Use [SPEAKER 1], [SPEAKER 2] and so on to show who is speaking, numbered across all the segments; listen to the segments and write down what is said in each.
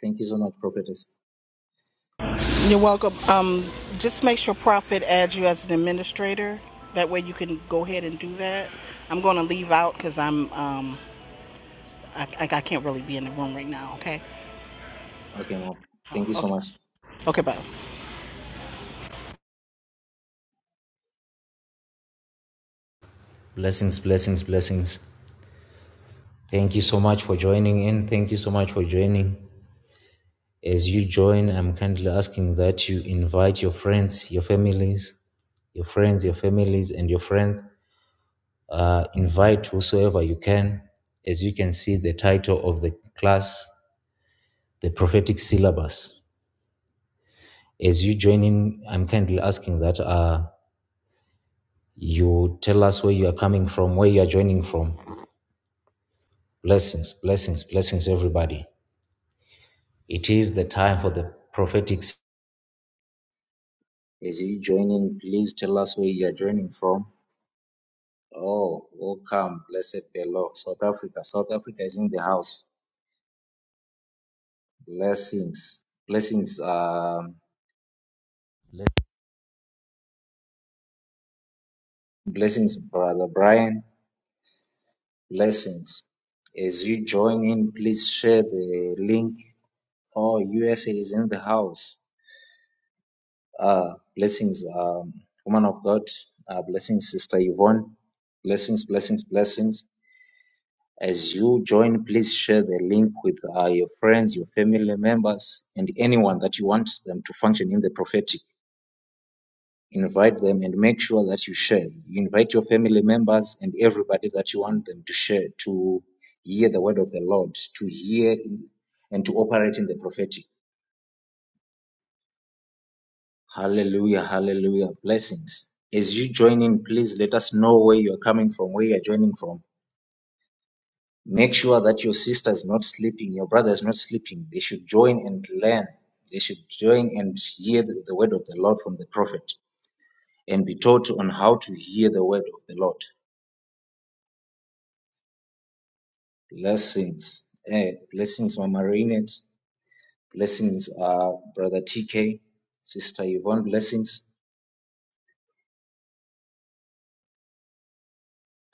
[SPEAKER 1] Thank you so much, prophetess.
[SPEAKER 2] You're welcome. Um, just make sure Prophet adds you as an administrator. That way you can go ahead and do that. I'm going to leave out because I'm um, I, I I can't really be in the room right now. Okay.
[SPEAKER 1] Okay, mom.
[SPEAKER 2] Uh,
[SPEAKER 1] Thank you so
[SPEAKER 2] Okay.
[SPEAKER 1] much.
[SPEAKER 2] Okay. Bye.
[SPEAKER 1] Blessings, blessings, blessings. Thank you so much for joining in. Thank you so much for joining. As you join, I'm kindly asking that you invite your friends, your families, your friends, your families, and your friends. Uh, invite whosoever you can. As you can see, the title of the class, the prophetic syllabus. As you join in, I'm kindly asking that uh, you tell us where you are coming from, where you are joining from Blessings, blessings, blessings, everybody. It is the time for the prophetic. s- As you join in, please tell us where you are joining from. Oh, welcome, blessed be the Lord. South Africa, South Africa is in the house. Blessings, blessings, um, blessings, brother Brian. Blessings. As you join in, please share the link. Oh, USA is in the house. Uh, blessings, um, woman of God. Uh, blessings, Sister Yvonne. Blessings, blessings, blessings. As you join, please share the link with uh, your friends, your family members, and anyone that you want them to function in the prophetic. Invite them and make sure that you share. You invite your family members and everybody that you want them to share to hear the word of the Lord, to hear in, and to operate in the prophetic. Hallelujah, hallelujah. Blessings. As you join in, please let us know where you are coming from, where you are joining from. Make sure that your sister is not sleeping, your brother is not sleeping. They should join and learn. They should join and hear the, the word of the Lord from the prophet and be taught on how to hear the word of the Lord. Blessings. Eh, blessings, Mama Rainet. Blessings, uh, Brother TK, Sister Yvonne. Blessings.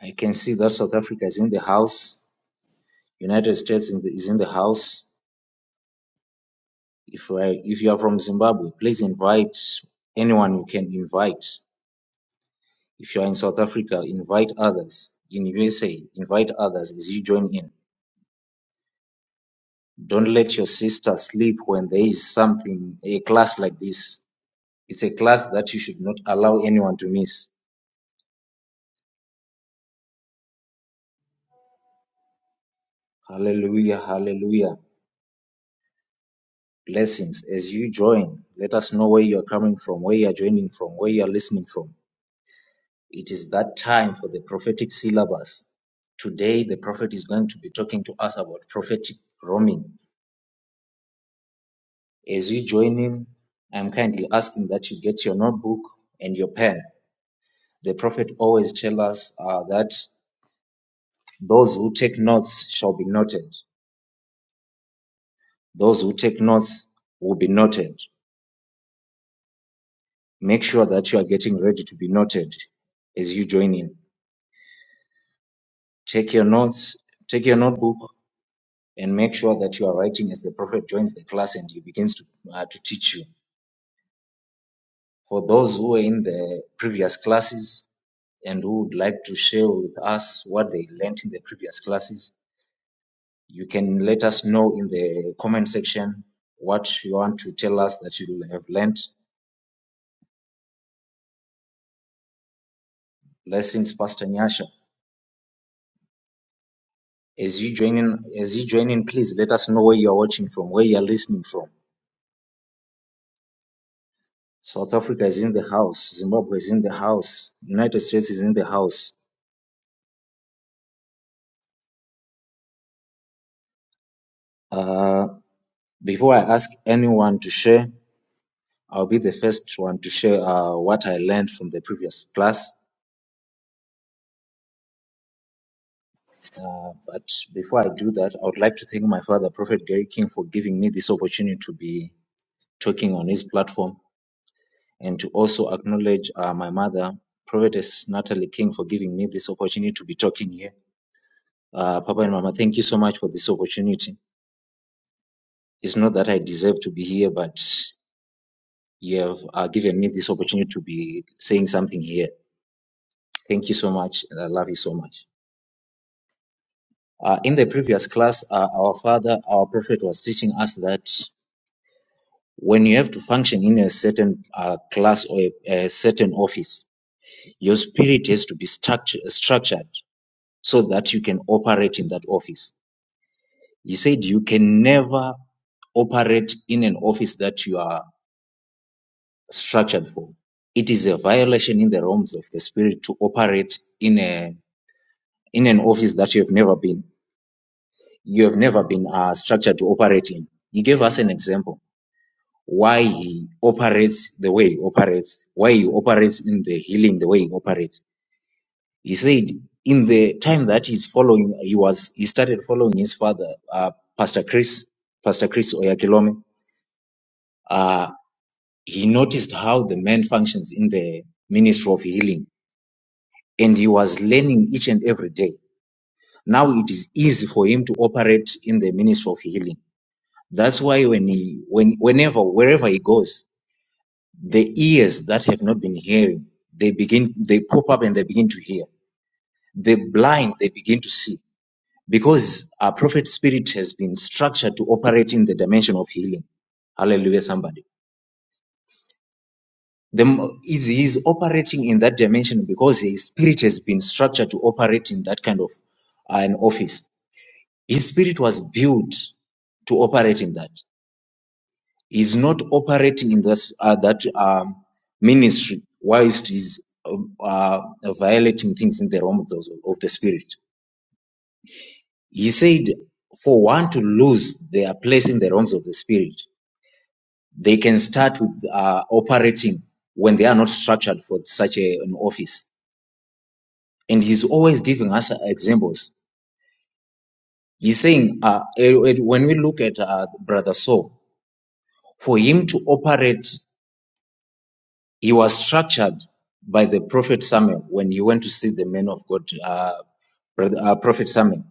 [SPEAKER 1] I can see that South Africa is in the house. United States in the, is in the house. If you if you are from Zimbabwe, please invite anyone you can invite. If you are in South Africa, invite others. In USA, invite others as you join in. Don't let your sister sleep when there is something, a class like this. It's a class that you should not allow anyone to miss. Hallelujah, hallelujah. Blessings. As you join, let us know where you are coming from, where you are joining from, where you are listening from It is that time for the prophetic syllabus. Today, the prophet is going to be talking to us about prophetic roaming. As you join him, I'm kindly asking that you get your notebook and your pen. The prophet always tells us uh, that those who take notes shall be noted. Those who take notes will be noted. Make sure that you are getting ready to be noted as you join in. Take your notes, take your notebook, and make sure that you are writing as the prophet joins the class and he begins to, uh, to teach you. For those who were in the previous classes and who would like to share with us what they learned in the previous classes, you can let us know in the comment section what you want to tell us that you have learned. Blessings, Pastor Nyasha. As you join in, as you join in, please let us know where you are watching from, where you are listening from. South Africa is in the house, Zimbabwe is in the house, United States is in the house. Uh, Before I ask anyone to share, I'll be the first one to share uh, what I learned from the previous class. Uh, but before I do that, I would like to thank my father, Prophet Gary King, for giving me this opportunity to be talking on his platform and to also acknowledge uh, my mother, Prophetess Natalie King, for giving me this opportunity to be talking here. Uh, Papa and Mama, thank you so much for this opportunity. It's not that I deserve to be here, but you have uh, given me this opportunity to be saying something here. Thank you so much, and I love you so much. Uh, in the previous class, uh, our father, our prophet, was teaching us that when you have to function in a certain uh, class or a, a certain office, your spirit has to be structured, structured so that you can operate in that office. He said you can never operate in an office that you are structured for. It is a violation in the realms of the spirit to operate in a in an office that you have never been. you have never been uh, structured to operate in. He gave us an example why he operates the way he operates, why he operates in the healing the way he operates. He said in the time that he's following, he was he started following his father, uh, Pastor Chris, Pastor Chris Oyakilome. Uh, he noticed how the man functions in the ministry of healing, and he was learning each and every day. Now it is easy for him to operate in the ministry of healing That's why when he, when, whenever, wherever he goes, the ears that have not been hearing, they begin, they pop up and they begin to hear. The blind, they begin to see. Because our prophet spirit has been structured to operate in the dimension of healing. Hallelujah, somebody. The, m- is he's operating in that dimension because his spirit has been structured to operate in that kind of uh, an office. His spirit was built to operate in that. He's not operating in this uh, that um, ministry whilst he's um, uh, violating things in the realms of, of the spirit. He said, for one to lose their place in the realms of the spirit, they can start with uh, operating when they are not structured for such a, an office. And he's always giving us examples. He's saying, uh, eh, eh, when we look at uh, Brother Saul, for him to operate He was structured by the prophet Samuel when he went to see the man of God, uh, brother, uh, prophet Samuel.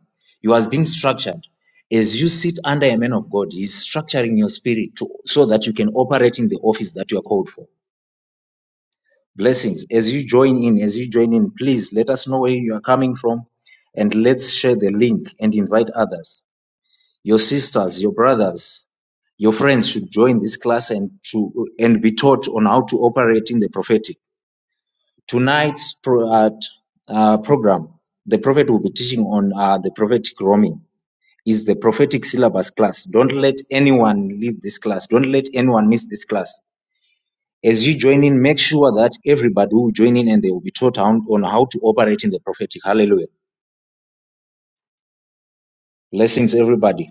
[SPEAKER 1] You was being structured. As you sit under a man of God, he's structuring your spirit to, so that you can operate in the office that you are called for. Blessings. As you join in, as you join in, please let us know where you are coming from and let's share the link and invite others. Your sisters, your brothers, your friends should join this class and to and be taught on how to operate in the prophetic tonight's pro- uh, uh, program, the prophet will be teaching on uh, the prophetic roaming. Is the prophetic syllabus class. Don't let anyone leave this class. Don't let anyone miss this class. As you join in, make sure that everybody will join in and they will be taught on, on how to operate in the prophetic. Hallelujah. Blessings, everybody.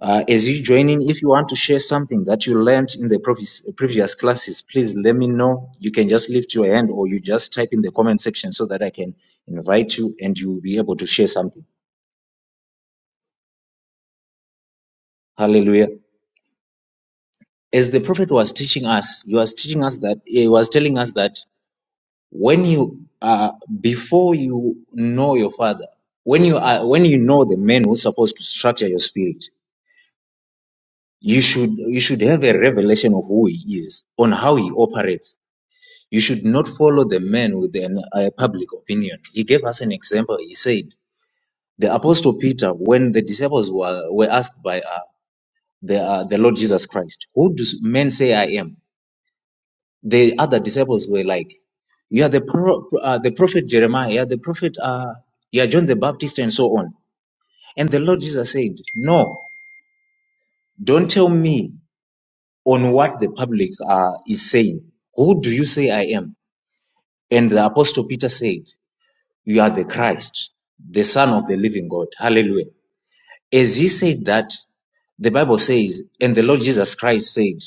[SPEAKER 1] Uh, as you join in, if you want to share something that you learned in the previous, previous classes, please let me know. You can just lift your hand or you just type in the comment section so that I can invite you and you will be able to share something. Hallelujah. As the prophet was teaching us, he was teaching us that he was telling us that when you are before you know your father, when you are when you know the man who's supposed to structure your spirit, you should you should have a revelation of who he is, on how he operates You should not follow the man with an, a public opinion. He gave us an example. He said, the apostle Peter, when the disciples were, were asked by uh, the, uh, the Lord Jesus Christ, who do men say I am? The other disciples were like, you are the, pro- uh, the prophet Jeremiah, you are the prophet, uh, you are John the Baptist, and so on. And the Lord Jesus said, No, don't tell me on what the public uh, is saying. Who do you say I am? And the Apostle Peter said, You are the Christ, the Son of the living God. Hallelujah. As he said that, the Bible says, and the Lord Jesus Christ said,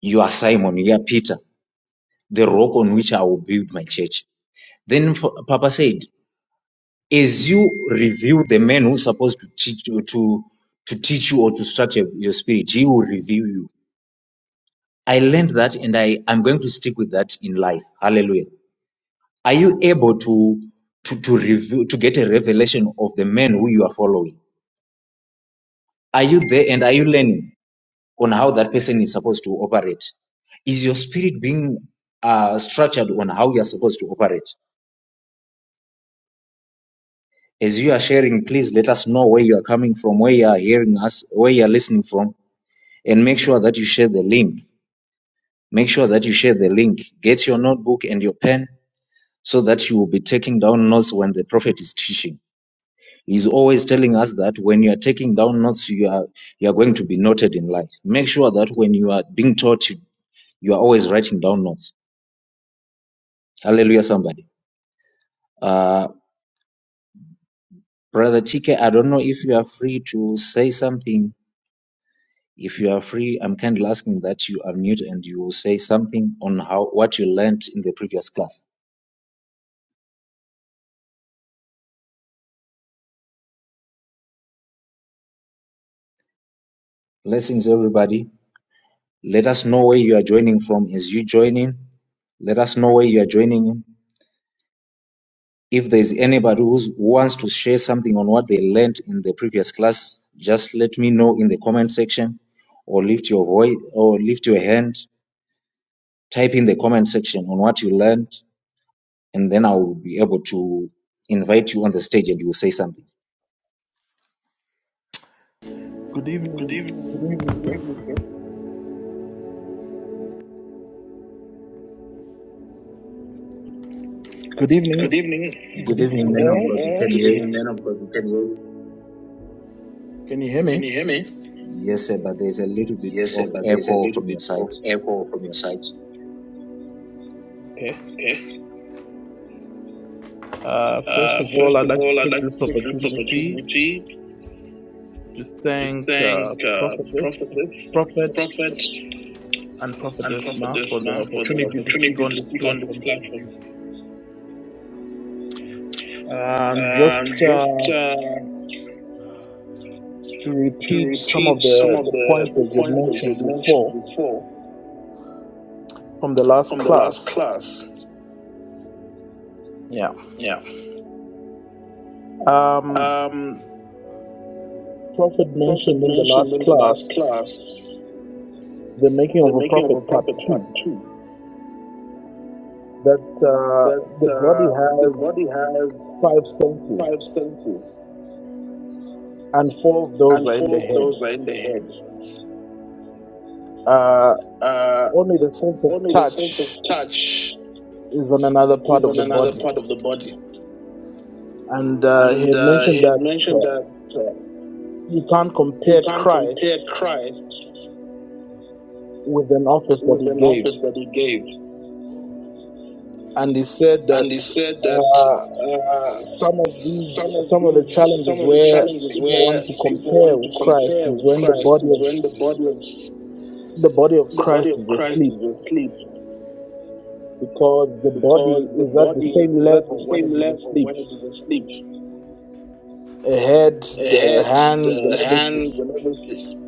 [SPEAKER 1] You are Simon, you are Peter, the rock on which I will build my church. Then Papa said, As you review the man who's supposed to teach you to, to teach you or to structure your spirit, he will review you. I learned that and I, I'm going to stick with that in life. Hallelujah. Are you able to to, to review to get a revelation of the man who you are following? Are you there and are you learning on how that person is supposed to operate? Is your spirit being uh, structured on how you are supposed to operate? As you are sharing, please let us know where you are coming from, where you are hearing us, where you are listening from, and make sure that you share the link. Make sure that you share the link. Get your notebook and your pen so that you will be taking down notes when the prophet is teaching. He's always telling us that when you are taking down notes, you are you are going to be noted in life. Make sure that when you are being taught, you You are always writing down notes. Hallelujah, somebody. Uh, Brother TK, I don't know if you are free to say something. If you are free, I'm kindly asking that you unmute and you will say something on how what you learned in the previous class. Blessings, everybody. Let us know where you are joining from. Is you joining? Let us know where you are joining in. If there is anybody who's, who wants to share something on what they learned in the previous class, just let me know in the comment section or lift your voice or lift your hand Type in the comment section on what you learned, and then I will be able to invite you on the stage and you will say something.
[SPEAKER 3] Good
[SPEAKER 4] Good
[SPEAKER 3] evening. Good
[SPEAKER 4] evening.
[SPEAKER 3] evening,
[SPEAKER 4] Good
[SPEAKER 3] sir.
[SPEAKER 4] evening, sir.
[SPEAKER 3] Good evening.
[SPEAKER 4] Good evening.
[SPEAKER 3] Good
[SPEAKER 1] Good evening,
[SPEAKER 3] evening,
[SPEAKER 4] Good
[SPEAKER 1] men of
[SPEAKER 3] all.
[SPEAKER 4] evening,
[SPEAKER 1] God. You
[SPEAKER 4] all.
[SPEAKER 1] can
[SPEAKER 4] Good evening, man
[SPEAKER 1] hear?
[SPEAKER 4] of God. Can you,
[SPEAKER 3] Can you hear me?
[SPEAKER 4] can you hear me?
[SPEAKER 1] Yes, sir, but there's a little bit
[SPEAKER 4] Yes, sir,
[SPEAKER 1] of
[SPEAKER 4] but there's a
[SPEAKER 1] echo
[SPEAKER 4] little
[SPEAKER 1] from your
[SPEAKER 4] bit
[SPEAKER 1] side.
[SPEAKER 4] of echo from your side.
[SPEAKER 3] Okay.
[SPEAKER 4] Okay.
[SPEAKER 3] Uh, first
[SPEAKER 4] Uh,
[SPEAKER 3] of all,
[SPEAKER 4] first
[SPEAKER 3] I'd
[SPEAKER 4] of
[SPEAKER 3] like
[SPEAKER 4] all, I'd
[SPEAKER 3] to take
[SPEAKER 4] like
[SPEAKER 3] this
[SPEAKER 4] to take this
[SPEAKER 3] opportunity
[SPEAKER 4] opportunity
[SPEAKER 3] to
[SPEAKER 4] to
[SPEAKER 3] thank uh,
[SPEAKER 4] thank uh,
[SPEAKER 3] Prophetess,
[SPEAKER 4] Prophetess,
[SPEAKER 3] Prophet,
[SPEAKER 4] Prophet,
[SPEAKER 3] and
[SPEAKER 4] and
[SPEAKER 3] Prophetess Ma
[SPEAKER 4] Prophetess
[SPEAKER 3] for the
[SPEAKER 4] Ma for the
[SPEAKER 3] opportunity to speak
[SPEAKER 4] opportunity
[SPEAKER 3] on
[SPEAKER 4] to
[SPEAKER 3] this
[SPEAKER 4] speak on this
[SPEAKER 3] platform.
[SPEAKER 4] platform.
[SPEAKER 3] Um,
[SPEAKER 4] Um,
[SPEAKER 3] just
[SPEAKER 4] just
[SPEAKER 3] uh,
[SPEAKER 4] uh,
[SPEAKER 3] to
[SPEAKER 4] to
[SPEAKER 3] repeat some of
[SPEAKER 4] repeat some
[SPEAKER 3] the,
[SPEAKER 4] of
[SPEAKER 3] the
[SPEAKER 4] the,
[SPEAKER 3] points
[SPEAKER 4] the
[SPEAKER 3] that you had
[SPEAKER 4] points that you
[SPEAKER 3] mentioned before
[SPEAKER 4] mentioned before
[SPEAKER 3] from the last
[SPEAKER 4] from the last
[SPEAKER 3] class.
[SPEAKER 4] class.
[SPEAKER 3] Yeah.
[SPEAKER 4] Yeah.
[SPEAKER 3] Um,
[SPEAKER 4] Um,
[SPEAKER 3] Prophet
[SPEAKER 4] Prophet
[SPEAKER 3] mentioned in the
[SPEAKER 4] mentioned
[SPEAKER 3] last
[SPEAKER 4] in the last
[SPEAKER 3] class
[SPEAKER 4] class
[SPEAKER 3] the making of
[SPEAKER 4] the
[SPEAKER 3] a
[SPEAKER 4] making of
[SPEAKER 3] prophet
[SPEAKER 4] a
[SPEAKER 3] part
[SPEAKER 4] prophet part
[SPEAKER 3] two
[SPEAKER 4] two
[SPEAKER 3] that uh,
[SPEAKER 4] that
[SPEAKER 3] the body
[SPEAKER 4] uh, the body
[SPEAKER 3] has
[SPEAKER 4] has
[SPEAKER 3] five senses,
[SPEAKER 4] five senses
[SPEAKER 3] and four of those
[SPEAKER 4] and
[SPEAKER 3] are in the
[SPEAKER 4] four of
[SPEAKER 3] head.
[SPEAKER 4] those are in the head.
[SPEAKER 3] Uh,
[SPEAKER 4] Uh,
[SPEAKER 3] only the sense of
[SPEAKER 4] only the
[SPEAKER 3] touch
[SPEAKER 4] sense of touch
[SPEAKER 3] is on another part
[SPEAKER 4] is
[SPEAKER 3] of
[SPEAKER 4] on
[SPEAKER 3] the
[SPEAKER 4] another
[SPEAKER 3] body.
[SPEAKER 4] part of the body.
[SPEAKER 3] And uh, he
[SPEAKER 4] And
[SPEAKER 3] had
[SPEAKER 4] uh,
[SPEAKER 3] mentioned
[SPEAKER 4] he had
[SPEAKER 3] that
[SPEAKER 4] mentioned
[SPEAKER 3] uh,
[SPEAKER 4] that uh,
[SPEAKER 3] you can't
[SPEAKER 4] you
[SPEAKER 3] compare
[SPEAKER 4] can't compare
[SPEAKER 3] Christ
[SPEAKER 4] Christ
[SPEAKER 3] with an office that
[SPEAKER 4] with
[SPEAKER 3] he
[SPEAKER 4] an
[SPEAKER 3] gave.
[SPEAKER 4] office that he gave.
[SPEAKER 3] And he said that
[SPEAKER 4] And he said
[SPEAKER 3] uh,
[SPEAKER 4] that uh,
[SPEAKER 3] some of these,
[SPEAKER 4] some of
[SPEAKER 3] some of the
[SPEAKER 4] these
[SPEAKER 3] challenges
[SPEAKER 4] some of the
[SPEAKER 3] where
[SPEAKER 4] challenges
[SPEAKER 3] people
[SPEAKER 4] where
[SPEAKER 3] want to
[SPEAKER 4] people
[SPEAKER 3] compare
[SPEAKER 4] want to
[SPEAKER 3] with Christ
[SPEAKER 4] compare
[SPEAKER 3] is
[SPEAKER 4] with
[SPEAKER 3] when the
[SPEAKER 4] Christ
[SPEAKER 3] body
[SPEAKER 4] is
[SPEAKER 3] of
[SPEAKER 4] when the body of
[SPEAKER 3] the body of
[SPEAKER 4] the
[SPEAKER 3] Christ
[SPEAKER 4] body of
[SPEAKER 3] is
[SPEAKER 4] Christ
[SPEAKER 3] asleep
[SPEAKER 4] is asleep
[SPEAKER 3] because the body
[SPEAKER 4] because the
[SPEAKER 3] is at the
[SPEAKER 4] body
[SPEAKER 3] same
[SPEAKER 4] is at the
[SPEAKER 3] level when it
[SPEAKER 4] same
[SPEAKER 3] is
[SPEAKER 4] level
[SPEAKER 3] asleep.
[SPEAKER 4] when it is asleep.
[SPEAKER 3] The head,
[SPEAKER 4] The
[SPEAKER 3] the
[SPEAKER 4] head,
[SPEAKER 3] hands, and
[SPEAKER 4] the
[SPEAKER 3] everything,
[SPEAKER 4] hands, and everything.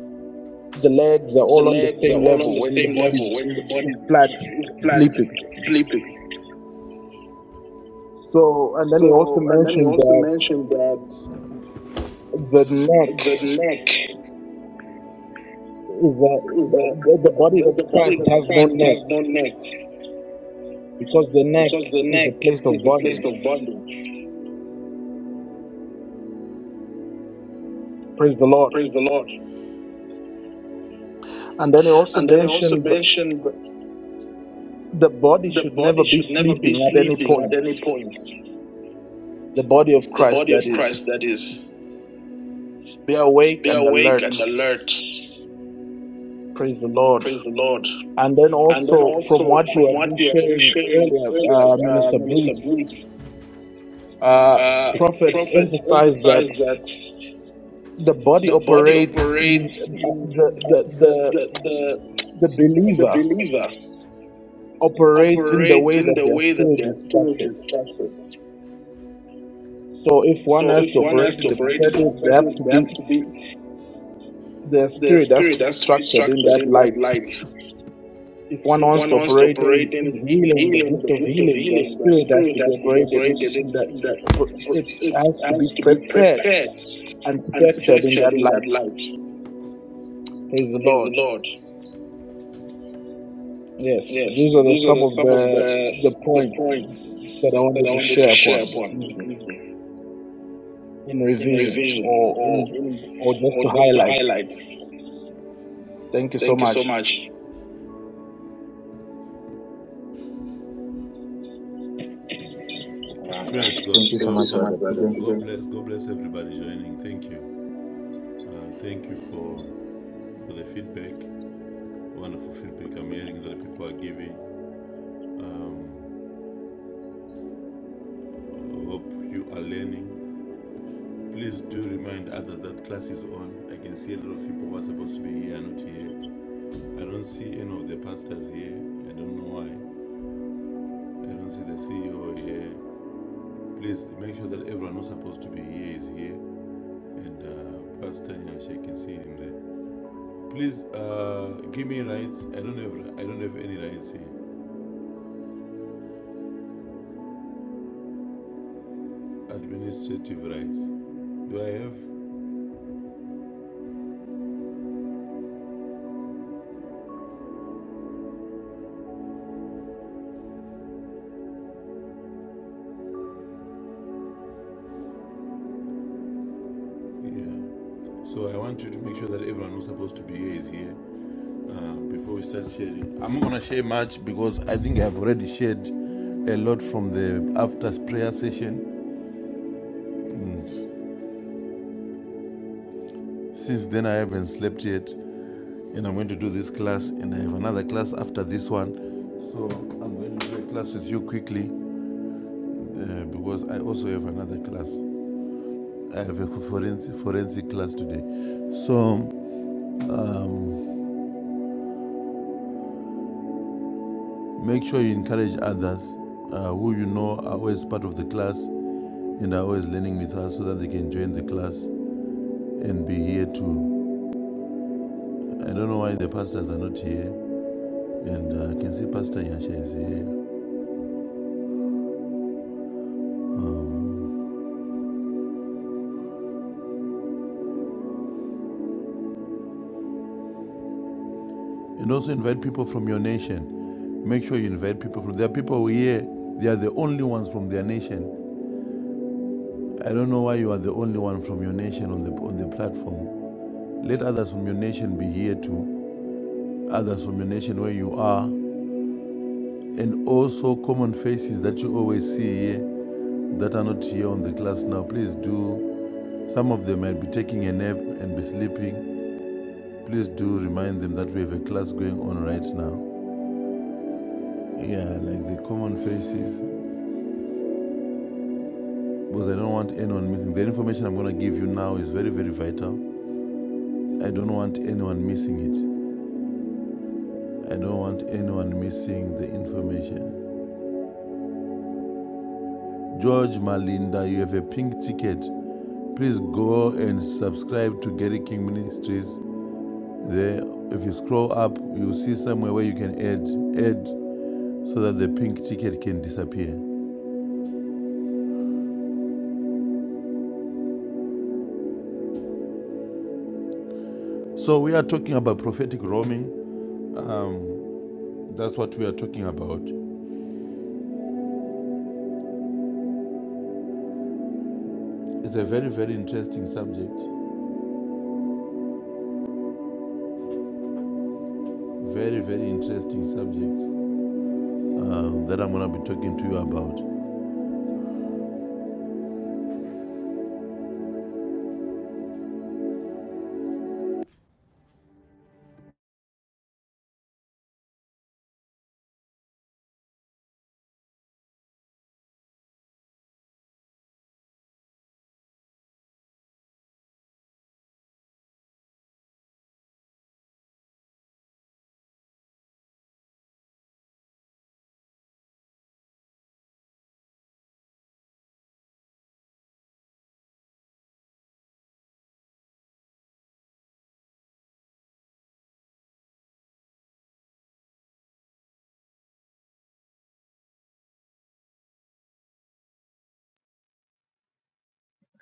[SPEAKER 3] the legs are
[SPEAKER 4] The
[SPEAKER 3] all on the
[SPEAKER 4] legs are
[SPEAKER 3] same
[SPEAKER 4] all on
[SPEAKER 3] level
[SPEAKER 4] the
[SPEAKER 3] when the
[SPEAKER 4] same
[SPEAKER 3] body
[SPEAKER 4] level when the
[SPEAKER 3] is is
[SPEAKER 4] body
[SPEAKER 3] flat,
[SPEAKER 4] is flat,
[SPEAKER 3] sleeping.
[SPEAKER 4] sleeping.
[SPEAKER 3] So, and then he also
[SPEAKER 4] So, and then he
[SPEAKER 3] mentioned
[SPEAKER 4] also
[SPEAKER 3] that
[SPEAKER 4] mentioned that
[SPEAKER 3] the neck
[SPEAKER 4] the neck
[SPEAKER 3] is a,
[SPEAKER 4] is
[SPEAKER 3] the,
[SPEAKER 4] a,
[SPEAKER 3] the body of
[SPEAKER 4] the, the
[SPEAKER 3] Christ
[SPEAKER 4] body of
[SPEAKER 3] has no
[SPEAKER 4] Christ
[SPEAKER 3] neck
[SPEAKER 4] has no neck
[SPEAKER 3] because the neck
[SPEAKER 4] because the
[SPEAKER 3] is
[SPEAKER 4] neck
[SPEAKER 3] a place
[SPEAKER 4] is
[SPEAKER 3] of
[SPEAKER 4] a place
[SPEAKER 3] bondage.
[SPEAKER 4] of bondage.
[SPEAKER 3] Praise the Lord.
[SPEAKER 4] Praise the Lord.
[SPEAKER 3] And then he also
[SPEAKER 4] And then he also
[SPEAKER 3] mentioned
[SPEAKER 4] mentioned
[SPEAKER 3] the body
[SPEAKER 4] the
[SPEAKER 3] should never
[SPEAKER 4] body
[SPEAKER 3] be
[SPEAKER 4] should never be
[SPEAKER 3] sleeping at any
[SPEAKER 4] sleeping
[SPEAKER 3] point.
[SPEAKER 4] at any point.
[SPEAKER 3] The body of
[SPEAKER 4] The
[SPEAKER 3] Christ,
[SPEAKER 4] body
[SPEAKER 3] that
[SPEAKER 4] of
[SPEAKER 3] is.
[SPEAKER 4] Christ, that is,
[SPEAKER 3] be awake
[SPEAKER 4] be
[SPEAKER 3] and
[SPEAKER 4] awake
[SPEAKER 3] alert.
[SPEAKER 4] and alert.
[SPEAKER 3] Praise the Lord.
[SPEAKER 4] Praise the Lord.
[SPEAKER 3] And then
[SPEAKER 4] And then
[SPEAKER 3] also, from
[SPEAKER 4] also,
[SPEAKER 3] what you
[SPEAKER 4] from
[SPEAKER 3] have been
[SPEAKER 4] what we have been
[SPEAKER 3] sharing
[SPEAKER 4] sharing
[SPEAKER 3] earlier, uh,
[SPEAKER 4] earlier, uh,
[SPEAKER 3] Minister
[SPEAKER 4] Minister
[SPEAKER 3] Bruce,
[SPEAKER 4] Bruce,
[SPEAKER 3] uh,
[SPEAKER 4] uh,
[SPEAKER 3] Prophet
[SPEAKER 4] Prophet
[SPEAKER 3] emphasized that
[SPEAKER 4] emphasized that
[SPEAKER 3] the body
[SPEAKER 4] the body
[SPEAKER 3] operates in
[SPEAKER 4] operates
[SPEAKER 3] uh,
[SPEAKER 4] in
[SPEAKER 3] the,
[SPEAKER 4] uh,
[SPEAKER 3] the,
[SPEAKER 4] the,
[SPEAKER 3] the,
[SPEAKER 4] the,
[SPEAKER 3] the
[SPEAKER 4] the, the
[SPEAKER 3] believer
[SPEAKER 4] believer
[SPEAKER 3] operates in the
[SPEAKER 4] operates
[SPEAKER 3] way
[SPEAKER 4] in
[SPEAKER 3] that
[SPEAKER 4] the
[SPEAKER 3] their
[SPEAKER 4] way that
[SPEAKER 3] spirit
[SPEAKER 4] their
[SPEAKER 3] is
[SPEAKER 4] spirit
[SPEAKER 3] structured.
[SPEAKER 4] is structured.
[SPEAKER 3] So, if one
[SPEAKER 4] So
[SPEAKER 3] has
[SPEAKER 4] if
[SPEAKER 3] to
[SPEAKER 4] one
[SPEAKER 3] operate
[SPEAKER 4] has to
[SPEAKER 3] in the
[SPEAKER 4] operate the
[SPEAKER 3] prophetic, they have to
[SPEAKER 4] prophetic, they
[SPEAKER 3] be
[SPEAKER 4] have to be
[SPEAKER 3] their
[SPEAKER 4] the
[SPEAKER 3] spirit has to
[SPEAKER 4] spirit
[SPEAKER 3] be
[SPEAKER 4] has to be
[SPEAKER 3] structured in
[SPEAKER 4] structured
[SPEAKER 3] that
[SPEAKER 4] in that
[SPEAKER 3] light.
[SPEAKER 4] light.
[SPEAKER 3] If one
[SPEAKER 4] If
[SPEAKER 3] wants
[SPEAKER 4] one
[SPEAKER 3] to
[SPEAKER 4] wants to
[SPEAKER 3] operate in
[SPEAKER 4] operate
[SPEAKER 3] in
[SPEAKER 4] in
[SPEAKER 3] healing, the
[SPEAKER 4] healing,
[SPEAKER 3] gift
[SPEAKER 4] the
[SPEAKER 3] of
[SPEAKER 4] gift of
[SPEAKER 3] healing, the
[SPEAKER 4] healing, the
[SPEAKER 3] spirit has to
[SPEAKER 4] spirit
[SPEAKER 3] be
[SPEAKER 4] has to be
[SPEAKER 3] operated in,
[SPEAKER 4] operated
[SPEAKER 3] in that
[SPEAKER 4] in that
[SPEAKER 3] it
[SPEAKER 4] it
[SPEAKER 3] has to be
[SPEAKER 4] has to be
[SPEAKER 3] prepared and
[SPEAKER 4] prepared and
[SPEAKER 3] structured in
[SPEAKER 4] structured
[SPEAKER 3] that
[SPEAKER 4] in that
[SPEAKER 3] light.
[SPEAKER 4] light.
[SPEAKER 3] Praise the
[SPEAKER 4] Praise
[SPEAKER 3] Lord.
[SPEAKER 4] the Lord.
[SPEAKER 3] Yes,
[SPEAKER 4] Yes,
[SPEAKER 3] these are the,
[SPEAKER 4] these are
[SPEAKER 3] some
[SPEAKER 4] the,
[SPEAKER 3] of
[SPEAKER 4] some
[SPEAKER 3] the
[SPEAKER 4] of the
[SPEAKER 3] the
[SPEAKER 4] the
[SPEAKER 3] points
[SPEAKER 4] points
[SPEAKER 3] that I
[SPEAKER 4] that
[SPEAKER 3] wanted
[SPEAKER 4] I
[SPEAKER 3] to
[SPEAKER 4] wanted to
[SPEAKER 3] share upon
[SPEAKER 4] share
[SPEAKER 3] this
[SPEAKER 4] upon this
[SPEAKER 3] evening
[SPEAKER 4] evening
[SPEAKER 3] in
[SPEAKER 4] in
[SPEAKER 3] revision
[SPEAKER 4] revision
[SPEAKER 3] or
[SPEAKER 4] or
[SPEAKER 3] in or
[SPEAKER 4] in
[SPEAKER 3] just
[SPEAKER 4] or
[SPEAKER 3] to
[SPEAKER 4] just to
[SPEAKER 3] highlight.
[SPEAKER 4] highlight.
[SPEAKER 3] Thank you so
[SPEAKER 4] Thank you
[SPEAKER 3] much.
[SPEAKER 4] so much.
[SPEAKER 1] Uh,
[SPEAKER 4] Praise God.
[SPEAKER 1] thank you
[SPEAKER 4] Thank
[SPEAKER 1] so
[SPEAKER 4] God, you
[SPEAKER 1] much,
[SPEAKER 4] so
[SPEAKER 1] Brother
[SPEAKER 4] much, brother. God
[SPEAKER 1] Keegan.
[SPEAKER 4] bless. God bless everybody joining. Thank you. Uh, thank you for for the feedback. Wonderful feedback. I'm hearing that people are giving. Um, I hope you are learning. Please do remind others that class is on. I can see a lot of people who are supposed to be here are not here. I don't see any of the pastors here. I don't know why. I don't see the CEO here. Please make sure that everyone who's supposed to be here is here. And uh, Pastor Nyash, I can see him there. Please uh, give me rights. I don't have I don't have any rights here. Administrative rights. Do I have? Yeah. So I want you to make sure that everyone who's supposed to be here is here uh, before we start sharing. I'm not gonna share much because I think I've already shared a lot from the after prayer session. Mm. Since then I haven't slept yet, and I'm going to do this class, and I have another class after this one. So I'm going to do a class with you quickly uh, because I also have another class. I have a forensic, forensic class today. So make sure you encourage others uh, who you know are always part of the class and are always learning with us so that they can join the class and be here too. I don't know why the pastors are not here, and uh, I can see Pastor Yasha is here. And also invite people from your nation. Make sure you invite people from. There are people here. They are the only ones from their nation. I don't know why you are the only one from your nation on the on the platform. Let others from your nation be here too others from your nation where you are, and also common faces that you always see here that are not here on the class now. Please do. Some of them might be taking a nap and be sleeping. Please do remind them that we have a class going on right now. Yeah, like the common faces, because I don't want anyone missing. The information I'm going to give you now is very, very vital. I don't want anyone missing it. I don't want anyone missing the information. George Malinda, you have a pink ticket. Please go and subscribe to Gary King Ministries. There, if you scroll up, you'll see somewhere where you can add, add, so that the pink ticket can disappear. So we are talking about prophetic roaming. That's what we are talking about. It's a very, very interesting subject. Very, very interesting subject um, that I'm going to be talking to you about.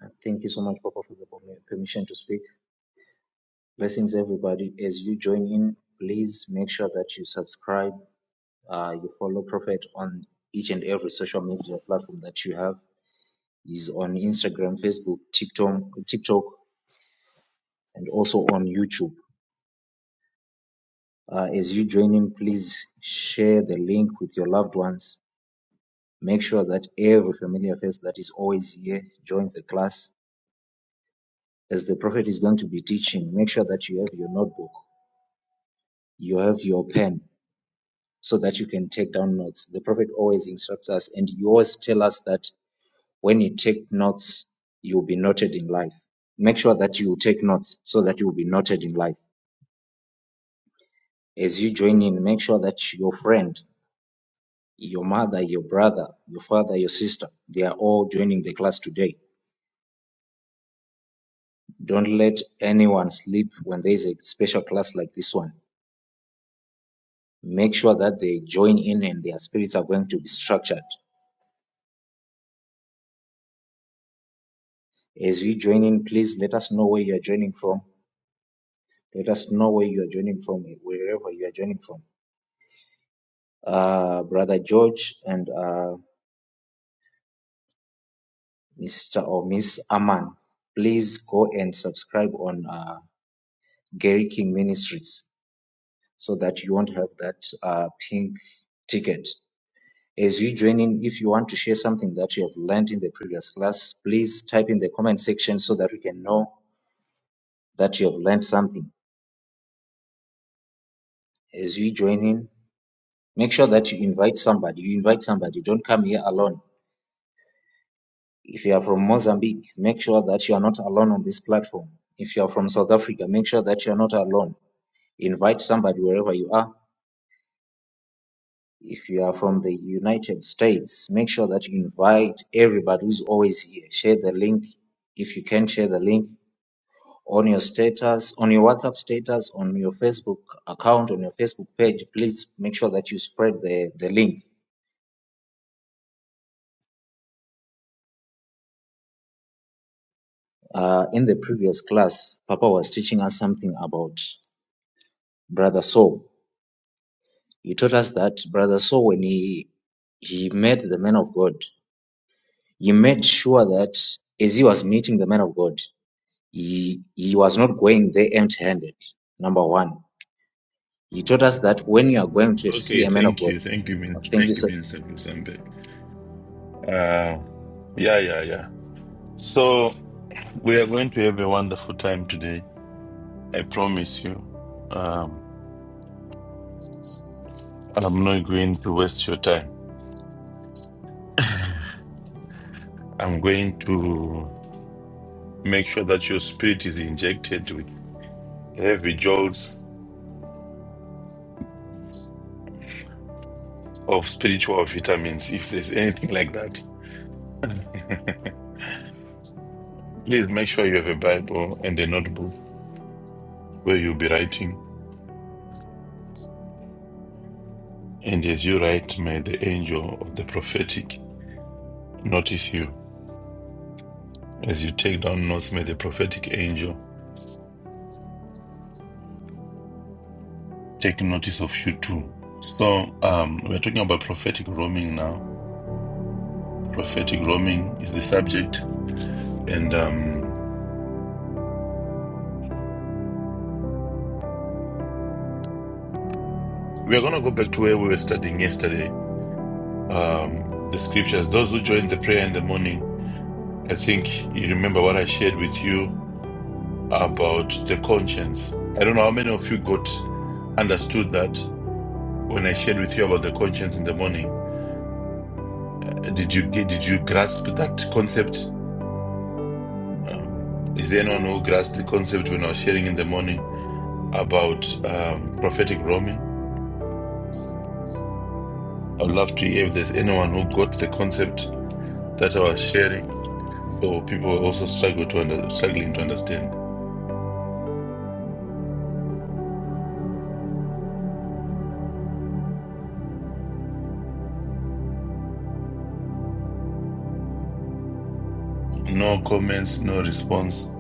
[SPEAKER 1] Uh, Thank you so much, Papa, for the permi- permission to speak. Blessings, everybody. As you join in, please make sure that you subscribe, uh, you follow Prophet on each and every social media platform that you have. He's on Instagram, Facebook, TikTok, TikTok. and also on YouTube. Uh, as you join in, please share the link with your loved ones. Make sure that every familiar face that is always here joins the class. As the prophet is going to be teaching, make sure that you have your notebook, you have your pen, so that you can take down notes. The prophet always instructs us, and you always tell us that when you take notes, you'll be noted in life. Make sure that you take notes so that you'll be noted in life. As you join in, make sure that your friend Your mother, your brother, your father, your sister, they are all joining the class today. Don't let anyone sleep when there is a special class like this one. Make sure that they join in and their spirits are going to be structured. As you join in, please let us know where you are joining from. Let us know where you are joining from, wherever you are joining from. Uh, Brother George and uh, Mr. or Miss Aman, please go and subscribe on uh, Gary King Ministries. so that you won't have that uh, pink ticket. As you join in, if you want to share something that you have learned in the previous class, please type in the comment section so that we can know that you have learned something. As you join in, make sure that you invite somebody. You invite somebody, don't come here alone. If you are from Mozambique, make sure that you are not alone on this platform. If you are from South Africa, make sure that you are not alone. Invite somebody wherever you are if you are from the United States, make sure that you invite everybody who's always here. Share the link if you can share the link on your status, on your WhatsApp status, on your Facebook account, on your Facebook page. Please make sure that you spread the, the link. Uh, in the previous class, Papa was teaching us something about Brother Saul. He taught us that Brother Saul, when he he met the man of God, he made sure that as he was meeting the man of God, He, he was not going there empty handed, number one. He taught us that when you are going to see
[SPEAKER 4] Okay,
[SPEAKER 1] a man of
[SPEAKER 4] thank
[SPEAKER 1] God,
[SPEAKER 4] you, thank you, Min-
[SPEAKER 1] thank you,
[SPEAKER 4] thank you,
[SPEAKER 1] sir.
[SPEAKER 4] Minister Kusambe. Uh, yeah, yeah, yeah. So we are going to have a wonderful time today. I promise you, um, I'm not going to waste your time. I'm going to make sure that your spirit is injected with every jolt of spiritual vitamins, if there's anything like that. Please make sure you have a Bible and a notebook where you'll be writing. And as you write, may the angel of the prophetic notice you. As you take down notes, may the prophetic angel take notice of you too. So um, we're talking about prophetic roaming now Prophetic roaming is the subject. And um, we are going to go back to where we were studying yesterday um, the scriptures. Those who joined the prayer in the morning, I think you remember what I shared with you about the conscience. I don't know how many of you got understood that when I shared with you about the conscience in the morning. Did you did you grasp that concept? Is there anyone who grasped the concept when I was sharing in the morning about um, prophetic roaming? I'd love to hear if there's anyone who got the concept that I was sharing, so people also struggle to under, struggling to understand. No comments, no response.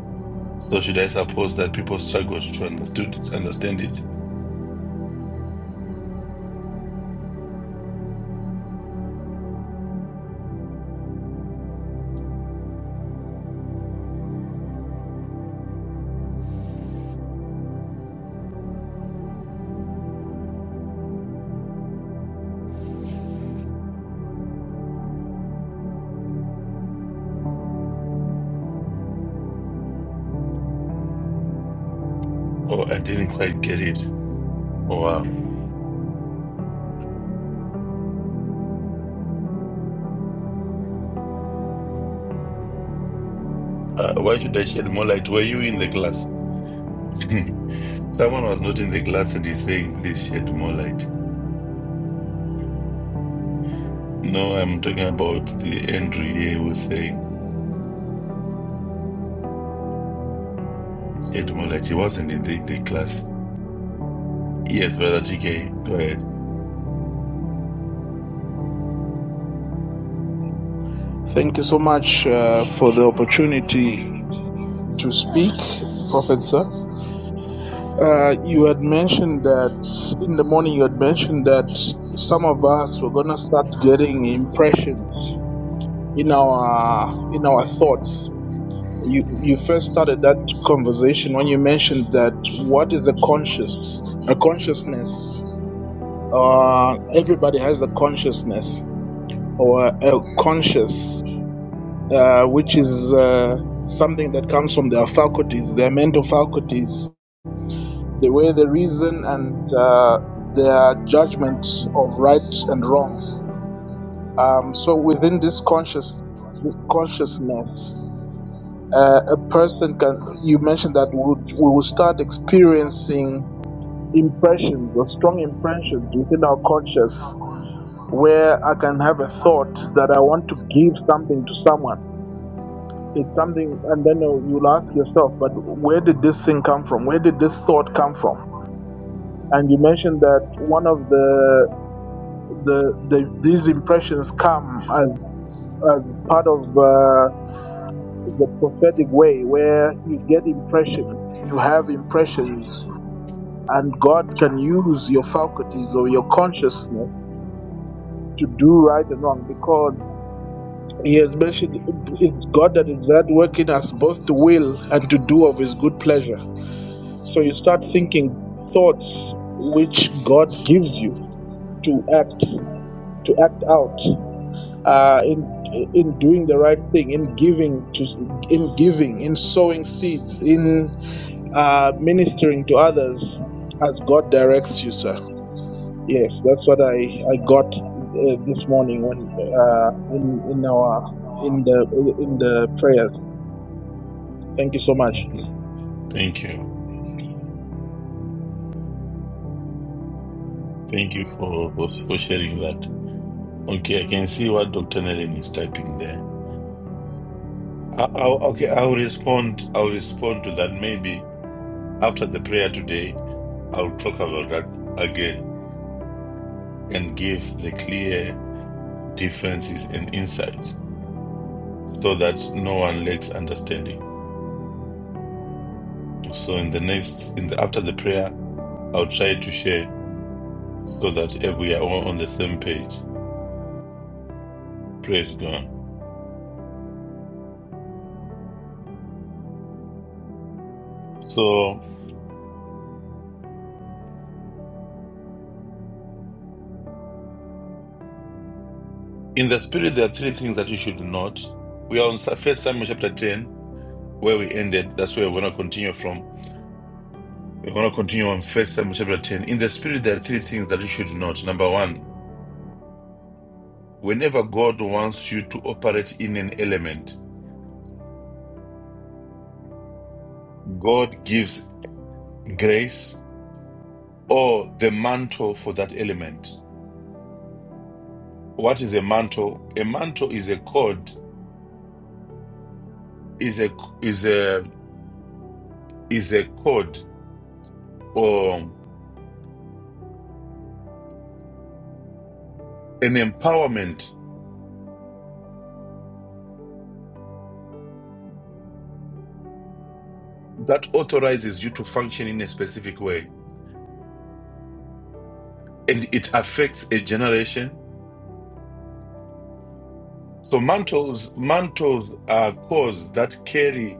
[SPEAKER 4] So should I suppose that people struggled to understand it, or I didn't quite get it? Or wow. Uh, why should I shed more light? Were you in the class? Someone was not in the class and he's saying, please shed more light. No, I'm talking about the Andrew here who was saying, shed more light. He wasn't in the, the class. Yes, Brother TK, go
[SPEAKER 3] Thank you so much uh, for the opportunity to speak, Prophet Sir. Uh, you had mentioned that in the morning, you had mentioned that some of us were gonna start getting impressions in our in our thoughts. You you first started that conversation when you mentioned that what is a conscious a consciousness. Uh, everybody has a consciousness or a conscious, uh, which is uh, something that comes from their faculties, their mental faculties The way, the reason and uh, their judgment of right and wrong. Um, so within this conscious consciousness, uh, a person can. You mentioned that we would we will start experiencing impressions or strong impressions within our conscious where I can have a thought that I want to give something to someone. It's something, and then you'll you'll ask yourself, but where did this thing come from? Where did this thought come from? And you mentioned that one of the the, the these impressions come as as part of uh, the prophetic way where you get impressions you have impressions and god can use your faculties or your consciousness to do right and wrong because he has mentioned it's god that is that working us both to will and to do of his good pleasure so you start thinking thoughts which god gives you to act to act out uh, in in doing the right thing, in giving to in giving, in sowing seeds, in uh, ministering to others as God directs you, sir. Yes, that's what I I got uh, this morning when uh, in in our in the in the prayers. Thank you so much.
[SPEAKER 4] ahead. Thank you. Thank you for, for, for sharing that. Okay, I can see what Dr. Naren is typing there. I, I, okay, I'll respond. I'll respond to that. Maybe after the prayer today, I'll talk about that again and give the clear differences and insights so that no one lacks understanding. So in the next, in the after the prayer, I'll try to share so that eh, we are all on the same page. Praise God. So in the spirit, there are three things that you should note. We are on First Samuel chapter ten where we ended. That's where we're going to continue from. We're going to continue on First Samuel chapter 10. In the spirit, there are three things that you should note. Number one, whenever God wants you to operate in an element, God gives grace or the mantle for that element. What is a mantle? A mantle is a code, is a is a is a code or an empowerment that authorizes you to function in a specific way. And it affects a generation So mantles mantles are cores that carry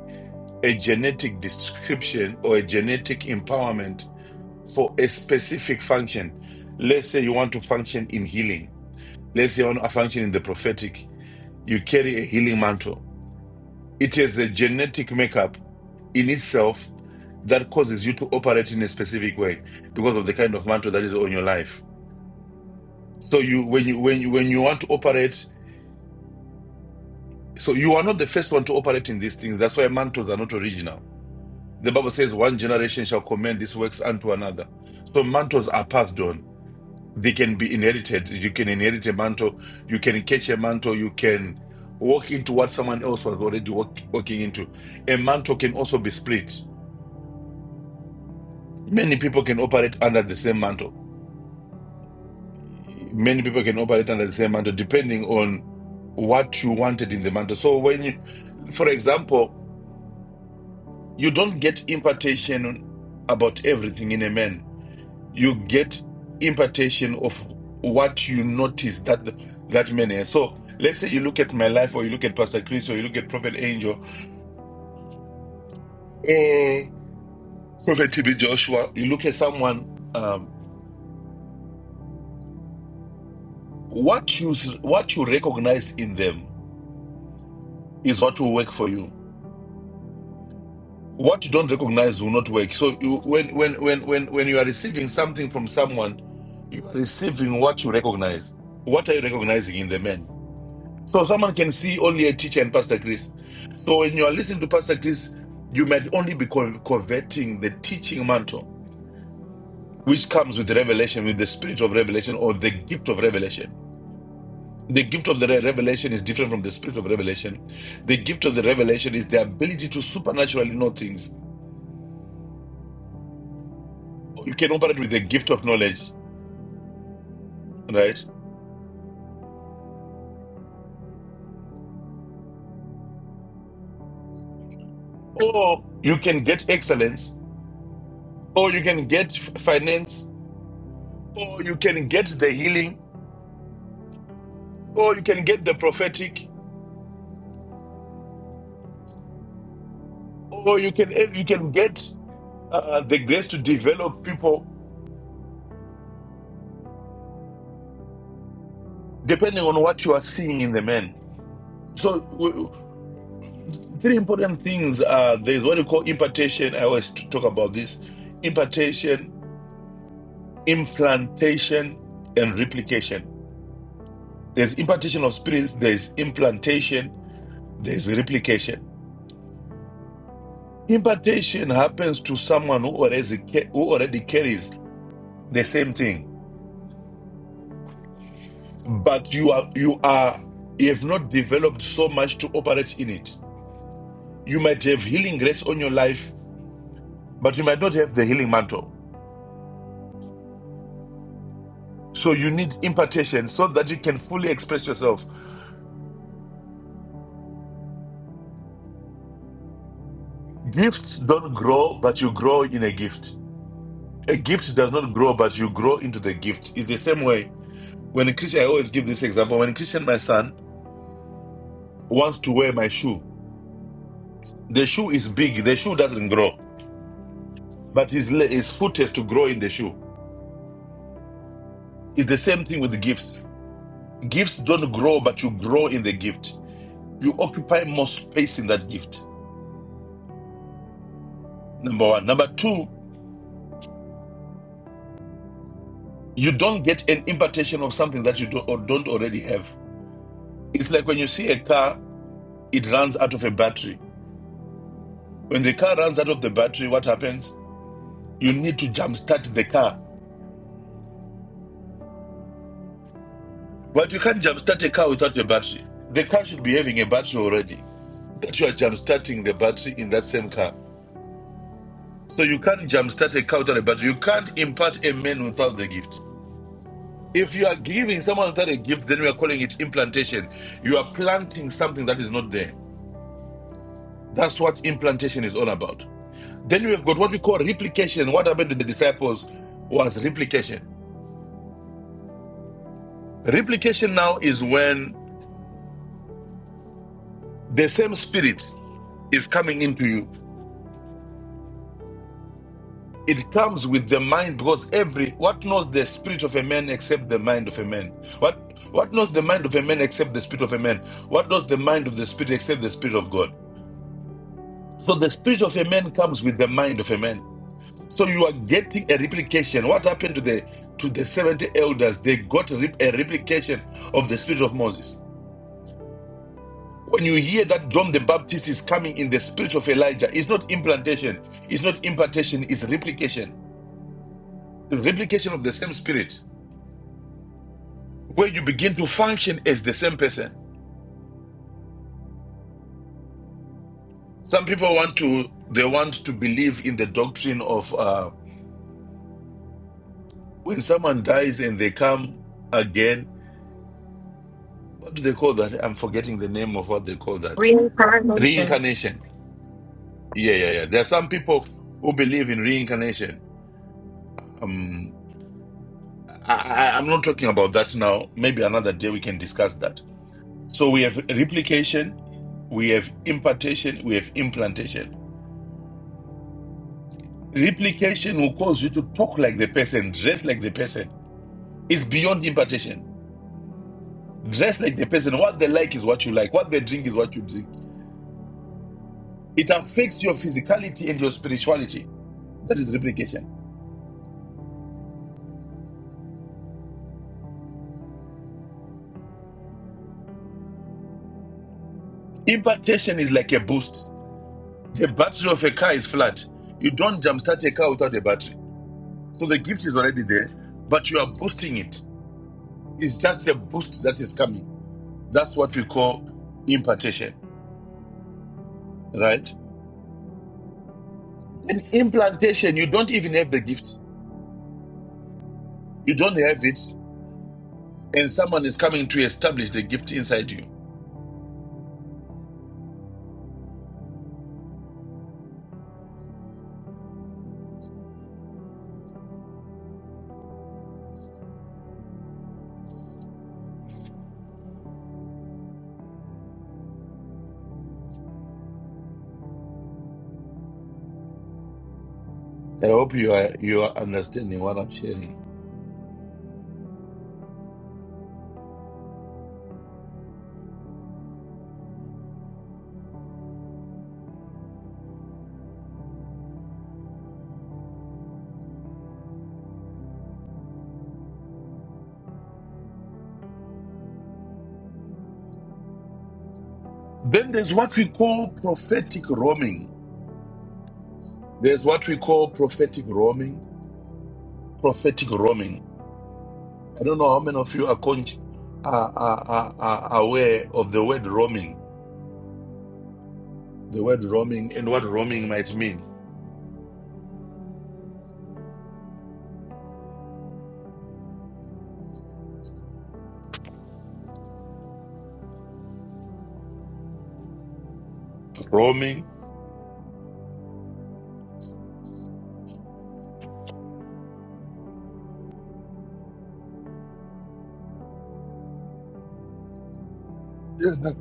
[SPEAKER 4] a genetic description or a genetic empowerment for a specific function. Let's say you want to function in healing. Let's say you want to function in the prophetic. You carry a healing mantle. It is a genetic makeup in itself that causes you to operate in a specific way because of the kind of mantle that is on your life. So you when you when you when you want to operate, so you are not the first one to operate in these things. That's why mantles are not original The Bible says, one generation shall commend these works unto another. So mantles are passed on. They can be inherited. You can inherit a mantle. You can catch a mantle. You can walk into what someone else was already walk, walking into. A mantle can also be split. Many people can operate under the same mantle. Many people can operate under the same mantle, depending on what you wanted in the mantle. So when you, for example, you don't get impartation about everything in a man you get impartation of what you notice that that man has. So let's say you look at my life, or you look at Pastor Chris, or you look at Prophet Angel, or Prophet TB Joshua. You look at someone. Um, what you what you recognize in them is what will work for you. What you don't recognize will not work. So you, when when when when when you are receiving something from someone, you are receiving what you recognize. What are you recognizing in the man? So someone can see only a teacher and Pastor Chris. So when you are listening to Pastor Chris, you might only be con- coveting the teaching mantle, which comes with revelation, with the spirit of revelation or the gift of revelation. The gift of the re- revelation is different from the spirit of revelation. The gift of the revelation is the ability to supernaturally know things. You can operate with the gift of knowledge, right? Or you can get excellence, or you can get f- finance, or you can get the healing, or you can get the prophetic, or you can eh, you can get uh, uh, the grace to develop people depending on what you are seeing in the man. So w- three important things are there is what you call impartation. I always t- talk about this: impartation, implantation, and replication. There's impartation of spirits. There's implantation. There's replication. Impartation happens to someone who already ca- who already carries the same thing but you are you are you have not developed so much to operate in it you might have healing grace on your life but you might not have the healing mantle so you need impartation so that you can fully express yourself gifts don't grow but you grow in a gift a gift does not grow but you grow into the gift it's the same way when a christian i always give this example when a christian my son wants to wear my shoe the shoe is big the shoe doesn't grow but his, his foot has to grow in the shoe it's the same thing with the gifts Gifts don't grow, but you grow in the gift. You occupy more space in that gift. Number one. Number two, you don't get an impartation of something that you do, or don't already have. It's like when you see a car, it runs out of a battery. When the car runs out of the battery, what happens? You need to jumpstart the car. But you can't jumpstart a car without a battery. The car should be having a battery already that you are jumpstarting the battery in that same car. So you can't jumpstart a car without a battery. You can't impart a man without the gift. If you are giving someone without a gift, then we are calling it implantation. You are planting something that is not there. That's what implantation is all about. Then we have got what we call replication. What happened to the disciples was replication. Replication now is when the same spirit is coming into you. It comes with the mind because every what knows the spirit of a man except the mind of a man. What what knows the mind of a man except the spirit of a man? What knows the mind of the spirit except the spirit of God? So the spirit of a man comes with the mind of a man. So you are getting a replication. What happened to the to the 70 elders? They got a, replication of the spirit of Moses. When you hear that John the Baptist is coming in the spirit of Elijah, it's not implantation, it's not impartation, it's replication. The replication of the same spirit, where you begin to function as the same person. Some people want to they want to believe in the doctrine of uh, when someone dies and they come again what do they call that? I'm forgetting the name of what they call that.
[SPEAKER 5] Reincarnation.
[SPEAKER 4] Reincarnation. Yeah, yeah, yeah. There are some people who believe in reincarnation. Um, I, I, I'm not talking about that now. Maybe another day we can discuss that. So we have replication, we have impartation, we have implantation. Replication will cause you to talk like the person, dress like the person. It's beyond impartation. Dress like the person. What they like is what you like. What they drink is what you drink. It affects your physicality and your spirituality. That is replication Impartation is like a boost. The battery of a car is flat. You don't jumpstart a car without a battery. So the gift is already there, but you are boosting it. It's just the boost that is coming. That's what we call impartation, right? In implantation, you don't even have the gift. You don't have it, and someone is coming to establish the gift inside you. I hope you are you are understanding what I'm sharing. Then there's what we call prophetic roaming. There's what we call prophetic roaming. Prophetic roaming. I don't know how many of you are, con- are, are, are, are aware of the word roaming, the word roaming, and what roaming might mean. Roaming. Yes, sir.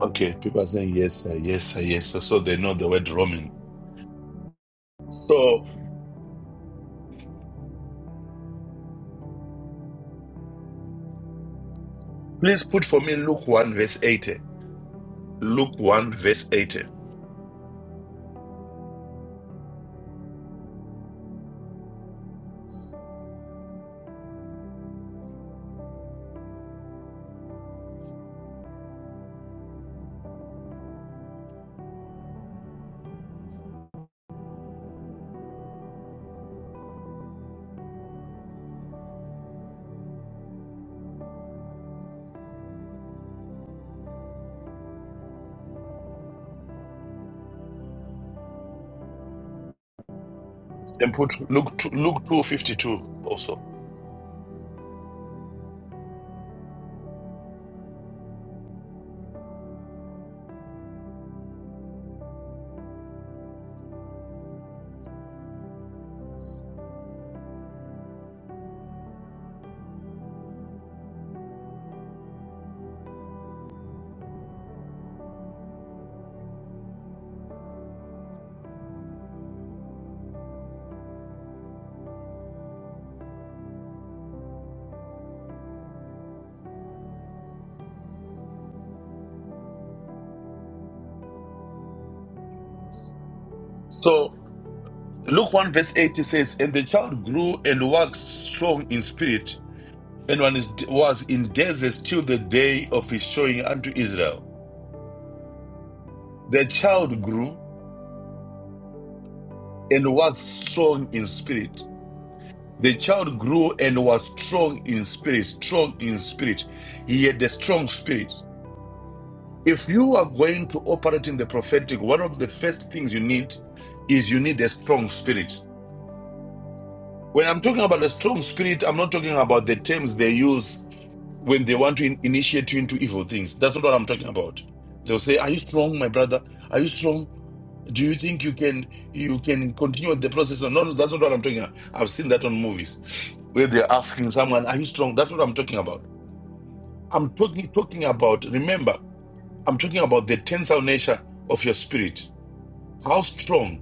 [SPEAKER 4] Okay, people are saying yes, sir, yes, sir, yes, sir. So they know the word roaming. So please put for me Luke 1, verse 80. Luke 1, verse 80. And put Luke 2, Luke 2 52 also. So Luke 1, verse 80 says, And the child grew and waxed strong in spirit, and one is, was in deserts till the day of his showing unto Israel. The child grew and was strong in spirit. The child grew and was strong in spirit, strong in spirit. He had a strong spirit. If you are going to operate in the prophetic, one of the first things you need is you need a strong spirit. When I'm talking about a strong spirit, I'm not talking about the terms they use when they want to in- initiate you into evil things. That's not what I'm talking about. They'll say, "Are you strong, my brother? Are you strong? Do you think you can you can continue with the process?" No, no, that's not what I'm talking. About. I've seen that on movies where they're asking someone, "Are you strong?" That's what I'm talking about. I'm talking talking about. Remember, I'm talking about the tensile nature of your spirit. How strong?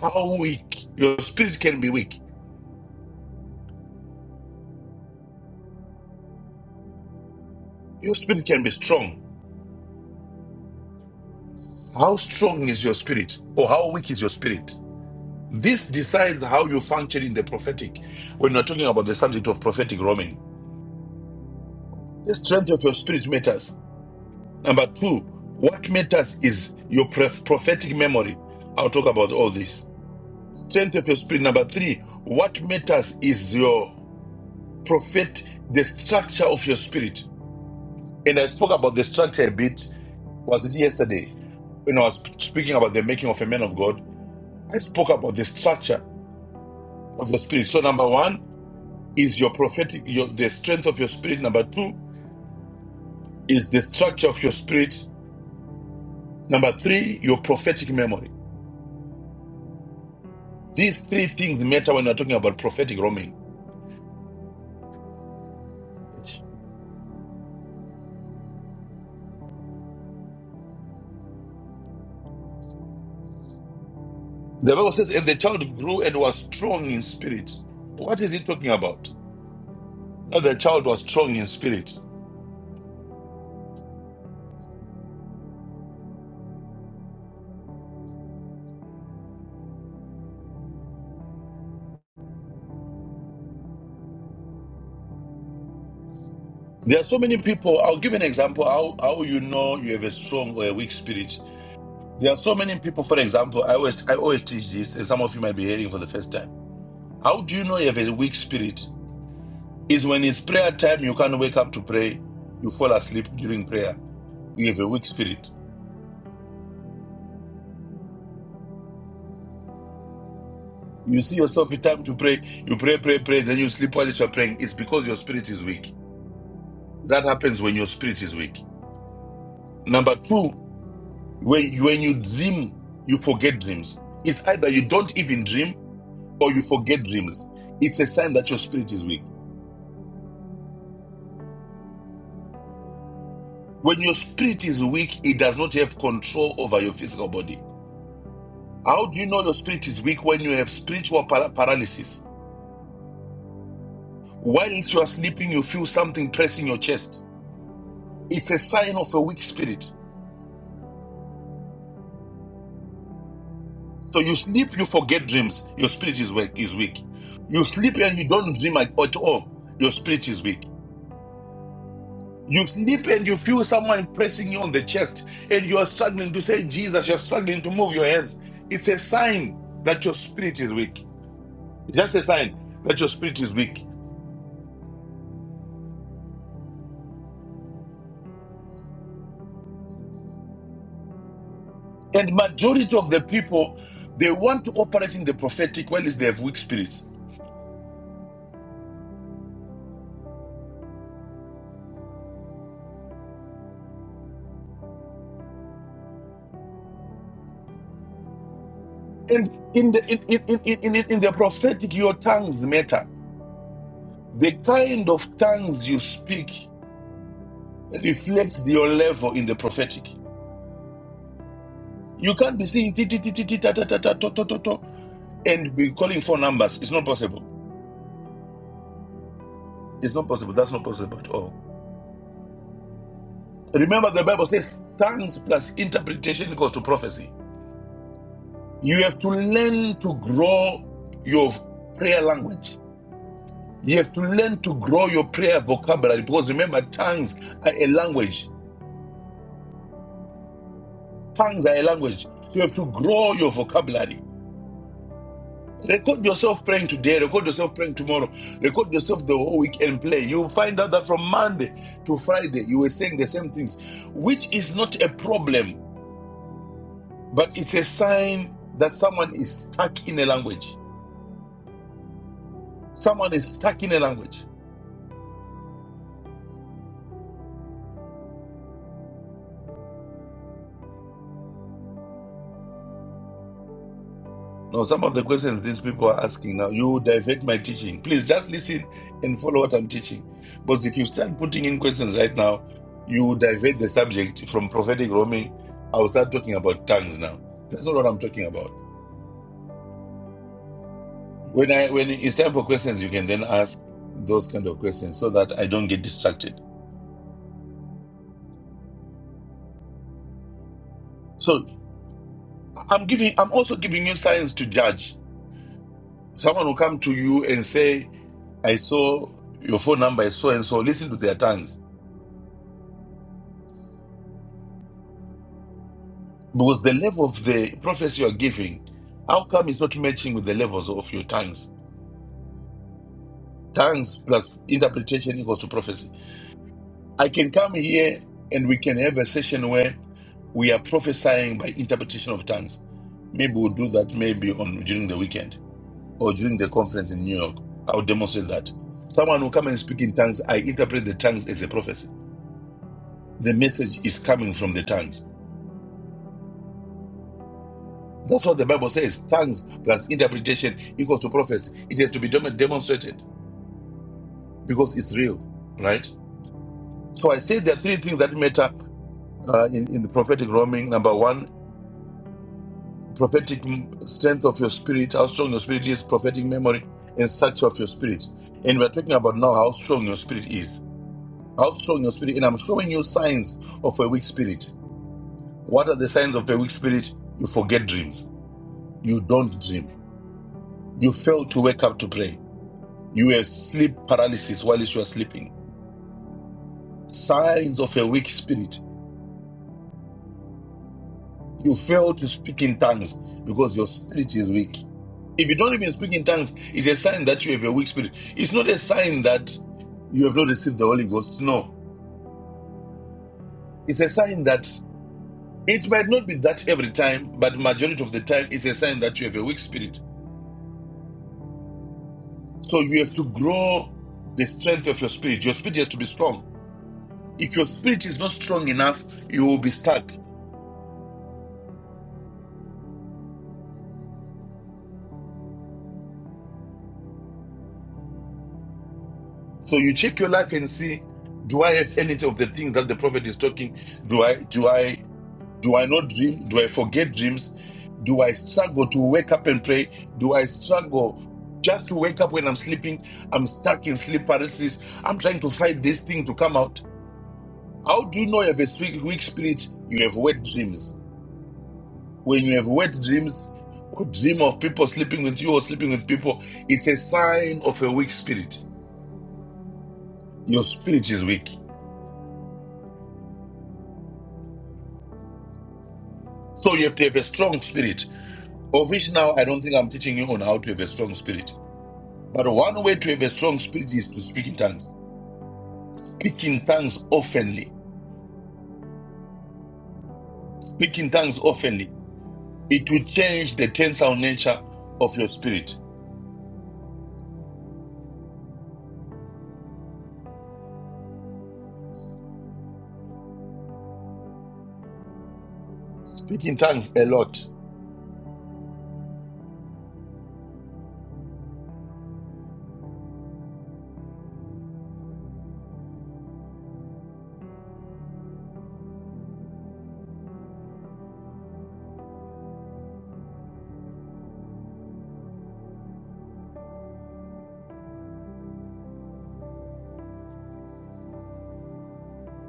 [SPEAKER 4] How weak? Your spirit can be weak. Your spirit can be strong. How strong is your spirit, or how weak is your spirit? This decides how you function in the prophetic when you're talking about the subject of prophetic roaming. The strength of your spirit matters. Number two, what matters is your prof- prophetic memory. I'll talk about all this. Strength of your spirit. Number three, what matters is your prophet, the structure of your spirit. And I spoke about the structure a bit, was it yesterday? When I was speaking about the making of a man of God, I spoke about the structure of the spirit. So, number one, is your prophetic your, the strength of your spirit number two is the structure of your spirit number three your prophetic memory these three things matter when you're talking about prophetic roaming the bible says and the child grew and was strong in spirit what is it talking about that the child was strong in spirit there are so many people i'll give an example how, how you know you have a strong or a weak spirit there are so many people for example i always i always teach this and some of you might be hearing for the first time how do you know you have a weak spirit is when it's prayer time, you can't wake up to pray. You fall asleep during prayer. You have a weak spirit. You see yourself in time to pray. You pray, pray, pray. Then you sleep while you're praying. It's because your spirit is weak. That happens when your spirit is weak. Number two, when, when you dream, you forget dreams. It's either you don't even dream or you forget dreams. It's a sign that your spirit is weak. When your spirit is weak, it does not have control over your physical body. How do you know your spirit is weak when you have spiritual paralysis? Whilst you are sleeping, you feel something pressing your chest. It's a sign of a weak spirit. So you sleep, you forget dreams. Your spirit is weak. Is weak. You sleep and you don't dream at at all. Your spirit is weak. You sleep and you feel someone pressing you on the chest, and you are struggling to say Jesus. You are struggling to move your hands. It's a sign that your spirit is weak. It's just a sign that your spirit is weak. And majority of the people, they want to operate in the prophetic, while they have weak spirits. And in the in, in, in, in, in the prophetic, your tongues matter. The kind of tongues you speak reflects your level in the prophetic. You can't be saying ti- ti- ti- ti- ti- ta- ta- ta- ta- to- to- to- to, and be calling for numbers. It's not possible. It's not possible. That's not possible at all. Remember, the Bible says tongues plus interpretation equals to prophecy. You have to learn to grow your prayer language. You have to learn to grow your prayer vocabulary because remember, tongues are a language. Tongues are a language. so You have to grow your vocabulary. Record yourself praying today, record yourself praying tomorrow, record yourself the whole week and play. You'll find out that from Monday to Friday, you were saying the same things, which is not a problem, but it's a sign that someone is stuck in a language. Someone is stuck in a language. Now, some of the questions these people are asking now, you divert my teaching. Please just listen and follow what I'm teaching. Because if you start putting in questions right now, you divert the subject from prophetic roaming. I'll start talking about tongues now. That's not what I'm talking about. When I when it's time for questions, you can then ask those kind of questions so that I don't get distracted. So I'm giving I'm also giving you science to judge. Someone will come to you and say, I saw your phone number is so and so, listen to their tongues. Because the level of the prophecy you are giving, how come it's not matching with the levels of your tongues? Tongues plus interpretation equals to prophecy. I can come here and we can have a session where we are prophesying by interpretation of tongues. Maybe we'll do that maybe on during the weekend or during the conference in New York. I'll demonstrate that. Someone will come and speak in tongues. I interpret the tongues as a prophecy. The message is coming from the tongues. That's what the Bible says. Tongues plus interpretation equals to prophecy. It has to be dem- demonstrated because it's real, right? So I say there are three things that matter uh, in, in the prophetic roaming. Number one, prophetic m- strength of your spirit, how strong your spirit is, prophetic memory, and structure of your spirit. And we're talking about now how strong your spirit is. How strong your spirit, and I'm showing you signs of a weak spirit. What are the signs of a weak spirit? You forget dreams. You don't dream. You fail to wake up to pray You were sleep paralysis while you were sleeping. Signs of a weak spirit. You fail to speak in tongues because your spirit is weak. If you don't even speak in tongues, it's a sign that you have a weak spirit. It's not a sign that you have not received the Holy Ghost. No. It's a sign that it might not be that every time, but majority of the time it's a sign that you have a weak spirit. So you have to grow the strength of your spirit. Your spirit has to be strong. If your spirit is not strong enough, you will be stuck. So you check your life and see, do I have any of the things that the prophet is talking? Do I do I do I not dream? Do I forget dreams? Do I struggle to wake up and pray? Do I struggle just to wake up when I'm sleeping? I'm stuck in sleep paralysis. I'm trying to fight this thing to come out. How do you know you have a sweet- weak spirit? You have wet dreams. When you have wet dreams or dream of people sleeping with you or sleeping with people, it's a sign of a weak spirit. Your spirit is weak. So you have to have a strong spirit, of which now I don't think I'm teaching you on how to have a strong spirit. But one way to have a strong spirit is to speak in tongues. Speak in tongues oftenly. Speak in tongues oftenly. It will change the tensile nature of your spirit. Speak in tongues a lot.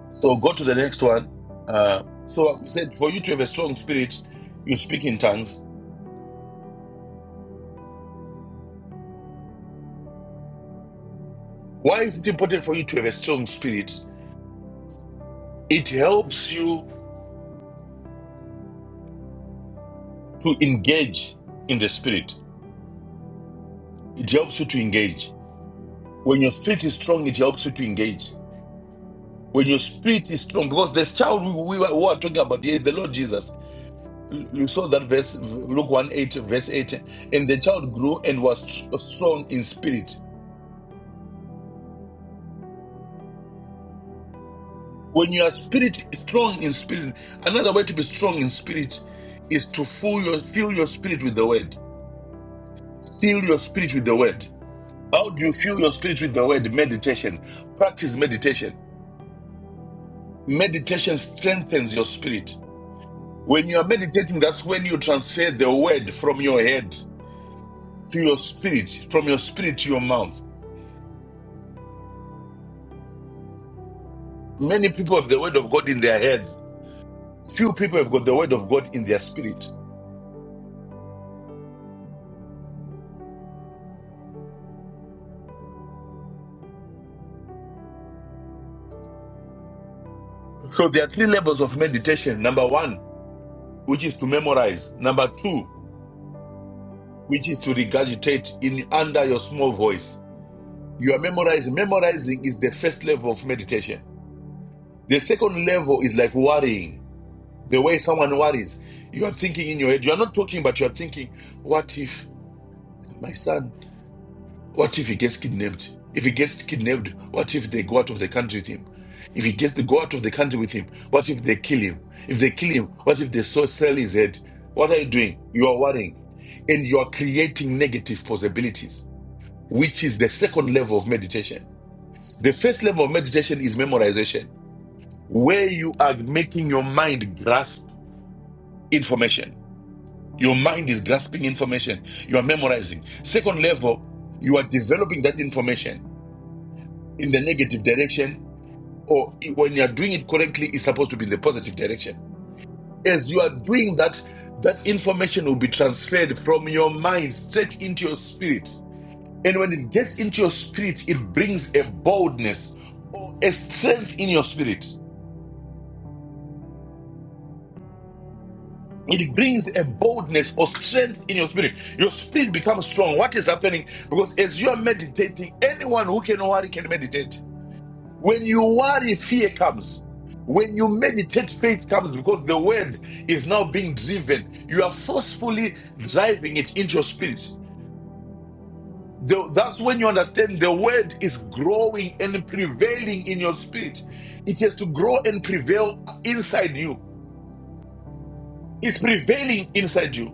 [SPEAKER 4] So go to the next one. Uh, so I said, for you to have a strong spirit, you speak in tongues. Why is it important for you to have a strong spirit? It helps you to engage in the spirit. It helps you to engage. When your spirit is strong, it helps you to engage. When your spirit is strong, because this child we, we, are talking about is the Lord Jesus. You saw that verse, Luke 1 8, verse 8. And the child grew and was strong in spirit. When you are spirit strong in spirit, another way to be strong in spirit is to fill your, fill your spirit with the word. Fill your spirit with the word. How do you fill your spirit with the word? Meditation. Practice meditation. Meditation strengthens your spirit. When you are meditating, that's when you transfer the word from your head to your spirit, from your spirit to your mouth. Many people have the word of God in their head. Few people have got the word of God in their spirit. So there are three levels of meditation. Number one, which is to memorize. Number two, which is to regurgitate in under your small voice. You are memorizing. Memorizing is the first level of meditation. The second level is like worrying. The way someone worries. You are thinking in your head. You are not talking, but you are thinking, what if? My son, what if he gets kidnapped? If he gets kidnapped, what if they go out of the country with him? If he gets to go out of the country with him, what if they kill him? If they kill him, what if they so sell his head? What are you doing? You are worrying. And you are creating negative possibilities, which is the second level of meditation. The first level of meditation is memorization, where you are making your mind grasp information. Your mind is grasping information. You are memorizing. Second level, you are developing that information in the negative direction, or when you are doing it correctly, it's supposed to be in the positive direction. As you are doing that, that information will be transferred from your mind straight into your spirit. And when it gets into your spirit, it brings a boldness or a strength in your spirit. It brings a boldness or strength in your spirit. Your spirit becomes strong. What is happening? Because as you are meditating, anyone who can worry can meditate. When you worry, fear comes. When you meditate, faith comes because the word is now being driven. You are forcefully driving it into your spirit. The- that's when you understand the word is growing and prevailing in your spirit. It has to grow and prevail inside you. It's prevailing inside you.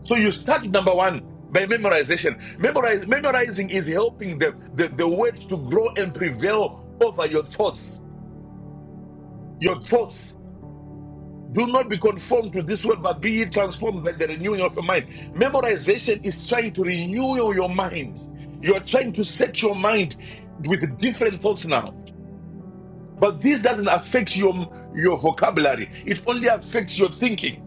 [SPEAKER 4] So you start with number one by memorization. Memorize, memorizing is helping the, the, the word to grow and prevail over your thoughts. Your thoughts. Do not be conformed to this world, but be ye transformed by the renewing of your mind. Memorization is trying to renew your mind. You're trying to set your mind with different thoughts now. But this doesn't affect your, your vocabulary, it only affects your thinking.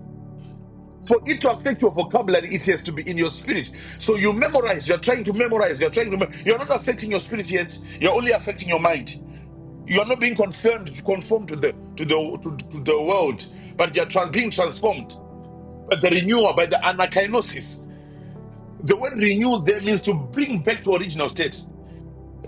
[SPEAKER 4] For it to affect your vocabulary, it has to be in your spirit. So you memorize, you're trying to memorize, you're trying to, mem- you're not affecting your spirit yet, you're only affecting your mind. You're not being confirmed to conform to the to the to, to the world, but you're trans, being transformed. But the renewal by the anakinosis. The word renew there means to bring back to original state.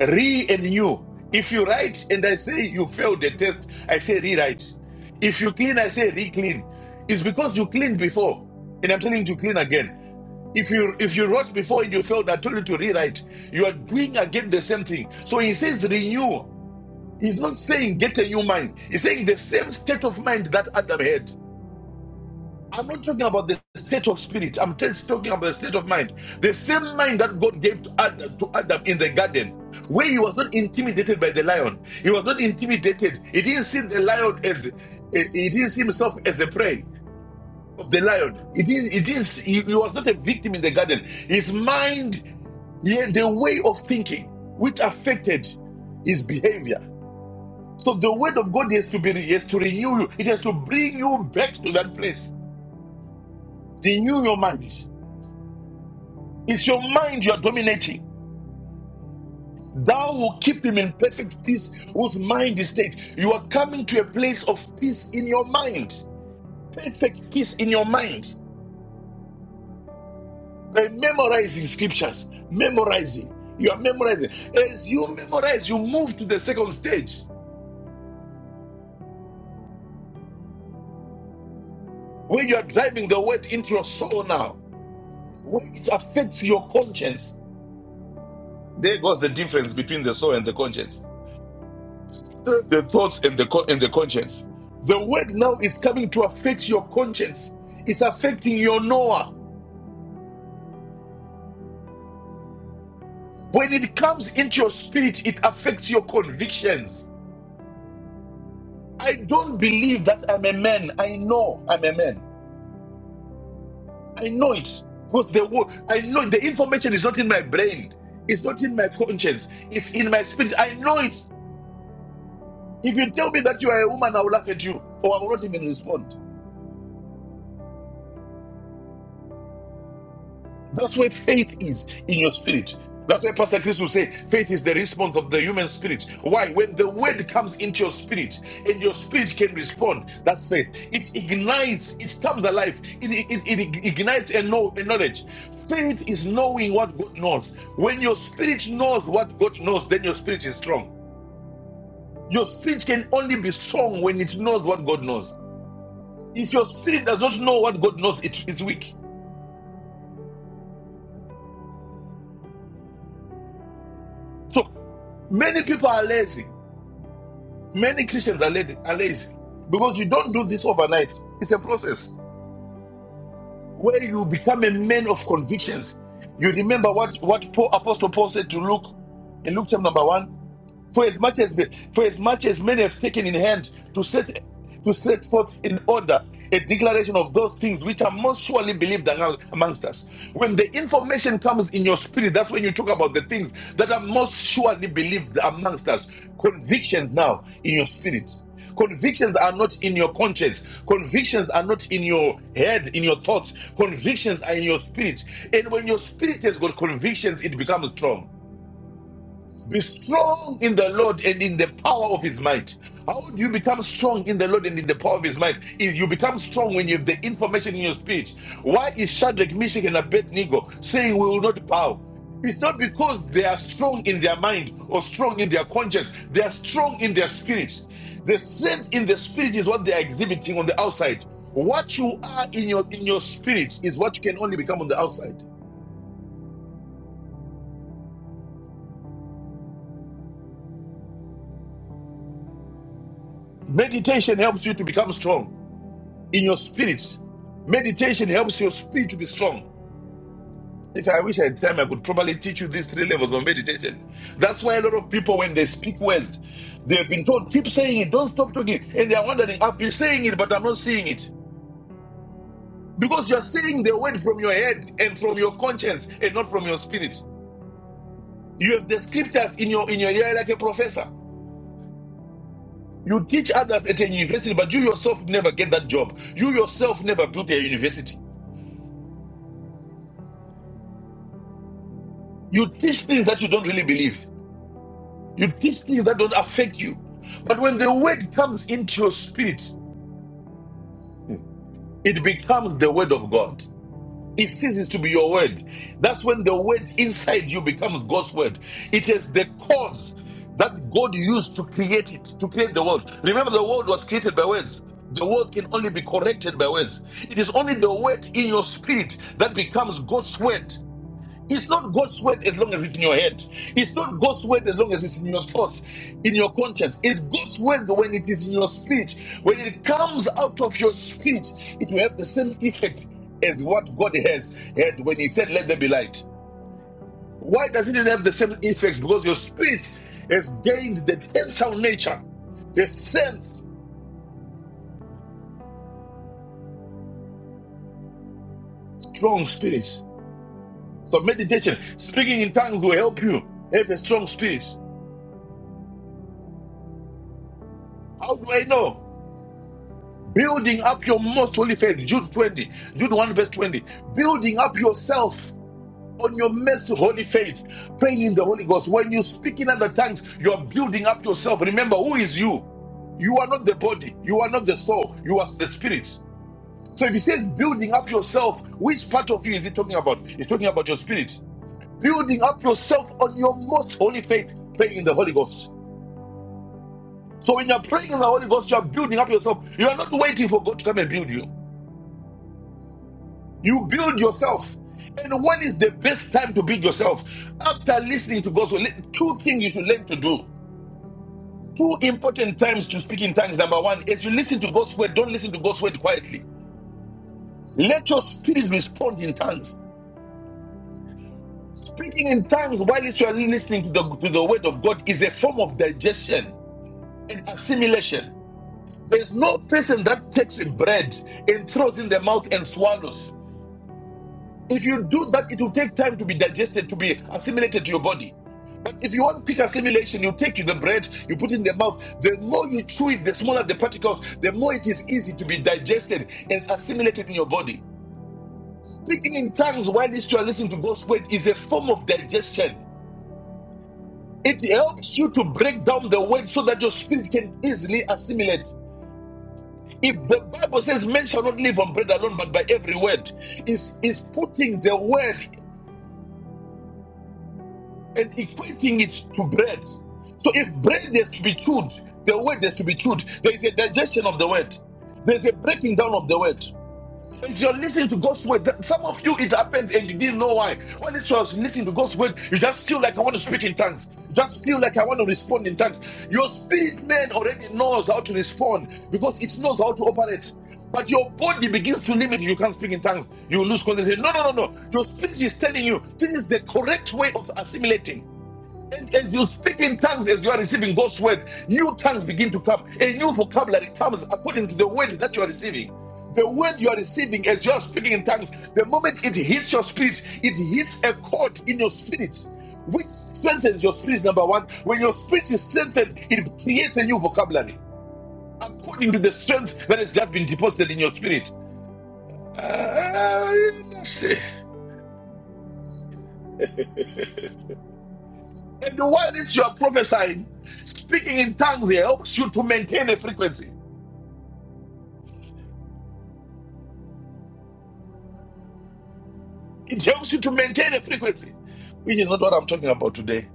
[SPEAKER 4] Re and renew. If you write and I say you failed the test, I say rewrite. If you clean, I say re-clean. It's because you cleaned before, and I'm telling you to clean again. If you if you wrote before and you failed, I told you to rewrite. You are doing again the same thing. So he says renew. He's not saying get a new mind. He's saying the same state of mind that Adam had. I'm not talking about the state of spirit. I'm just talking about the state of mind. The same mind that God gave to Adam, to Adam in the garden, where he was not intimidated by the lion. He was not intimidated. He didn't see the lion as, he didn't see himself as a prey of the lion. It is, it is, he, he was not a victim in the garden. His mind, yeah, the way of thinking, which affected his behavior. So the word of God has to be, has to renew you. It has to bring you back to that place. Renew your mind It's your mind you are dominating. Thou will keep him in perfect peace whose mind is stayed. You are coming to a place of peace in your mind. Perfect peace in your mind. By memorizing scriptures, memorizing. You are memorizing. As you memorize, you move to the second stage where you are driving the word into your soul now, where it affects your conscience. There goes the difference between the soul and the conscience. the thoughts and the co- and the conscience. The word now is coming to affect your conscience. It's affecting your knower. When it comes into your spirit, it affects your convictions. I don't believe that I'm a man. I know I'm a man. I know it because the word I know the information is not in my brain. It's not in my conscience. It's in my spirit. I know it. If you tell me that you are a woman, I will laugh at you, or I will not even respond. That's where faith is in your spirit. That's why Pastor Chris will say faith is the response of the human spirit. Why? When the word comes into your spirit and your spirit can respond, that's faith. It ignites, it comes alive, it, it, it ignites a, know, a knowledge. Faith is knowing what God knows. When your spirit knows what God knows, then your spirit is strong. Your spirit can only be strong when it knows what God knows. If your spirit does not know what God knows, it is weak. So many people are lazy. Many Christians are, led, are lazy because you don't do this overnight. It's a process where you become a man of convictions. You remember what, what Paul, Apostle Paul said to Luke in Luke chapter number one. For as much as for as much as many have taken in hand to set to set forth in order a declaration of those things which are most surely believed among- amongst us. When the information comes in your spirit, that's when you talk about the things that are most surely believed amongst us. Convictions now in your spirit. Convictions are not in your conscience. Convictions are not in your head, in your thoughts. Convictions are in your spirit. And when your spirit has got convictions, it becomes strong. Be strong in the Lord and in the power of his might. How do you become strong in the Lord and in the power of his might? If you become strong when you have the information in your speech. Why is Shadrach, Meshach, and Abednego saying we will not bow? It's not because they are strong in their mind or strong in their conscience. They are strong in their spirit. The strength in the spirit is what they are exhibiting on the outside. What you are in your in your spirit is what you can only become on the outside. Meditation helps you to become strong. in your spirit. Meditation helps your spirit to be strong. If I wish I had time, I could probably teach you these three levels of meditation. That's why a lot of people, when they speak words, they've been told, keep saying it, don't stop talking. And they're wondering, I've been saying it, but I'm not seeing it. Because you're saying the word from your head and from your conscience and not from your spirit. You have the scriptures in your in your ear like a professor. You teach others at a university, but you yourself never get that job. You yourself never built a university. You teach things that you don't really believe. You teach things that don't affect you. But when the word comes into your spirit, it becomes the word of God. It ceases to be your word. That's when the word inside you becomes God's word. It is the cause that God used to create it, to create the world. Remember, the world was created by words. The world can only be corrected by words. It is only the word in your spirit that becomes God's word. It's not God's word as long as it's in your head. It's not God's word as long as it's in your thoughts, in your conscience. It's God's word when it is in your speech. When it comes out of your speech, it will have the same effect as what God has had when He said, Let there be light. Why doesn't it have the same effects? Because your spirit has gained the tensile nature, the strength, strong spirit. So, meditation, speaking in tongues will help you have a strong spirit. How do I know? Building up your most holy faith. Jude 20, Jude 1, verse 20. Building up yourself on your most holy faith. Praying in the Holy Ghost. When you speak in other tongues, you are building up yourself. Remember, who is you? You are not the body, you are not the soul, you are the spirit. So if he says building up yourself, which part of you is he talking about? He's talking about your spirit. Building up yourself on your most holy faith, praying in the Holy Ghost. So when you're praying in the Holy Ghost, you are building up yourself. You are not waiting for God to come and build you. You build yourself. And when is the best time to build yourself? After listening to God's word, two things you should learn to do. Two important times to speak in tongues. Number one, as you listen to God's word, don't listen to God's word quietly. Let your spirit respond in tongues. Speaking in tongues while you are listening to the, to the word of God is a form of digestion and assimilation. There's no person that takes bread and throws in the mouth and swallows. If you do that, it will take time to be digested, to be assimilated to your body. But if you want quick assimilation, you take the bread, you put it in the mouth. The more you chew it, the smaller the particles, the more it is easy to be digested and assimilated in your body. Speaking in tongues while you are listening to God's word is a form of digestion. It helps you to break down the word so that your spirit can easily assimilate. If the Bible says men shall not live on bread alone, but by every word, is is putting the word and equating it to bread. So if bread is to be chewed, the word is to be chewed. There is a digestion of the word. There's a breaking down of the word. If you're listening to God's word, that- some of you it happens and you didn't know why. When it's was listening to God's word, you just feel like I want to speak in tongues. You just feel like I want to respond in tongues. Your spirit man already knows how to respond because it knows how to operate. But your body begins to limit you. You can't speak in tongues. You lose concentration. No, no, no, no. Your spirit is telling you this is the correct way of assimilating. And as you speak in tongues, as you are receiving God's word, new tongues begin to come. A new vocabulary comes according to the word that you are receiving. The word you are receiving as you are speaking in tongues, the moment it hits your spirit, it hits a chord in your spirit, which strengthens your spirit. Number one, when your spirit is strengthened, it creates a new vocabulary according to the strength that has just been deposited in your spirit. Uh, let's And while you are prophesying, speaking in tongues helps you to maintain a frequency. It helps you to maintain a frequency, which is not what I'm talking about today.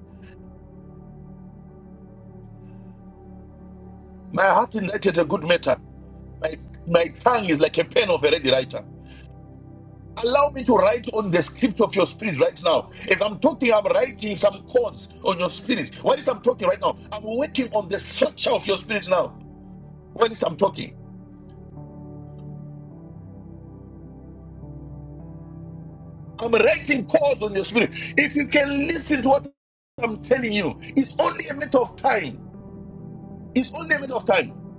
[SPEAKER 4] My heart ignited a good matter. My, my tongue is like a pen of a ready writer. Allow me to write on the script of your spirit right now. As I'm talking, I'm writing some chords on your spirit. What is I'm talking right now? I'm working on the structure of your spirit now. What is I'm talking? I'm writing chords on your spirit. If you can listen to what I'm telling you, it's only a matter of time. It's only a matter of time.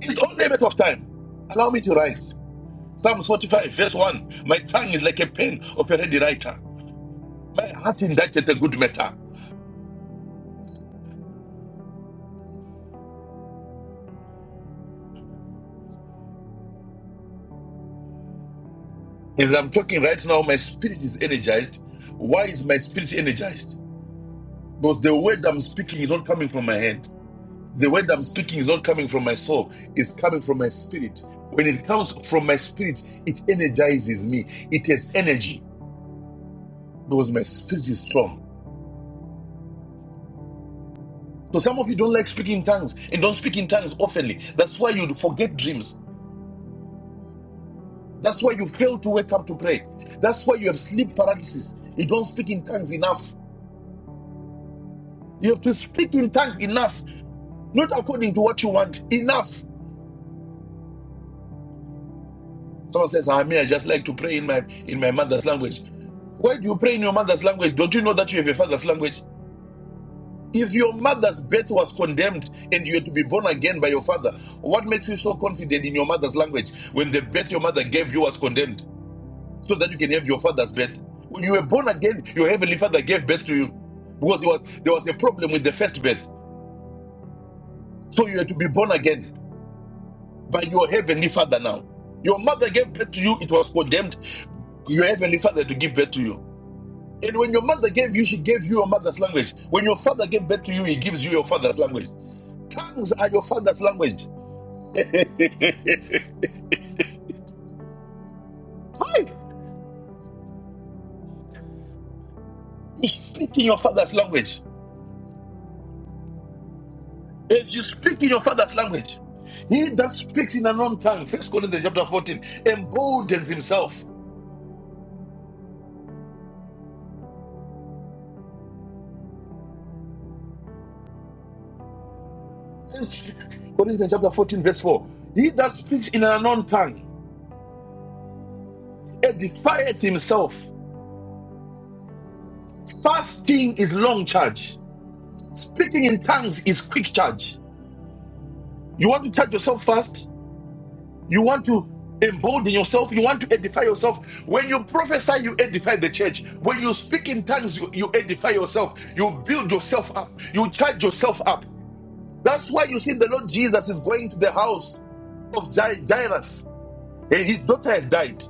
[SPEAKER 4] It's only a matter of time. Allow me to write. Psalms 45, verse 1. My tongue is like a pen of a ready writer. My heart indicted a good matter. As I'm talking right now, my spirit is energized. Why is my spirit energized? Because the word I'm speaking is not coming from my head. The word I'm speaking is not coming from my soul, it's coming from my spirit. When it comes from my spirit, it energizes me. It has energy because my spirit is strong. So some of you don't like speaking in tongues and don't speak in tongues oftenly. That's why you forget dreams. That's why you fail to wake up to pray. That's why you have sleep paralysis. You don't speak in tongues enough. You have to speak in tongues enough, not according to what you want. Enough. Someone says, I mean, I just like to pray in my in my mother's language. Why do you pray in your mother's language? Don't you know that you have a father's language? If your mother's birth was condemned and you had to be born again by your father, what makes you so confident in your mother's language when the birth your mother gave you was condemned? so that you can have your father's birth. When you were born again, your heavenly father gave birth to you because was, there was a problem with the first birth. So you had to be born again by your heavenly father now. Your mother gave birth to you, it was condemned. Your heavenly father to give birth to you. And when your mother gave you, she gave you your mother's language. When your father gave birth to you, he gives you your father's language. Tongues are your father's language. Hi! You speak in your father's language. If you speak in your father's language, he that speaks in an unknown tongue, First Corinthians chapter 14, emboldens himself. First Corinthians chapter 14, verse 4. He that speaks in an unknown tongue edifieth himself. Fasting is long charge. Speaking in tongues is quick charge. You want to charge yourself fast? You want to embolden yourself? You want to edify yourself? When you prophesy, you edify the church. When you speak in tongues, you, you edify yourself. You build yourself up. You charge yourself up. That's why you see the Lord Jesus is going to the house of Jairus, and his daughter has died.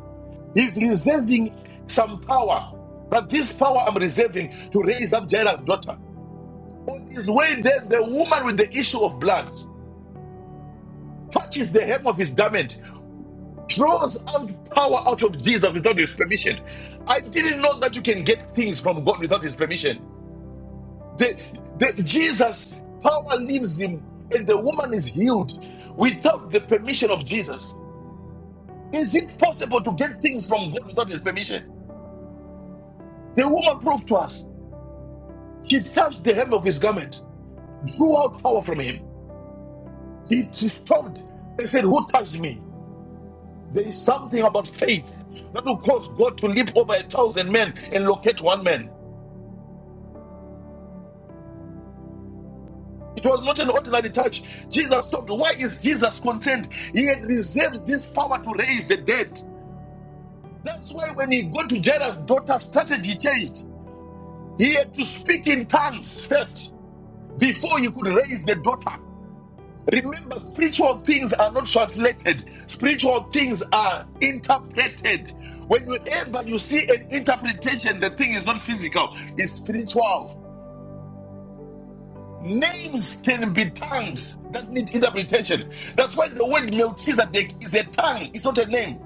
[SPEAKER 4] He's reserving some power, but this power I'm reserving to raise up Jairus' daughter. On his way there, the woman with the issue of blood touches the hem of his garment, draws out power out of Jesus without his permission. I didn't know that you can get things from God without his permission. The, the, Jesus, power leaves him, and the woman is healed without the permission of Jesus. Is it possible to get things from God without his permission? The woman proved to us. She touched the hem of his garment, drew out power from him. She, she stopped and said, Who touched me? There is something about faith that will cause God to leap over a thousand men and locate one man. It was not an ordinary touch. Jesus stopped. Why is Jesus concerned? He had reserved this power to raise the dead. That's why when he got to Jairus' daughter, strategy changed. He had to speak in tongues first before you could raise the daughter. Remember, spiritual things are not translated, spiritual things are interpreted. Whenever you see an interpretation, the thing is not physical, it's spiritual. Names can be tongues that need interpretation. That's why the word Melchizedek is a tongue, it's not a name.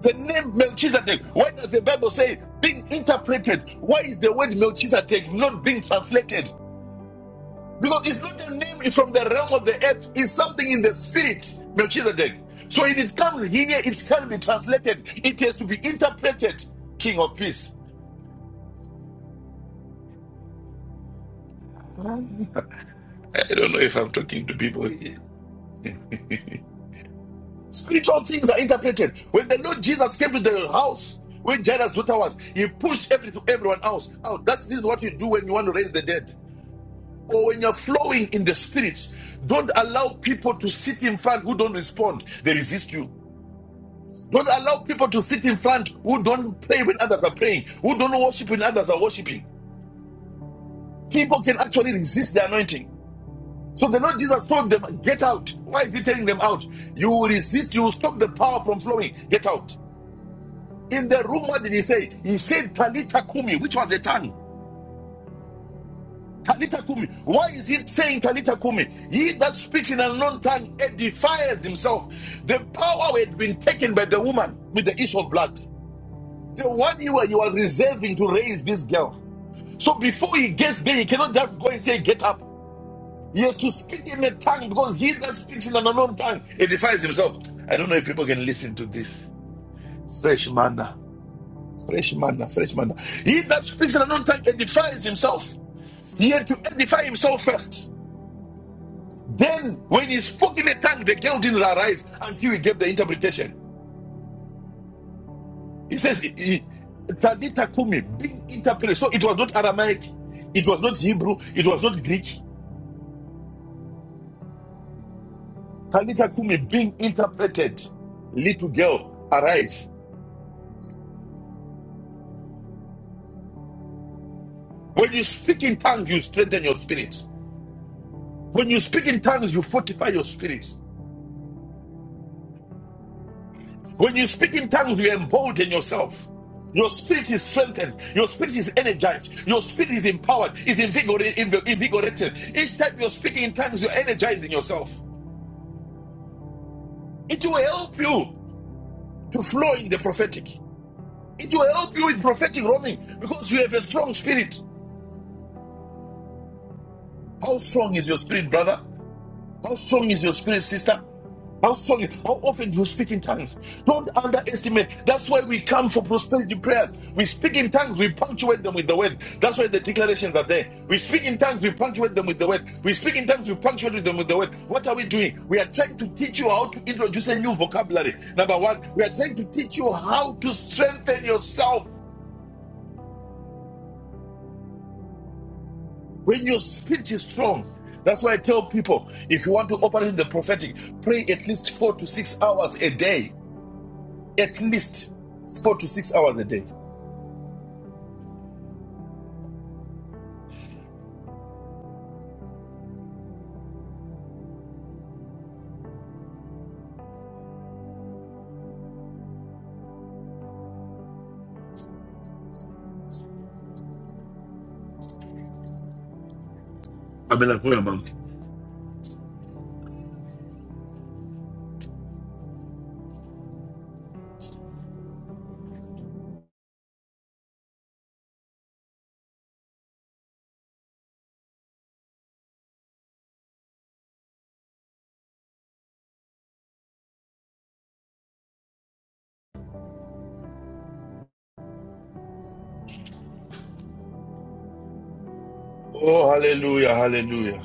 [SPEAKER 4] The name Melchizedek, why does the Bible say being interpreted? Why is the word Melchizedek not being translated? Because it's not a name from the realm of the earth, it's something in the spirit, Melchizedek. So if it comes here, it can be translated. It has to be interpreted, King of Peace. I don't know if I'm talking to people here. Spiritual things are interpreted. When the Lord Jesus came to the house where Jairus' daughter was, he pushed every, everyone else out. That's this is what you do when you want to raise the dead. or when you're flowing in the spirit, don't allow people to sit in front who don't respond, they resist you. Don't allow people to sit in front who don't pray when others are praying, who don't worship when others are worshiping. People can actually resist the anointing. So the Lord Jesus told them, Get out. Why is he telling them out? You will resist, you will stop the power from flowing. Get out. In the room, what did he say? He said, Talita Kumi, which was a tongue. Talita Kumi. Why is he saying Talita Kumi? He that speaks in an unknown tongue edifies himself. The power had been taken by the woman with the issue of blood. The one you were, you was reserving to raise this girl. So before he gets there, he cannot just go and say, Get up. He has to speak in a tongue because he that speaks in an unknown tongue edifies himself. I don't know if people can listen to this. Fresh manna, fresh manna, fresh manna. He that speaks in an unknown tongue edifies himself. He had to edify himself first. Then, when he spoke in a tongue, the girl didn't arise until he gave the interpretation. He says, he- Tadita Kumi, being interpreted. So it was not Aramaic, it was not Hebrew, it was not Greek. Tadita Kumi, being interpreted. Little girl, arise. When you speak in tongues, you strengthen your spirit. When you speak in tongues, you fortify your spirit. When you speak in tongues, you embolden yourself. Your spirit is strengthened. Your spirit is energized. Your spirit is empowered, is invigorated. Each time you're speaking in tongues, you're energizing yourself. It will help you to flow in the prophetic. It will help you with prophetic roaming because you have a strong spirit. How strong is your spirit, brother? How strong is your spirit, sister? How strong? How often do you speak in tongues? Don't underestimate. That's why we come for prosperity prayers. We speak in tongues. We punctuate them with the word. That's why the declarations are there. We speak in tongues. We punctuate them with the word. We speak in tongues. We punctuate them with the word. What are we doing? We are trying to teach you how to introduce a new vocabulary. Number one, we are trying to teach you how to strengthen yourself when your speech is strong. That's why I tell people if you want to operate in the prophetic, pray at least four to six hours a day. at least four to six hours a day. Abela kuya mama. Oh, hallelujah, hallelujah.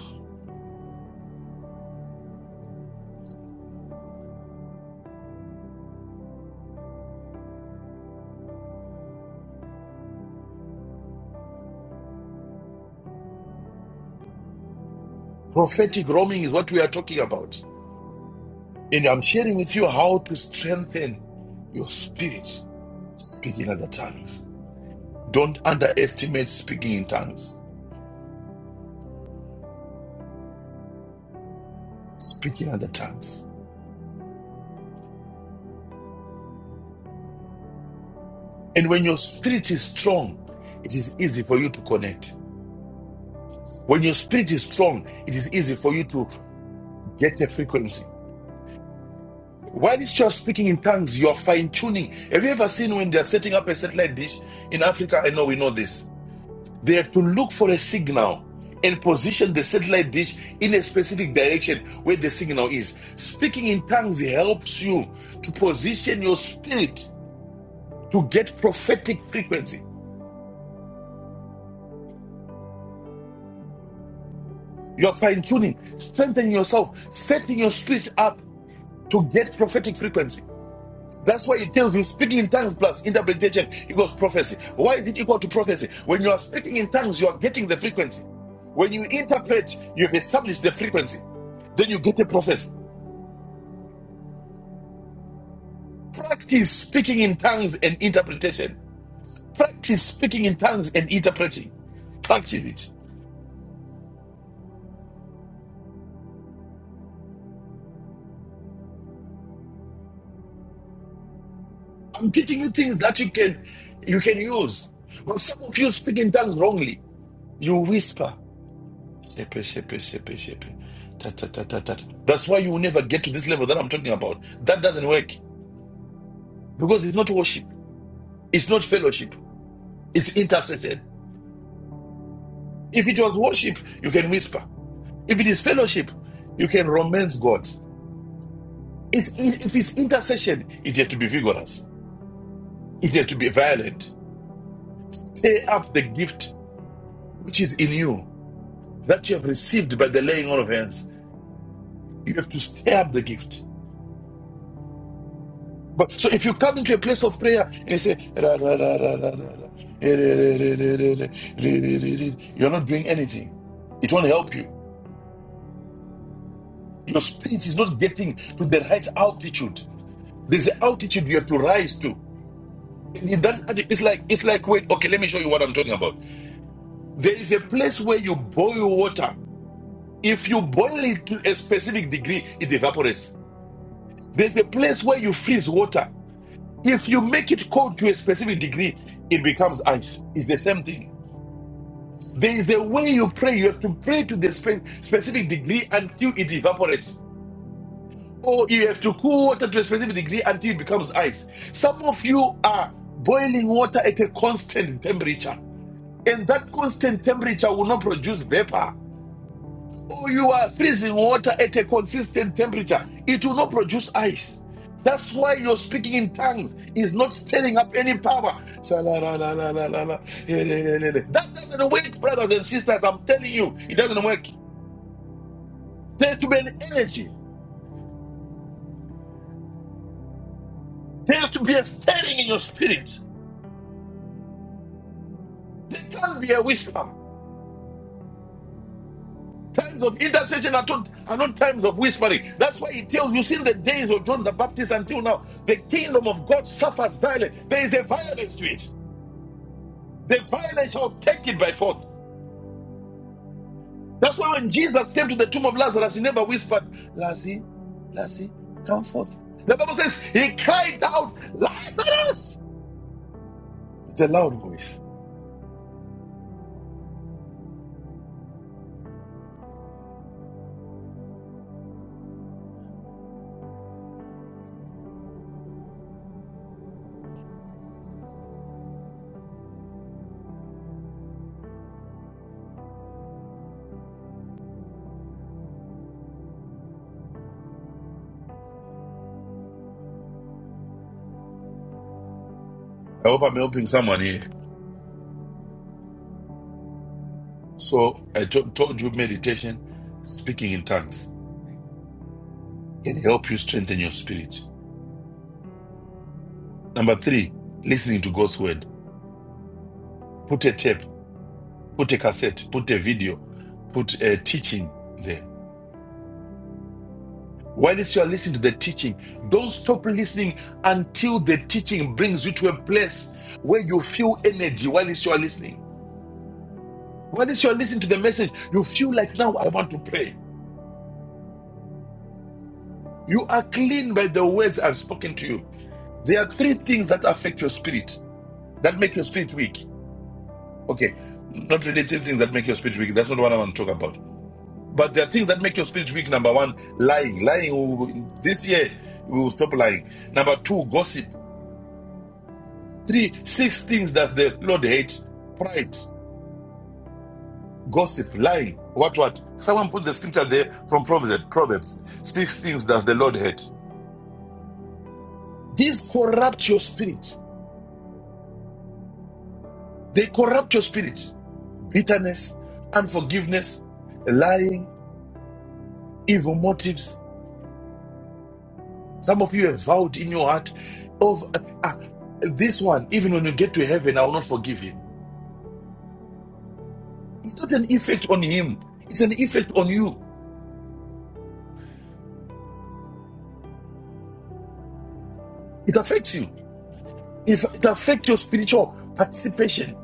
[SPEAKER 4] Prophetic roaming is what we are talking about. And I'm sharing with you how to strengthen your spirit speaking other tongues. Don't underestimate speaking in tongues, speaking other tongues. And when your spirit is strong, it is easy for you to connect. When your spirit is strong, it is easy for you to get a frequency. While it's just speaking in tongues, you're fine tuning. Have you ever seen when they're setting up a satellite dish in Africa? I know we know this. They have to look for a signal and position the satellite dish in a specific direction where the signal is. Speaking in tongues helps you to position your spirit to get prophetic frequency. You're fine tuning, strengthening yourself, setting your spirit up to get prophetic frequency. That's why it tells you speaking in tongues plus interpretation equals prophecy. Why is it equal to prophecy? When you are speaking in tongues, you are getting the frequency. When you interpret, you've established the frequency. Then you get a prophecy. Practice speaking in tongues and interpretation. Practice speaking in tongues and interpreting. Practice it. I'm teaching you things that you can you can use. But some of you speak in tongues wrongly. You whisper. Sippy, sippy, sippy, sippy. Ta, ta, ta, ta, ta. That's why you will never get to this level that I'm talking about. That doesn't work because it's not worship, it's not fellowship, it's intercession. If it was worship, you can whisper. If it is fellowship, you can romance God. It's, if it's intercession, it has to be vigorous, it has to be violent. Stay up the gift which is in you that you have received by the laying on of hands. You have to stay up the gift. But so if you come into a place of prayer and you say ra ra ra ra ra ra ra eh, re, re, re, re, re, re, re, re, re, re," you're not doing anything. It won't help you. Your spirit is not getting to the right altitude. There's an altitude you have to rise to. In that- it's like it's like wait, okay, let me show you what I'm talking about. There is a place where you boil water. If you boil it to a specific degree, it evaporates. There's a place where you freeze water. If you make it cold to a specific degree, it becomes ice. It's the same thing. There is a way you pray. You have to pray to the spe- specific degree until it evaporates. Or you have to cool water to a specific degree until it becomes ice. Some of you are boiling water at a constant temperature. And that constant temperature will not produce vapor you are freezing water at a consistent temperature, it will not produce ice. That's why you're speaking in tongues is not stirring up any power. That doesn't work, brothers and sisters. I'm telling you, it doesn't work. There has to be an energy. There has to be a stirring in your spirit. There can't be a whisper. Times of intercession are not, are not times of whispering. That's why he tells you, since the days of John the Baptist until now, the kingdom of God suffers violence. There is a violence to it. The violence shall take it by force. That's why when Jesus came to the tomb of Lazarus, he never whispered, Lazzy, Lazzy, come forth. The Bible says he cried out, Lazarus, It's a loud voice. I hope I'm helping someone here. So I to- told you meditation, speaking in tongues can help you strengthen your spirit. Number three, listening to God's word. Put a tape, put a cassette, put a video, put a teaching there Whilst you are listening to the teaching, don't stop listening until the teaching brings you to a place where you feel energy whilst you are listening. Whilst you are listening to the message, you feel like now I want to pray. You are clean by the words I've spoken to you. There are three things that affect your spirit, that make your spirit weak. Okay, not really three things that make your spirit weak. That's not what I want to talk about. But there are things that make your spirit weak. Number one, lying. Lying. This year, we will stop lying. Number two, gossip. Three, six things that the Lord hates pride, gossip, lying. What, what? Someone put the scripture there from Proverbs. Proverbs. Six things that the Lord hates. These corrupt your spirit. They corrupt your spirit. Bitterness, unforgiveness, lying, evil motives. Some of you have vowed in your heart of "Ah, this one, even when you get to heaven, I will not forgive him. It's not an effect on him, it's an effect on you. It affects you. If it affects your spiritual participation.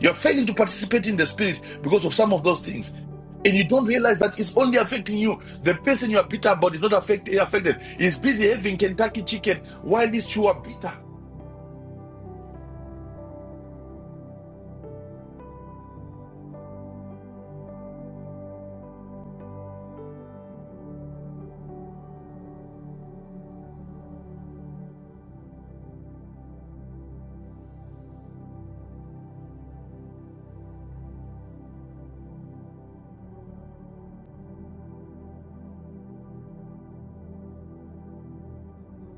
[SPEAKER 4] You're failing to participate in the spirit because of some of those things. And you don't realize that it's only affecting you. The person you are bitter about is not affect, affected. He's busy having Kentucky chicken while these two are bitter.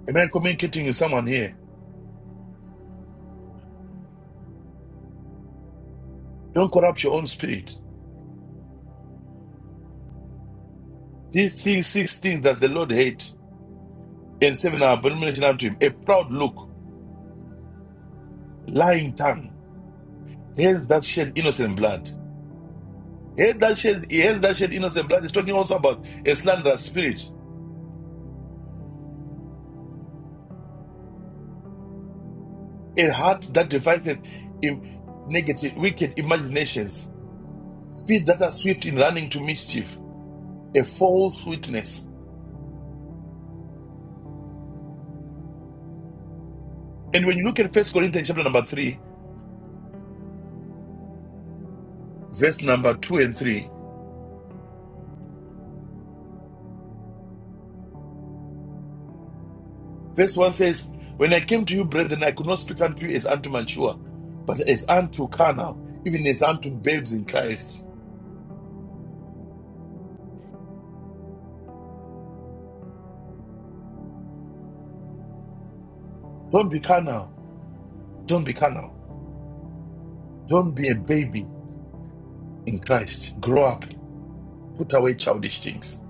[SPEAKER 4] Am I communicating with someone here? Don't corrupt your own spirit. These things, six things that the Lord hates, and seven are abomination unto him. A proud look, lying tongue, hate that shed innocent blood. Hate that shed, hate that shed innocent blood. It's talking also about a slanderous spirit. a heart that divided in negative, wicked imaginations, feet that are swift in running to mischief, a false witness. And when you look at First Corinthians chapter number three, verse number two and three, verse one says, When I came to you, brethren, I could not speak unto you as unto mature, but as unto carnal, even as unto babes in Christ. Don't be carnal. Don't be carnal. Don't be a baby in Christ. Grow up. Put away childish things.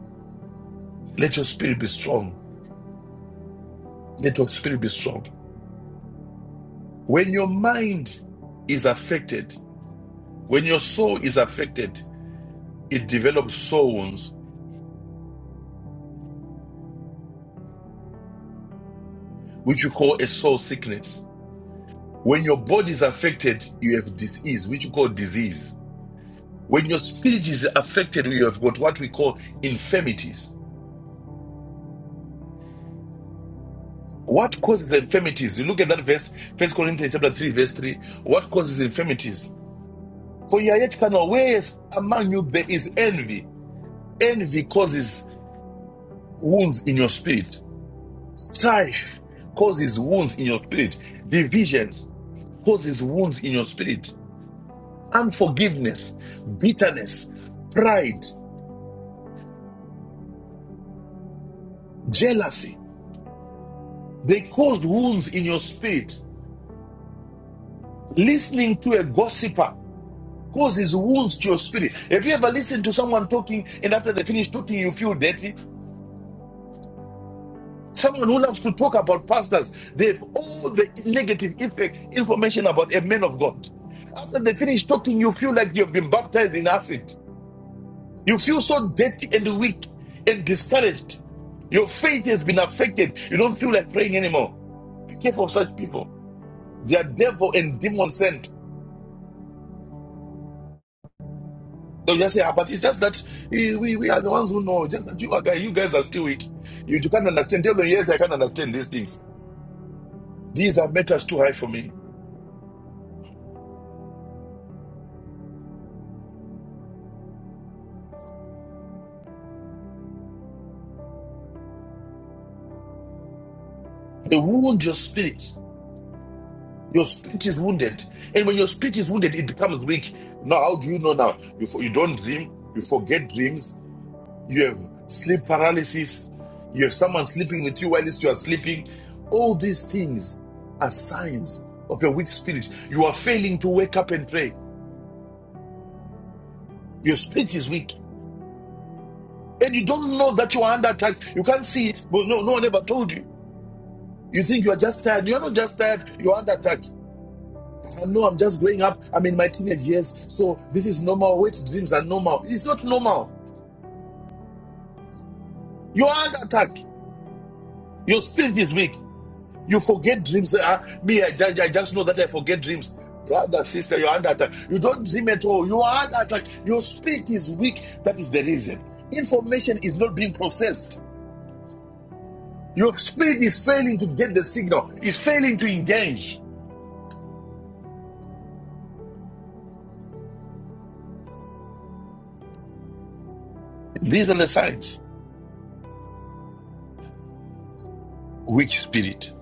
[SPEAKER 4] Let your spirit be strong. Let your spirit be strong. When your mind is affected, when your soul is affected, it develops soils, which you call a soul sickness. When your body is affected, you have disease, which you call disease. When your spirit is affected, you have got what we call infirmities. What causes infirmities? You look at that verse, First Corinthians chapter 3, verse 3. What causes infirmities? For you are yet carnal, whereas among you there is envy. Envy causes wounds in your spirit. Strife causes wounds in your spirit. Divisions causes wounds in your spirit. Unforgiveness, bitterness, pride, jealousy. They cause wounds in your spirit. Listening to a gossiper causes wounds to your spirit. Have you ever listened to someone talking and after they finish talking, you feel dirty? Someone who loves to talk about pastors, they have all the negative effect information about a man of God. After they finish talking, you feel like you've been baptized in acid. You feel so dirty and weak and discouraged. Your faith has been affected. You don't feel like praying anymore. Be careful of such people. They are devil and demon sent. They'll just say, ah, but it's just that eh, we, we are the ones who know. Just that you are guys, you guys are still weak. You, you can't understand. Tell them, yes, I can't understand these things. These are matters too high for me. They wound your spirit. Your spirit is wounded. And when your spirit is wounded, it becomes weak. Now, how do you know now? You, you don't dream. You forget dreams you have sleep paralysis, you have someone sleeping with you whilst you are sleeping. All these things are signs of your weak spirit. You are failing to wake up and pray. Your spirit is weak. And you don't know that you are under attack. You can't see it, but no, no one ever told you. You think you are just tired. You are not just tired, you are under attack. I know I'm just growing up. I'm in my teenage years. So this is normal. Wet dreams are normal. It's not normal. You are under attack. Your spirit is weak. You forget dreams. Uh, me, I, I just know that I forget dreams. Brother, sister, you're under attack. You don't dream at all. You are under attack. Your spirit is weak. That is the reason. Information is not being processed. Your spirit is failing to get the signal, is failing to engage. These are the signs. Weak spirit.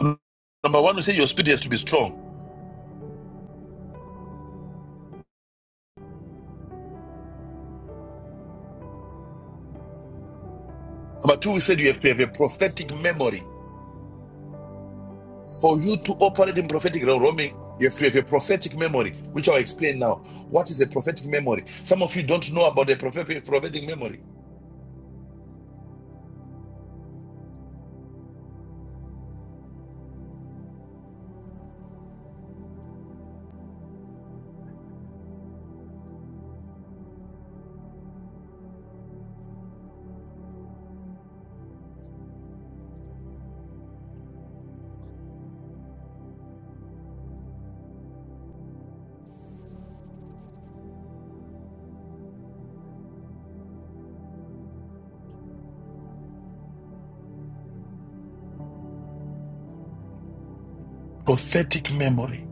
[SPEAKER 4] Number one, we said your spirit has to be strong. Number two, we said you have to have a prophetic memory. For you to operate in prophetic roaming, you have to have a prophetic memory, which I'll explain now. What is a prophetic memory? Some of you don't know about the prophetic, prophetic memory. Prophetic memory.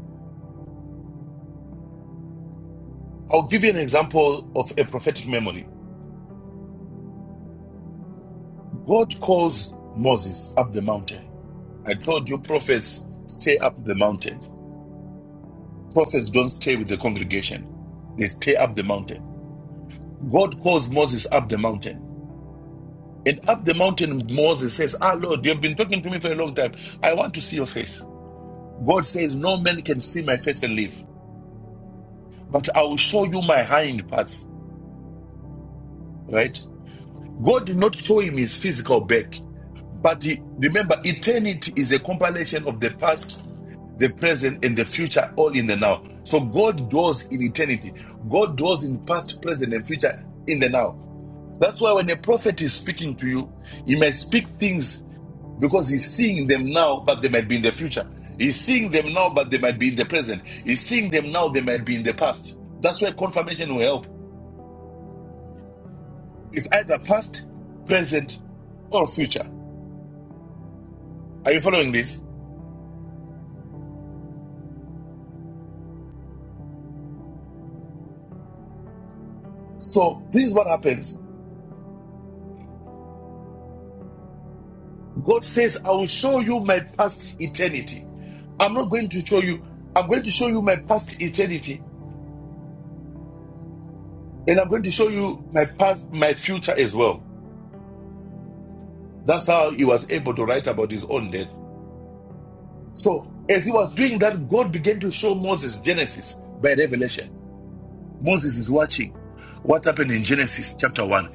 [SPEAKER 4] I'll give you an example of a prophetic memory. God calls Moses up the mountain. I told you, prophets stay up the mountain. Prophets don't stay with the congregation, they stay up the mountain. God calls Moses up the mountain. And up the mountain, Moses says, Ah, Lord, you have been talking to me for a long time. I want to see your face. God says, No man can see my face and live, but I will show you my hind parts. Right? God did not show him his physical back. But he- remember, eternity is a compilation of the past, the present, and the future, all in the now. So God dwells in eternity. God dwells in past, present, and future in the now. That's why when a prophet is speaking to you, he may speak things because he's seeing them now, but they might be in the future. He's seeing them now, but they might be in the present. He's seeing them now, they might be in the past. That's why confirmation will help. It's either past, present, or future. Are you following this? So, this is what happens God says, I will show you my past eternity. I'm not going to show you, I'm going to show you my past eternity, and I'm going to show you my past, my future as well. That's how he was able to write about his own death. So, as he was doing that, God began to show Moses Genesis by revelation. Moses is watching what happened in Genesis chapter 1.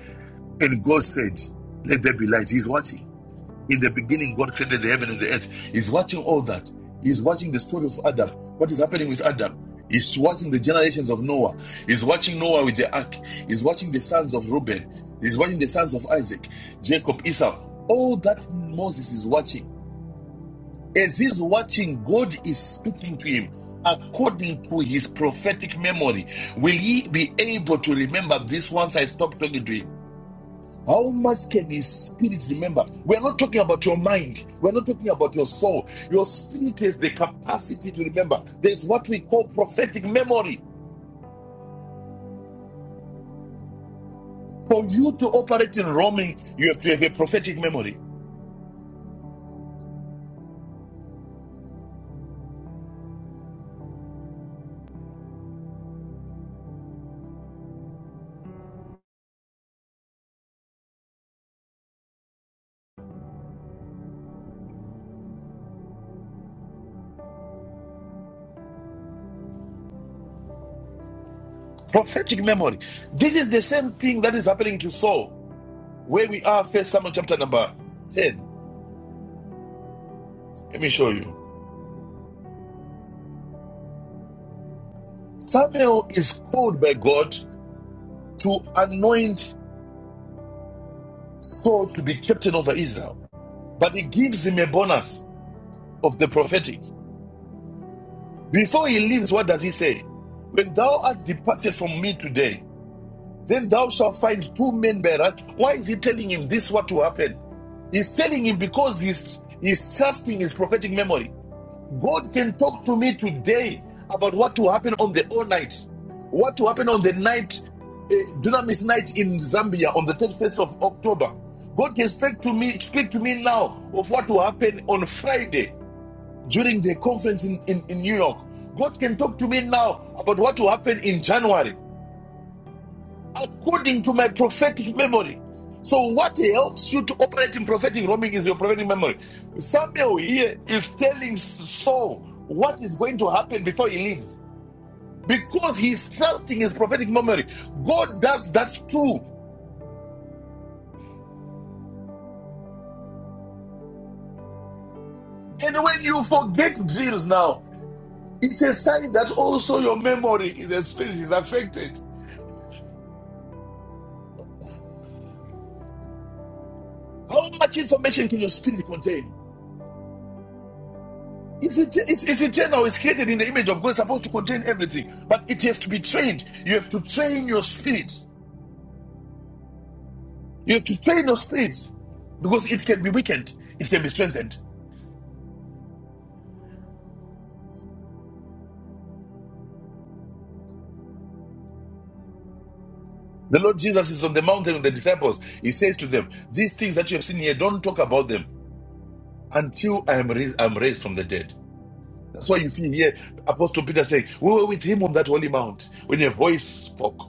[SPEAKER 4] And God said, Let there be light. He's watching. In the beginning, God created the heaven and the earth. He's watching all that. He's watching the story of Adam, what is happening with Adam. He's watching the generations of Noah. He's watching Noah with the ark. He's watching the sons of Reuben. He's watching the sons of Isaac, Jacob, Esau. All that Moses is watching As he's watching, God is speaking to him according to his prophetic memory. Will he be able to remember this once I stop talking to him? How much can his spirit remember? We're not talking about your mind. We're not talking about your soul. Your spirit has the capacity to remember. There's what we call prophetic memory. For you to operate in roaming, you have to have a prophetic memory. Prophetic memory. This is the same thing that is happening to Saul, where we are, first Samuel chapter number 10. Let me show you. Samuel is called by God to anoint Saul to be captain over Israel, but he gives him a bonus of the prophetic. Before he leaves, what does he say? When thou art departed from me today, then thou shalt find two men by right. Why is he telling him this? What to happen? He's telling him because he's, he's trusting his prophetic memory. God can talk to me today about what will happen on the all night, what will happen on the night, uh, Dunamis night in Zambia on the 31st of October. God can speak to me, speak to me now of what will happen on Friday during the conference in, in, in New York. God can talk to me now about what will happen in January according to my prophetic memory. So, what helps you to operate in prophetic roaming is your prophetic memory. Samuel here is telling Saul what is going to happen before he leaves because he trusting his prophetic memory. God does that too. And when you forget drills now, it's a sign that also your memory in the spirit is affected. How much information can your spirit contain? It's, it's, it's a chain that was created in the image of God, it's supposed to contain everything, but it has to be trained. You have to train your spirit. You have to train your spirit because it can be weakened, it can be strengthened. The Lord Jesus is on the mountain with the disciples. He says to them, These things that you have seen here, don't talk about them until I am, I am raised from the dead. That's why you see here Apostle Peter saying, We were with him on that holy mount when a voice spoke.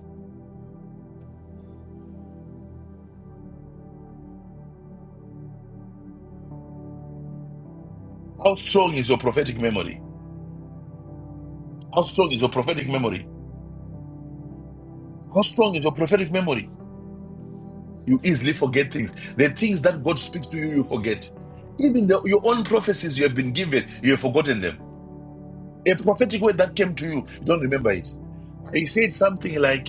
[SPEAKER 4] How strong is your prophetic memory? How strong is your prophetic memory? How strong is your prophetic memory? You easily forget things. The things that God speaks to you, you forget. Even the, your own prophecies you have been given, you have forgotten them. A prophetic word that came to you, you don't remember it. He said something like,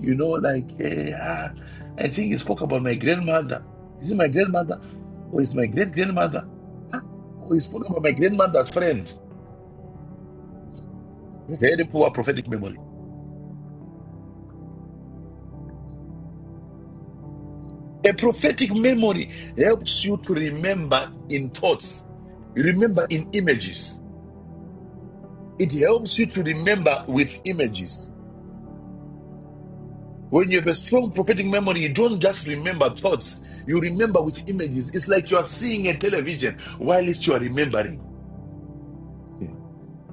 [SPEAKER 4] you know, like, eh, ah, I think he spoke about my grandmother. Is it my grandmother? Or is my great grandmother? Or he spoke about my grandmother's friend. Very poor prophetic memory. A prophetic memory helps you to remember in thoughts, remember in images. It helps you to remember with images. When you have a strong prophetic memory, you don't just remember thoughts, you remember with images. It's like you are seeing a television while you are remembering.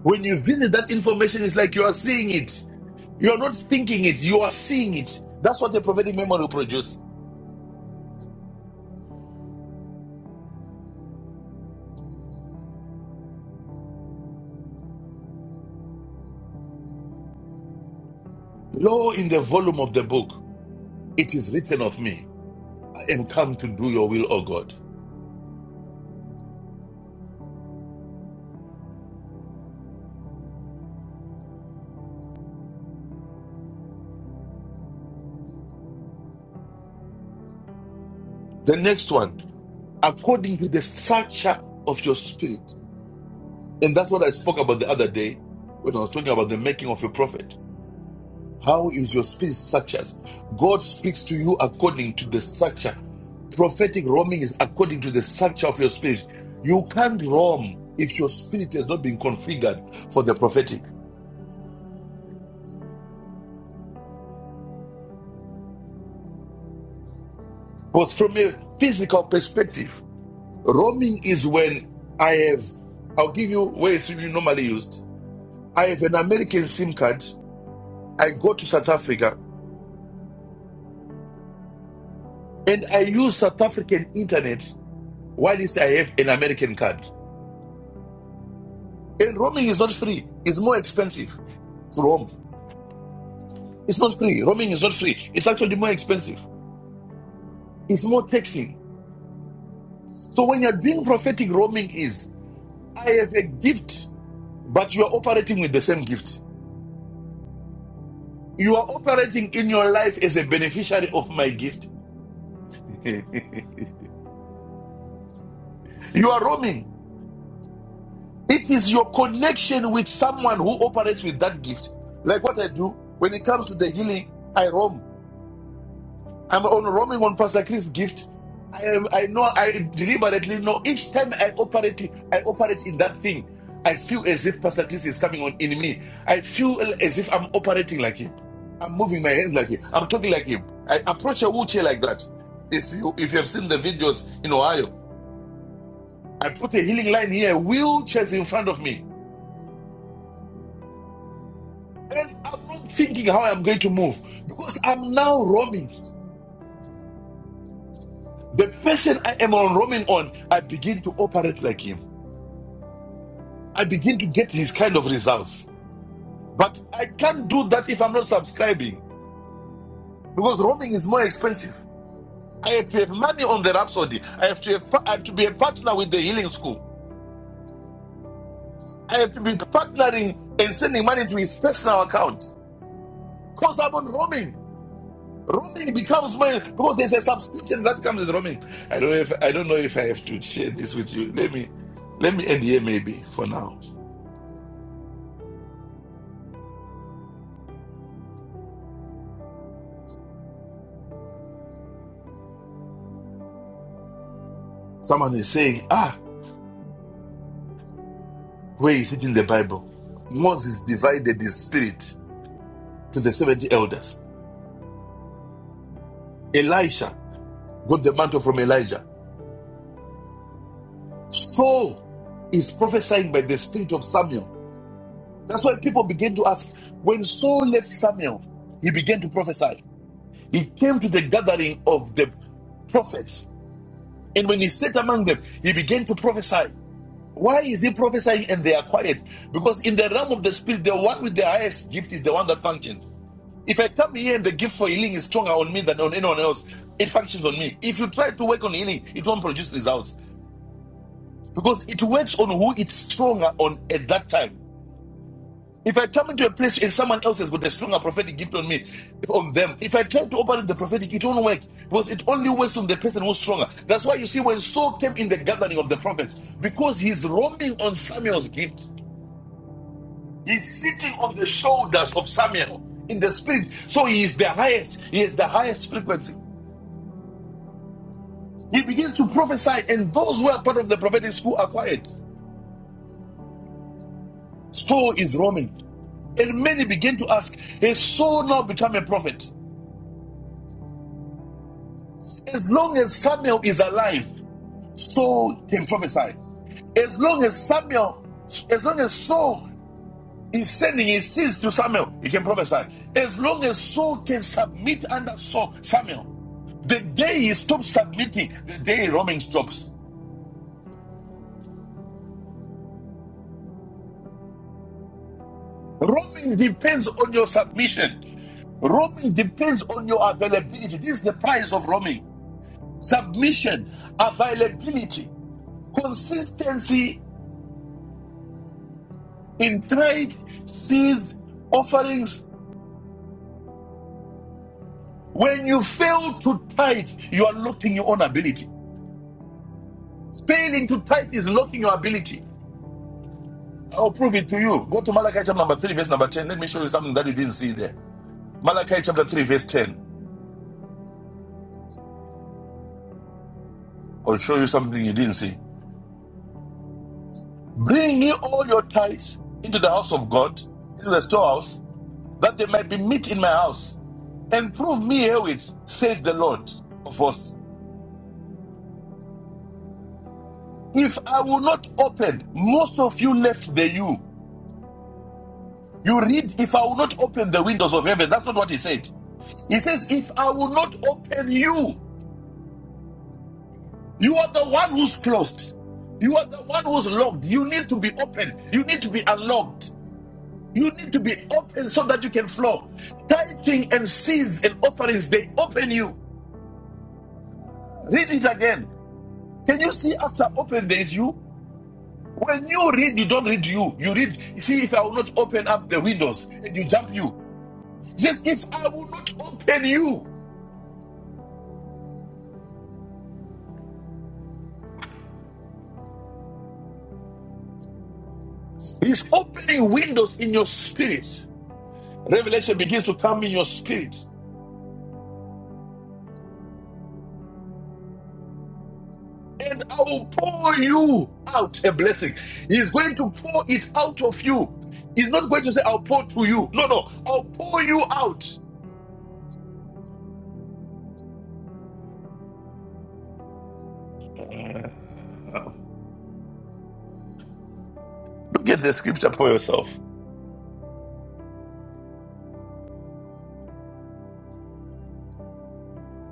[SPEAKER 4] When you visit that information, it's like you are seeing it. You are not thinking it, you are seeing it. That's what the prophetic memory will produce. Lo, in the volume of the book, it is written of me, I am come to do your will, O God. The next one, according to the structure of your spirit. And that's what I spoke about the other day when I was talking about the making of a prophet. How is your spirit structured? God speaks to you according to the structure. Prophetic roaming is according to the structure of your spirit. You can't roam if your spirit has not been configured for the prophetic. Because from a physical perspective, roaming is when I have, I'll give you where it's really normally used. I have an American SIM card. I go to South Africa and I use South African internet Why least I have an American card? And roaming is not free. It's more expensive to roam. It's not free. Roaming is not free. It's actually more expensive. It's more taxing. So when you're doing prophetic, roaming is I have a gift, but you are operating with the same gift. You are operating in your life as a beneficiary of my gift. You are roaming. It is your connection with someone who operates with that gift. Like what I do when it comes to the healing, I roam. I'm honoring on Pastor Chris' gift. I am. I know. I deliberately know. Each time I operate, I operate in that thing. I feel as if Pastor Chris is coming on in me. I feel as if I'm operating like him. I'm moving my hands like him. I'm talking like him. I approach a wheelchair like that. If you if you have seen the videos in Ohio, I put a healing line here. Wheelchairs in front of me, and I'm not thinking how I'm going to move because I'm now roaming. The person I am on roaming on, I begin to operate like him. I begin to get these kind of results. But I can't do that if I'm not subscribing because roaming is more expensive. I have to have money on the Rhapsody. I have to have, I have to be a partner with the healing school. I have to be partnering and sending money to his personal account because I'm on roaming. Roaming becomes my because there's a subscription that comes with roaming. I don't know if I don't know if I have to share this with you. Let me let me end here maybe for now. Someone is saying, ah, where is it in the Bible? Moses divided his spirit to the 70 elders. Elisha got the mantle from Elijah. Saul is prophesying by the spirit of Samuel. That's why people begin to ask when Saul left Samuel, he began to prophesy. He came to the gathering of the prophets, and when he sat among them, he began to prophesy. Why is he prophesying and they are quiet? Because in the realm of the spirit, the one with the highest gift is the one that functions. If I come here and the gift for healing is stronger on me than on anyone else, it functions on me. If you try to work on healing, it won't produce results because it works on who it's stronger on at that time. If I come into a place and someone else has got a stronger prophetic gift on me, on them, if I try to operate the prophetic, it won't work because it only works on the person who's stronger. That's why you see when Saul came in the gathering of the prophets, because he's roaming on Samuel's gift, he's sitting on the shoulders of Samuel in the spirit. So he is the highest, he is the highest frequency. He begins to prophesy, and those who are part of the prophetic school are quiet. So is Roman. And many begin to ask, Has Saul now become a prophet? As long as Samuel is alive, Saul can prophesy. As long as Samuel, as long as Saul is sending his seeds to Samuel, he can prophesy. As long as Saul can submit under Saul, Samuel, the day he stops submitting, the day Roman stops. Roaming depends on your submission. Roaming depends on your availability. This is the price of roaming. Submission, availability, consistency in trade, seeds, offerings. When you fail to tithe, you are locking your own ability. Failing to tithe is locking your ability. I'll prove it to you. Go to Malachi chapter number 3, verse number 10. Let me show you something that you didn't see there. Malachi chapter 3, verse 10. I'll show you something you didn't see. Bring ye all your tithes into the house of God, into the storehouse, that there might be meat in my house. And prove me herewith, saith the Lord of hosts. If I will not open, most of you left the you. You read, if I will not open the windows of heaven. That's not what he said. He says, If I will not open you, you are the one who's closed. You are the one who's locked. You need to be open. You need to be unlocked. You need to be open so that you can flow. Tithing and seeds and offerings, they open you. Read it again. Can you see after open, there is you? When you read, you don't read you. You read, see, if I will not open up the windows, and you jump you. Just if I will not open you, he's opening windows in your spirit. Revelation begins to come in your spirit. and I will pour you out a blessing. He's going to pour it out of you. He's not going to say, I'll pour to you. No, no, I'll pour you out. Look at the scripture for yourself.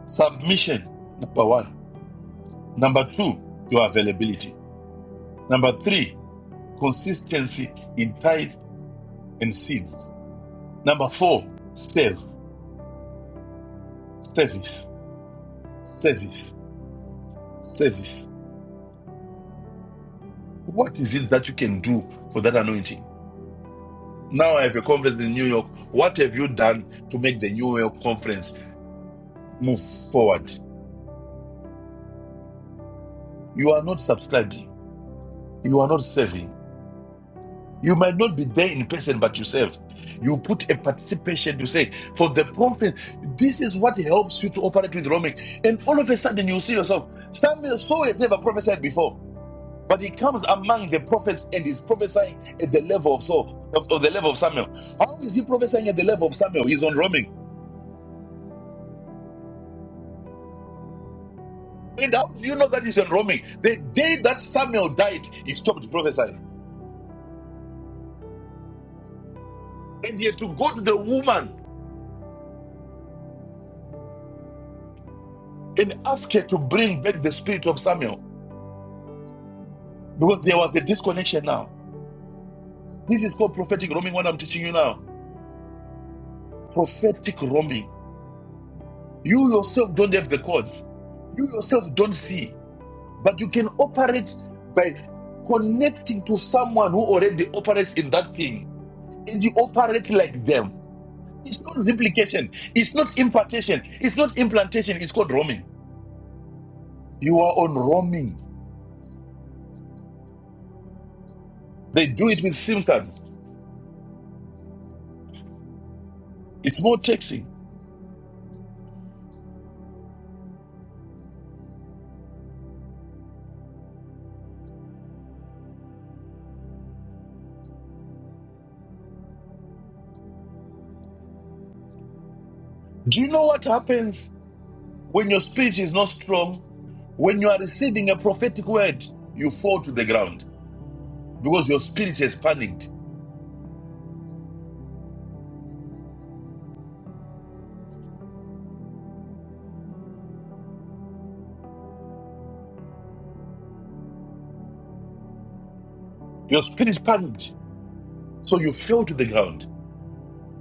[SPEAKER 4] Submission, number one. Number two, your availability. Number three, consistency in tithe and seeds. Number four, serve, service, service, service. What is it that you can do for that anointing? Now I have a conference in New York. What have you done to make the New York conference move forward? You are not subscribing. You are not serving. You might not be there in person, but you serve. You put a participation to say, for the conference, this is what helps you to operate with roaming. And all of a sudden, you see yourself. Samuel Saul has never prophesied before, but he comes among the prophets and is prophesying at the level of Saul, of, of the level of Samuel. How is he prophesying at the level of Samuel? He's on roaming. And how do you know that he's enroming? The day that Samuel died, he stopped prophesying. And he had to go to the woman and ask her to bring back the spirit of Samuel because there was a disconnection now. This is called prophetic roaming, what I'm teaching you now. Prophetic roaming. You yourself don't have the codes, you yourself don't see, but you can operate by connecting to someone who already operates in that thing. And you operate like them It's not replication. It's not impartation. It's not implantation. It's called roaming. You are on roaming. They do it with SIM cards. It's more taxing. Do you know what happens when your speech is not strong? When you are receiving a prophetic word, you fall to the ground because your spirit has panicked. Your spirit panicked. So you fell to the ground.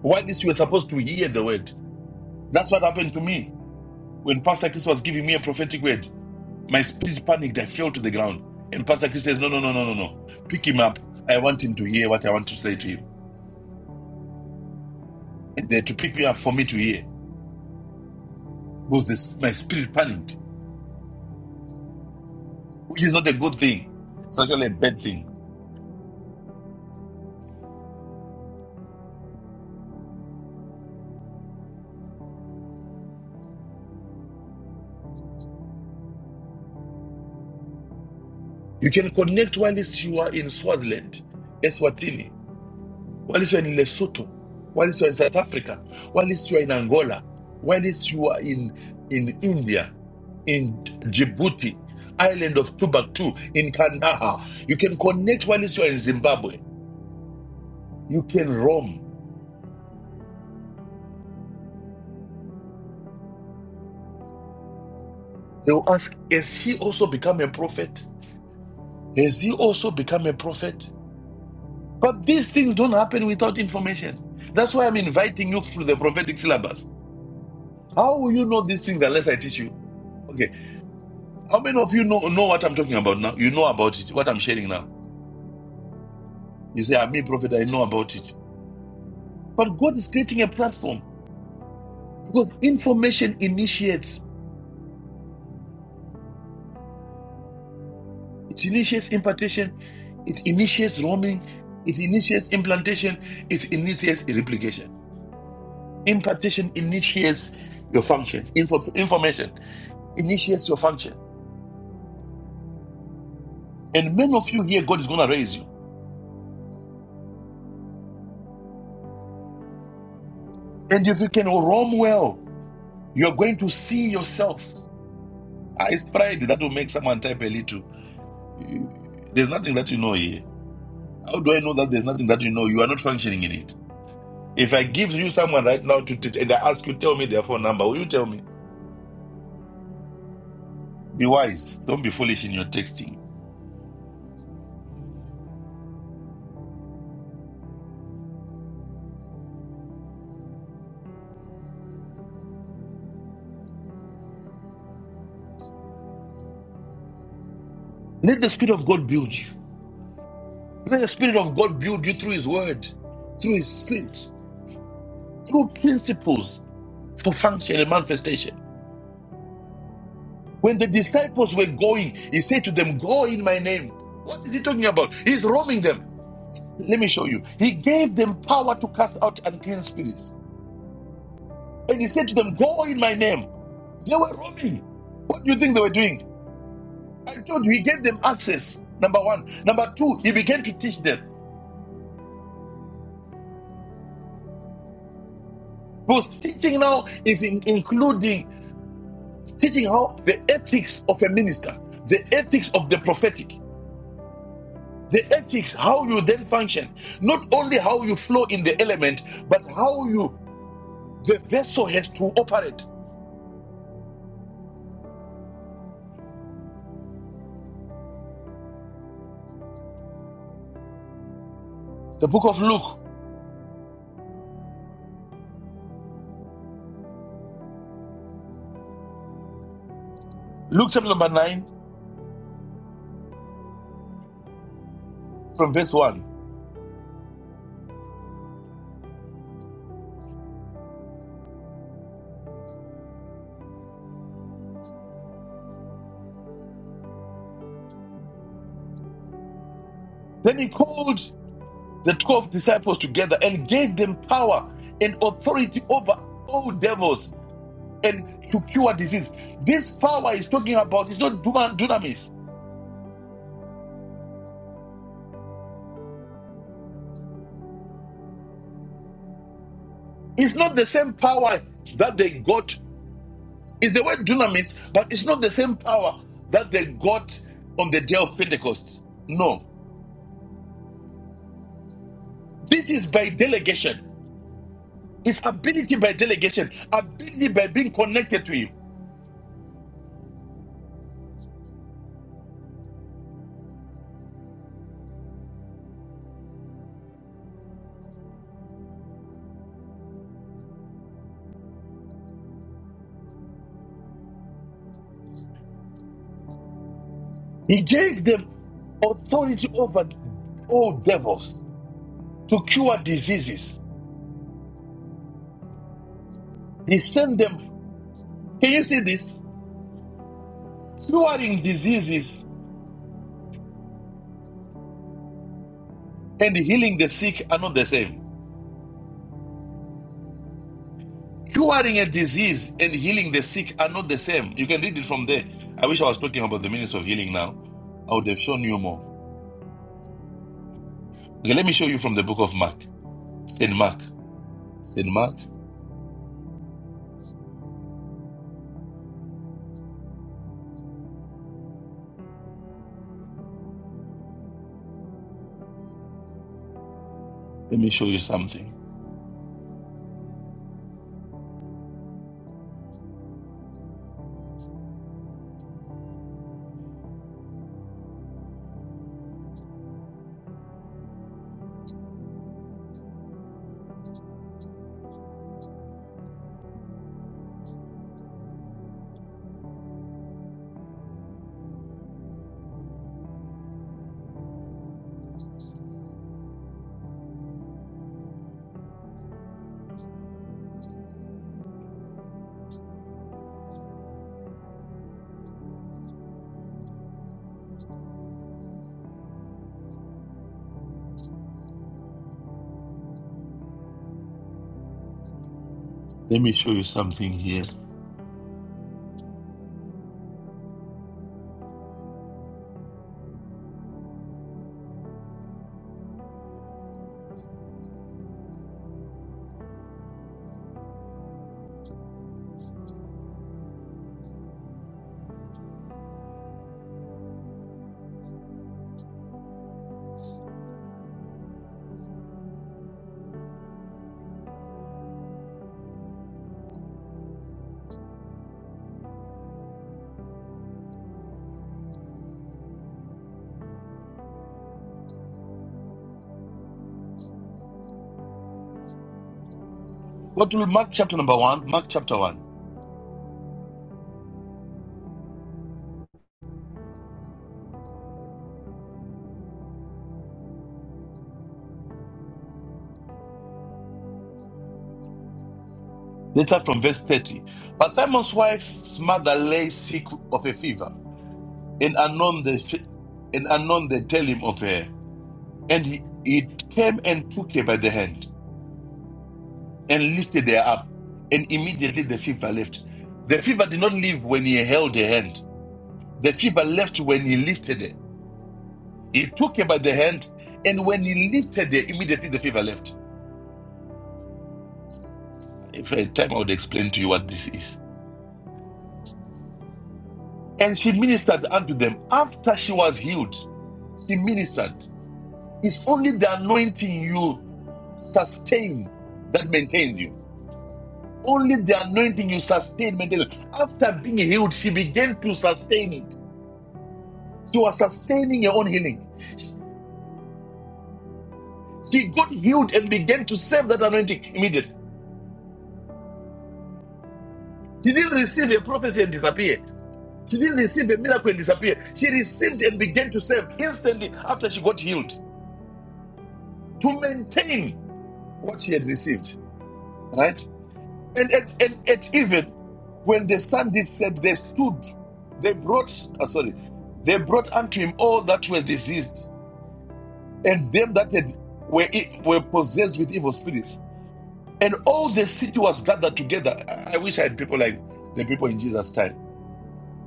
[SPEAKER 4] While this you were supposed to hear the word. That's what happened to me when Pastor Chris was giving me a prophetic word. My speech panicked. I fell to the ground. And Pastor Chris says, No, no, no, no, no, no. Pick him up. I want him to hear what I want to say to him. And they had to pick me up for me to hear. Because this, my spirit panicked, which is not a good thing. It's actually a bad thing. You can connect whilst you are in Swaziland, Eswatini. whilst you are in Lesotho, whilst you are in South Africa, whilst you are in Angola, whilst you are in, in India, in Djibouti, island of Timbuktu, in Kandahar. You can connect whilst you are in Zimbabwe. You can roam. They will ask, has he also become a prophet? Has he also become a prophet? But these things don't happen without information. That's why I'm inviting you through the prophetic syllabus. How will you know these things unless I teach you? Okay. How many of you know know what I'm talking about now? You know about it. What I'm sharing now. You say, "I'm me, prophet. I know about it." But God is creating a platform because information initiates. It initiates impartation. It initiates roaming. It initiates implantation. It initiates replication. Impartation initiates your function. Info, information initiates your function. And many of you here, God is going to raise you. And if you can roam well, you're going to see yourself. Ah, It's pride that will make someone type a little. There's nothing that you know here. How do I know that there's nothing that you know? You are not functioning in it. If I give you someone right now to, to and I ask you, tell me their phone number, will you tell me? Be wise. Don't be foolish in your texting. Let the Spirit of God build you. Let the Spirit of God build you through His Word, through His Spirit, through principles for function and manifestation. When the disciples were going, He said to them, Go in my name. What is He talking about? He's roaming them. Let me show you. He gave them power to cast out unclean spirits. And he said to them, Go in my name. They were roaming. What do you think they were doing? I told you, he gave them access. Number one. Number two, he began to teach them. Because teaching now is in- including teaching how the ethics of a minister, the ethics of the prophetic, the ethics, how you then function. Not only how you flow in the element, but how you, the vessel has to operate. The book of Luke, Luke chapter number 9, from verse 1. Then he called the 12 disciples together and gave them power and authority over all devils and to cure disease. This power he's talking about is not duma- dunamis. It's not the same power that they got. It's the word dunamis, but it's not the same power that they got on the day of Pentecost. No. This is by delegation. It's ability by delegation, ability by being connected to him. He gave them authority over all devils to cure diseases. He sent them. Can you see this? Curing diseases and healing the sick are not the same. Curing a disease and healing the sick are not the same. You can read it from there. I wish I was talking about the ministry of healing now. I would have shown you more. Okay, let me show you from the book of Mark. St. Mark. St. Mark, let me show you something. Let me show you something here. What will Mark chapter number one? Mark chapter one. Let's start from verse 30. But Simon's wife's mother lay sick of a fever And anon they and anon they tell him of her. And he, he came and took her by the hand and lifted her up. And immediately the fever left. The fever did not leave when he held her hand. The fever left when he lifted her. He took her by the hand, and when he lifted her, immediately the fever left. If I had time, I would explain to you what this is. And she ministered unto them. After she was healed, she ministered. It's only the anointing you sustain that maintains you. Only the anointing you sustain mentally. After being healed, she began to sustain it. She was sustaining her own healing. She got healed and began to serve that anointing immediately. She didn't receive a prophecy and disappear. She didn't receive a miracle and disappear. She received and began to serve instantly after she got healed to maintain what she had received. Right? And at, and at even when the son did set, they stood, they brought, uh, sorry, they brought unto him all that were diseased and them that had, were, e- were possessed with evil spirits. And all the city was gathered together. I I wish I had people like the people in Jesus' time.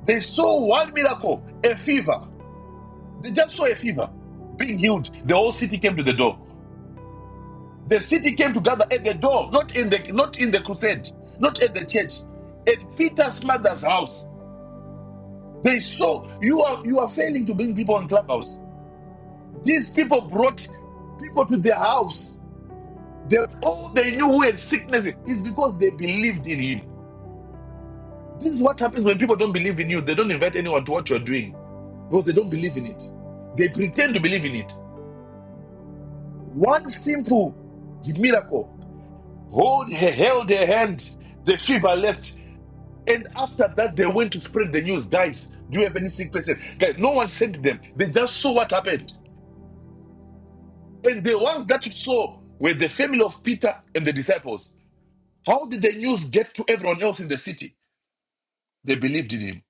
[SPEAKER 4] They saw one miracle, a fever. They just saw a fever being healed. The whole city came to the door. The city came to gather at the door, not in the not in the crusade, not at the church, at Peter's mother's house. They saw you are you are failing to bring people on clubhouse. These people brought people to their house They, all they knew who had sickness is because they believed in him. This is what happens when people don't believe in you. They don't invite anyone to what you're doing because they don't believe in it. They pretend to believe in it. One simple miracle hold, he held her hand, the fever left. And after that, they went to spread the news. Guys, do you have any sick person? Guys, no one sent them. They just saw what happened. And the ones that saw were the family of Peter and the disciples. How did the news get to everyone else in the city? They believed in him.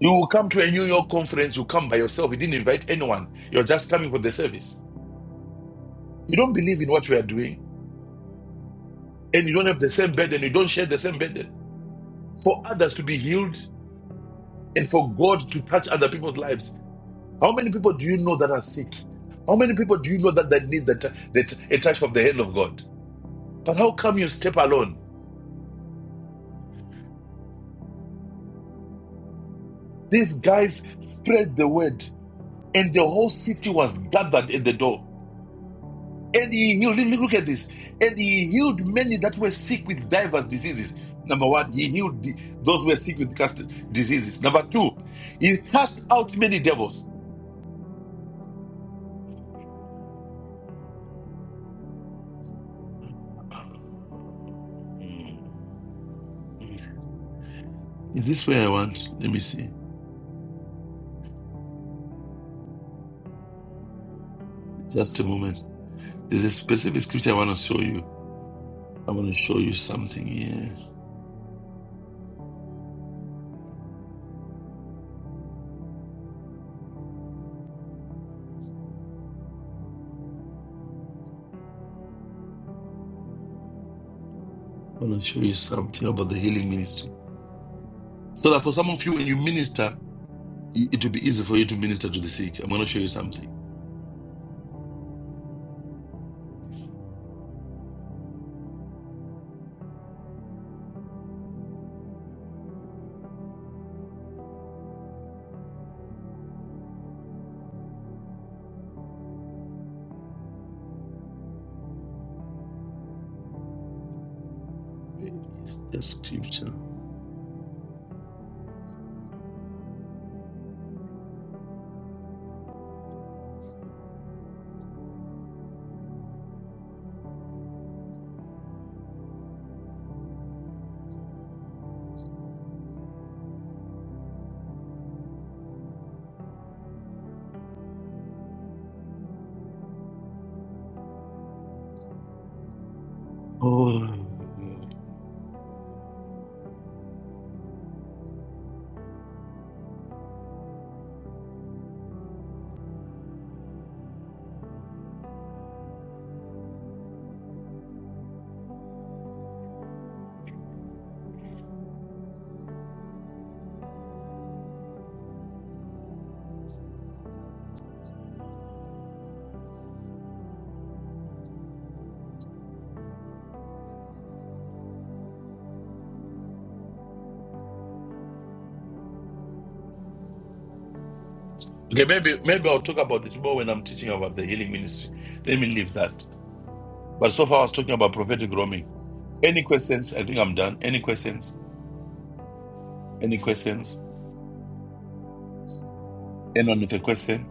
[SPEAKER 4] You will come to a New York conference, you come by yourself. You didn't invite anyone. You're just coming for the service. You don't believe in what we are doing, and you don't have the same burden. You don't share the same burden. For others to be healed and for God to touch other people's lives. How many people do you know that are sick? How many people do you know that, that need the, t- the t- a touch from the hand of God? But how come you step alone? These guys spread the word, and the whole city was gathered at the door. And he healed. Look at this. And he healed many that were sick with diverse diseases. Number one, he healed the- those who were sick with cast diseases. Number two, he cast out many devils. I want to show you something about the healing ministry. So that for some of you, when you minister, i- it will be easy for you to minister to the sick. I'm going to show you something. Okay, maybe maybe I'll talk about this more when I'm teaching about the healing ministry. Let me leave that. But so far, I was talking about prophetic roaming. Any questions? I think I'm done. Any questions? Any questions? Anyone with a question?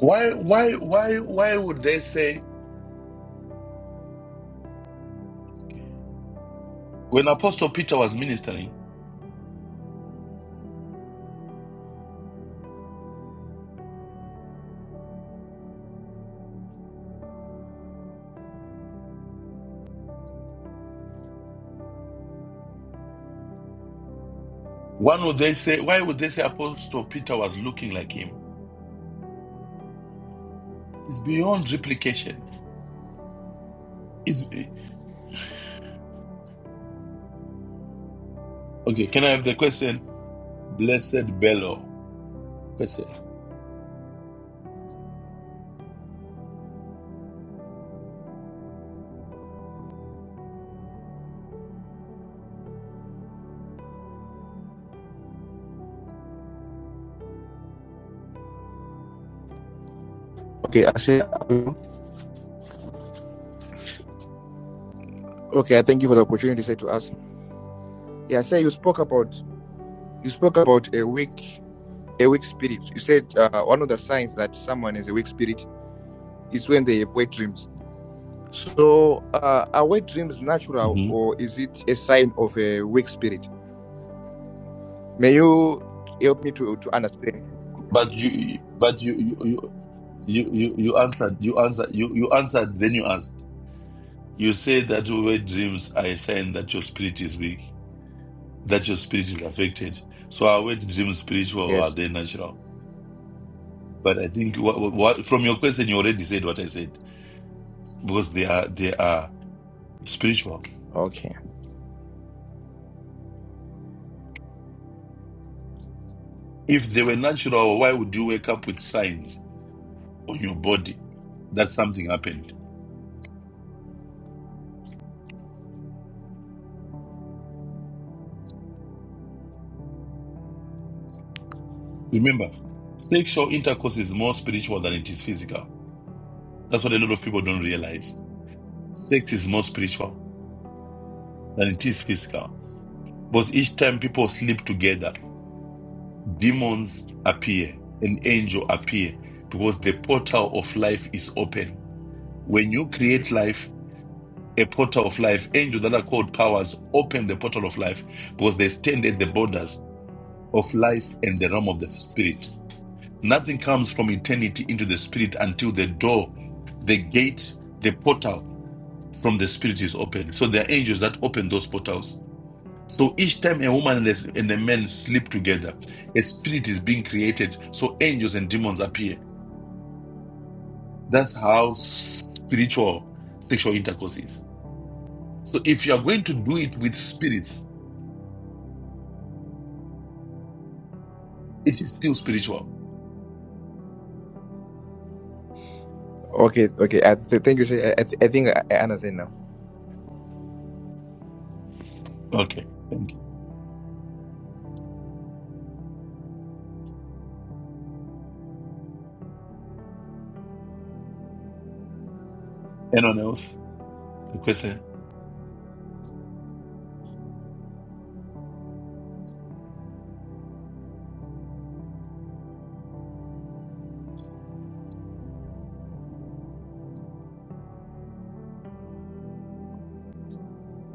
[SPEAKER 4] Why, why, why, why would they say when Apostle Peter was ministering? One would they say, why would they say Apostle Peter was looking like him? It's beyond replication. It's okay. Can I have the question? Blessed Bello. Question.
[SPEAKER 6] Okay, I say um, okay. I thank you for the opportunity to say to us. Yeah, I say you spoke about you spoke about a weak a weak spirit. You said uh, one of the signs that someone is a weak spirit is when they have wet dreams. So, uh, are wet dreams natural
[SPEAKER 4] Mhm.
[SPEAKER 6] or is it a sign of a weak spirit? May you help me to to understand?
[SPEAKER 4] But you, but you, you, you, you, you you answered. You answered. You, you answered. Then you asked. You say that your wet dreams are a sign that your spirit is weak, that your spirit is affected. So are wet dreams spiritual or are
[SPEAKER 6] Yes.
[SPEAKER 4] they natural? But I think what, what from your question, you already said what I said because they are they are spiritual.
[SPEAKER 6] Okay.
[SPEAKER 4] If they were natural, why would you wake up with signs on your body that something happened? Remember, sexual intercourse is more spiritual than it is physical. That's what a lot of people don't realize. Sex is more spiritual than it is physical because each time people sleep together, demons appear, an angel appear because the portal of life is open. When you create life a portal of life. Angels that are called powers open the portal of life because they stand at the borders of life and the realm of the spirit. Nothing comes from eternity into the spirit until the door, the gate, the portal from the spirit is open. So there are angels that open those portals. So each time a woman and a and a man sleep together, a spirit is being created. So angels and demons appear. That's how spiritual sexual intercourse is. So if you are going to do it with spirits, It is still spiritual.
[SPEAKER 6] Okay. Okay. I th- thank you. sir. I, I, th- I think I I understand now.
[SPEAKER 4] Okay, thank you. Anyone else? The question.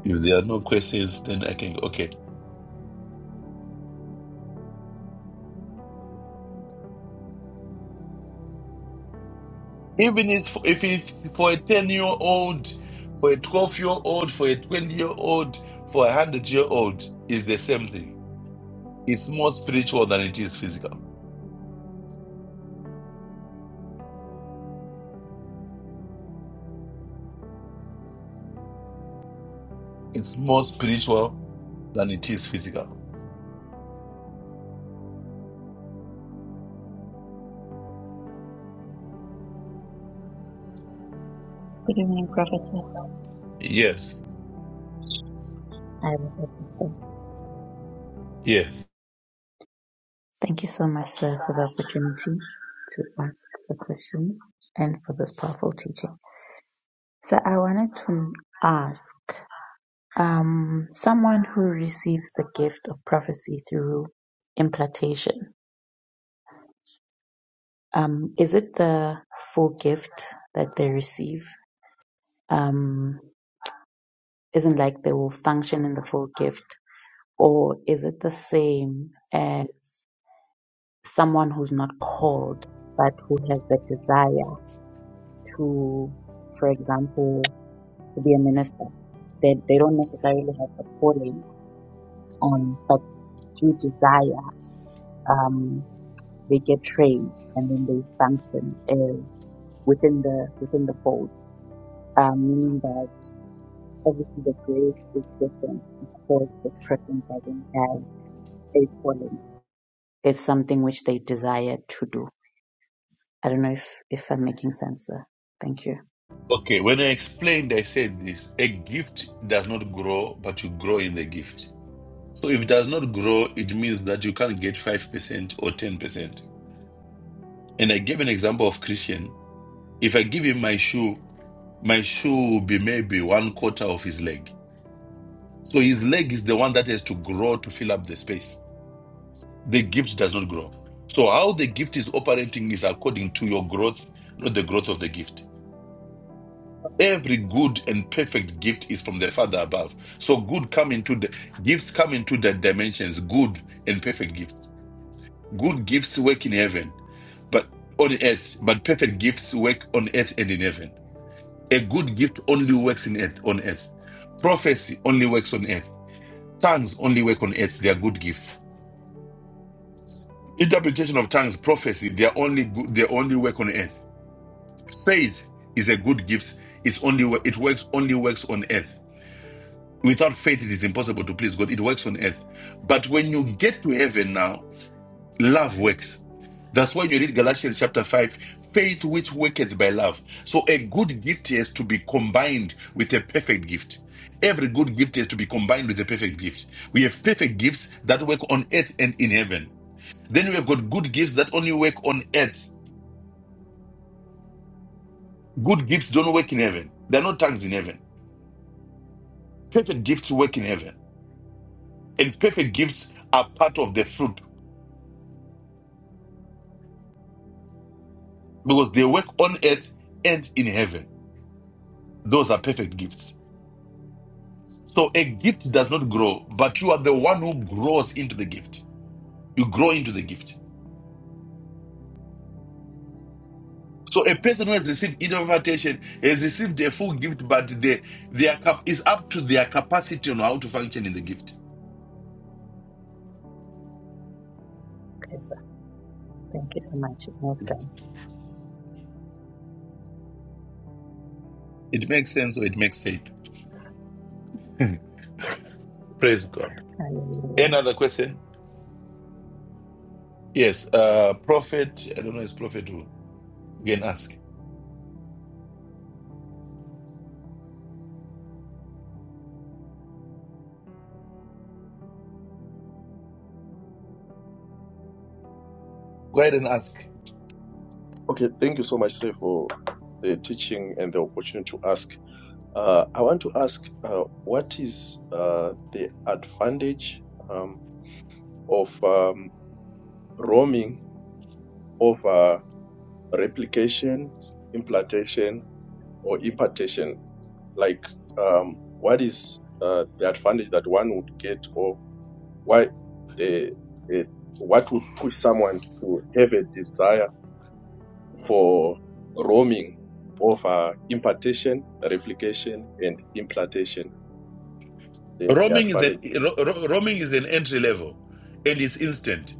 [SPEAKER 4] If there are no questions, then I can. Okay. Even if if, if for a ten year old, for a twelve year old, for a twenty year old, for a hundred year old, is the same thing. It's more spiritual than it is physical. It's more spiritual than it is physical.
[SPEAKER 7] Good evening, Professor.
[SPEAKER 4] Yes.
[SPEAKER 7] I will help
[SPEAKER 4] Yes.
[SPEAKER 7] Thank you so much, sir, for the opportunity to ask the question and for this powerful teaching. So I wanted to ask, um, someone who receives the gift of prophecy through implantation, um, is it the full gift that they receive? Um, isn't like they will function in the full gift, or is it the same as? someone who's not called but who has the desire to, for example, to be a minister. They they don't necessarily have the calling, um, but through desire, um, they get trained and then they function as within the within the folds. Um, meaning that obviously the grace is different because the person doesn't have a calling. It's something which they desire to do. I don't know if if I'm making sense. Sir. Thank you.
[SPEAKER 4] Okay. When I explained, I said this: a gift does not grow, but you grow in the gift. So if it does not grow, it means that you can't get 5% or 10%. And I gave an example of Christian. If I give him my shoe, my shoe will be maybe one quarter of his leg. So his leg is the one that has to grow to fill up the space. The gift does not grow. So how the gift is operating is according to your growth, not the growth of the gift. Every good and perfect gift is from the Father above. So good come into the gifts come into the dimensions, good and perfect gift. Good gifts work in heaven but on earth, but perfect gifts work on earth and in heaven. A good gift only works in earth on earth. Prophecy only works on earth. Tongues only work on earth. They are good gifts. Interpretation of tongues, prophecy, they are only good, they only work on earth. Faith is a good gift. It's only wo- it works only works on earth. Without faith, it is impossible to please God. It works on earth. But when you get to heaven now, Love works. That's why you read Galatians chapter 5, faith which worketh by love. So a good gift is to be combined with a perfect gift. Every good gift is to be combined with a perfect gift. We have perfect gifts that work on earth and in heaven. Then we have got good gifts that only work on earth. Good gifts don't work in heaven. There are no tongues in heaven. Perfect gifts work in heaven. And perfect gifts are part of the fruit because they work on earth and in heaven. Those are perfect gifts. So a gift does not grow, but you are the one who grows into the gift. You grow into the gift. So a person who has received inner invitation has received a full gift, but they, their cap is up to their capacity on how to function in the gift.
[SPEAKER 7] Thank you so much. It makes sense.
[SPEAKER 4] It makes sense or it makes faith. Praise God.
[SPEAKER 7] Hallelujah.
[SPEAKER 4] Another question? Yes. Uh, prophet. I don't know. It's prophet who you can ask. Go ahead and ask.
[SPEAKER 8] Okay, thank you so much, sir, for the teaching and the opportunity to ask. Uh, I want to ask uh, what is uh, the advantage um, of um, roaming over replication, implantation, or impartation? Like, um, what is uh, the advantage that one would get, or why the, the what would push someone to have a desire? for roaming over impartation, replication, and implantation. The, the
[SPEAKER 4] Roaming is an
[SPEAKER 8] advantage.
[SPEAKER 4] ro- ro- roaming is an entry level, and it's instant.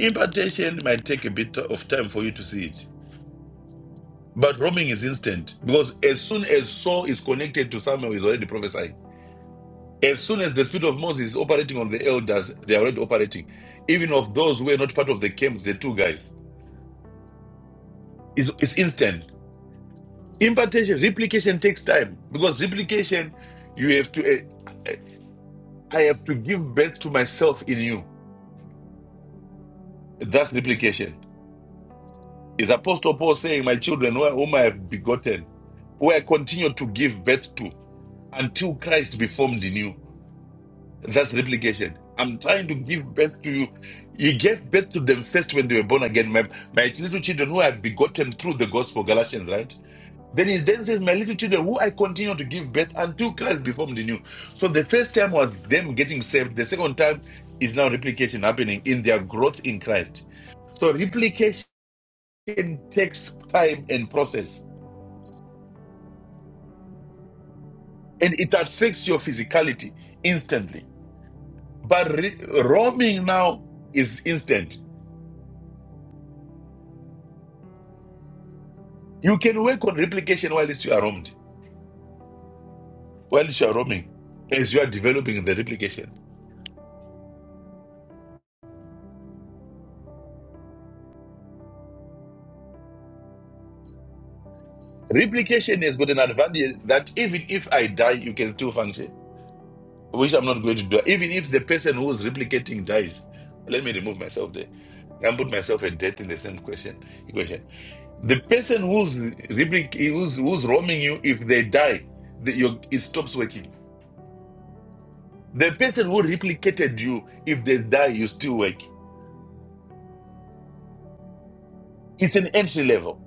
[SPEAKER 4] Impartation might take a bit of time for you to see it But roaming is instant because as soon as Saul is connected to Samuel, he's already prophesying. As soon as the spirit of Moses is operating on the elders, they are already operating. Even of those who were not part of the camp, the two guys, it's, it's instant. Impartation, replication takes time because replication, you have to, eh, I have to give birth to myself in you. That's replication. Is Apostle Paul saying, My children, wh- whom I have begotten, who I continue to give birth to until Christ be formed in you? That's replication. I'm trying to give birth to you. He gave birth to them first when they were born again. My, my little children who I have begotten through the gospel, Galatians, right? Then he then says, My little children, who I continue to give birth until Christ be formed in you. So the first time was them getting saved. The second time is now replication happening in their growth in Christ. So replication takes time and process, and it affects your physicality instantly. But re- roaming now is instant You can work on replication whilst you are roamed, whilst you are roaming, as you are developing the replication. Replication has got an advantage that even if I die, you can still function, which I'm not going to do. Even if the person who's replicating dies, let me remove myself there and put myself and death in the same question equation. The person who's replic- who's who's roaming you, if they die, the, your, it stops working. The person who replicated you, if they die, you still work. It's an entry level.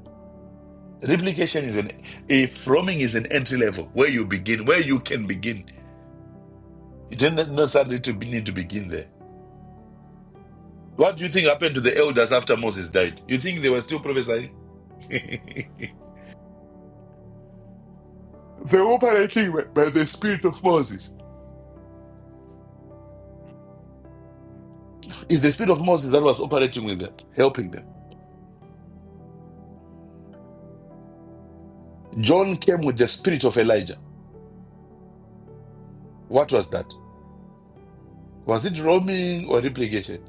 [SPEAKER 4] Replication is an if roaming is an entry level where you begin, where you can begin. You don't necessarily to be, need to begin there. What do you think happened to the elders after Moses died? You think they were still prophesying? they were operating by the spirit of Moses. It's the spirit of Moses that was operating with them, helping them. John came with the spirit of Elijah. What was that? Was it roaming or replication?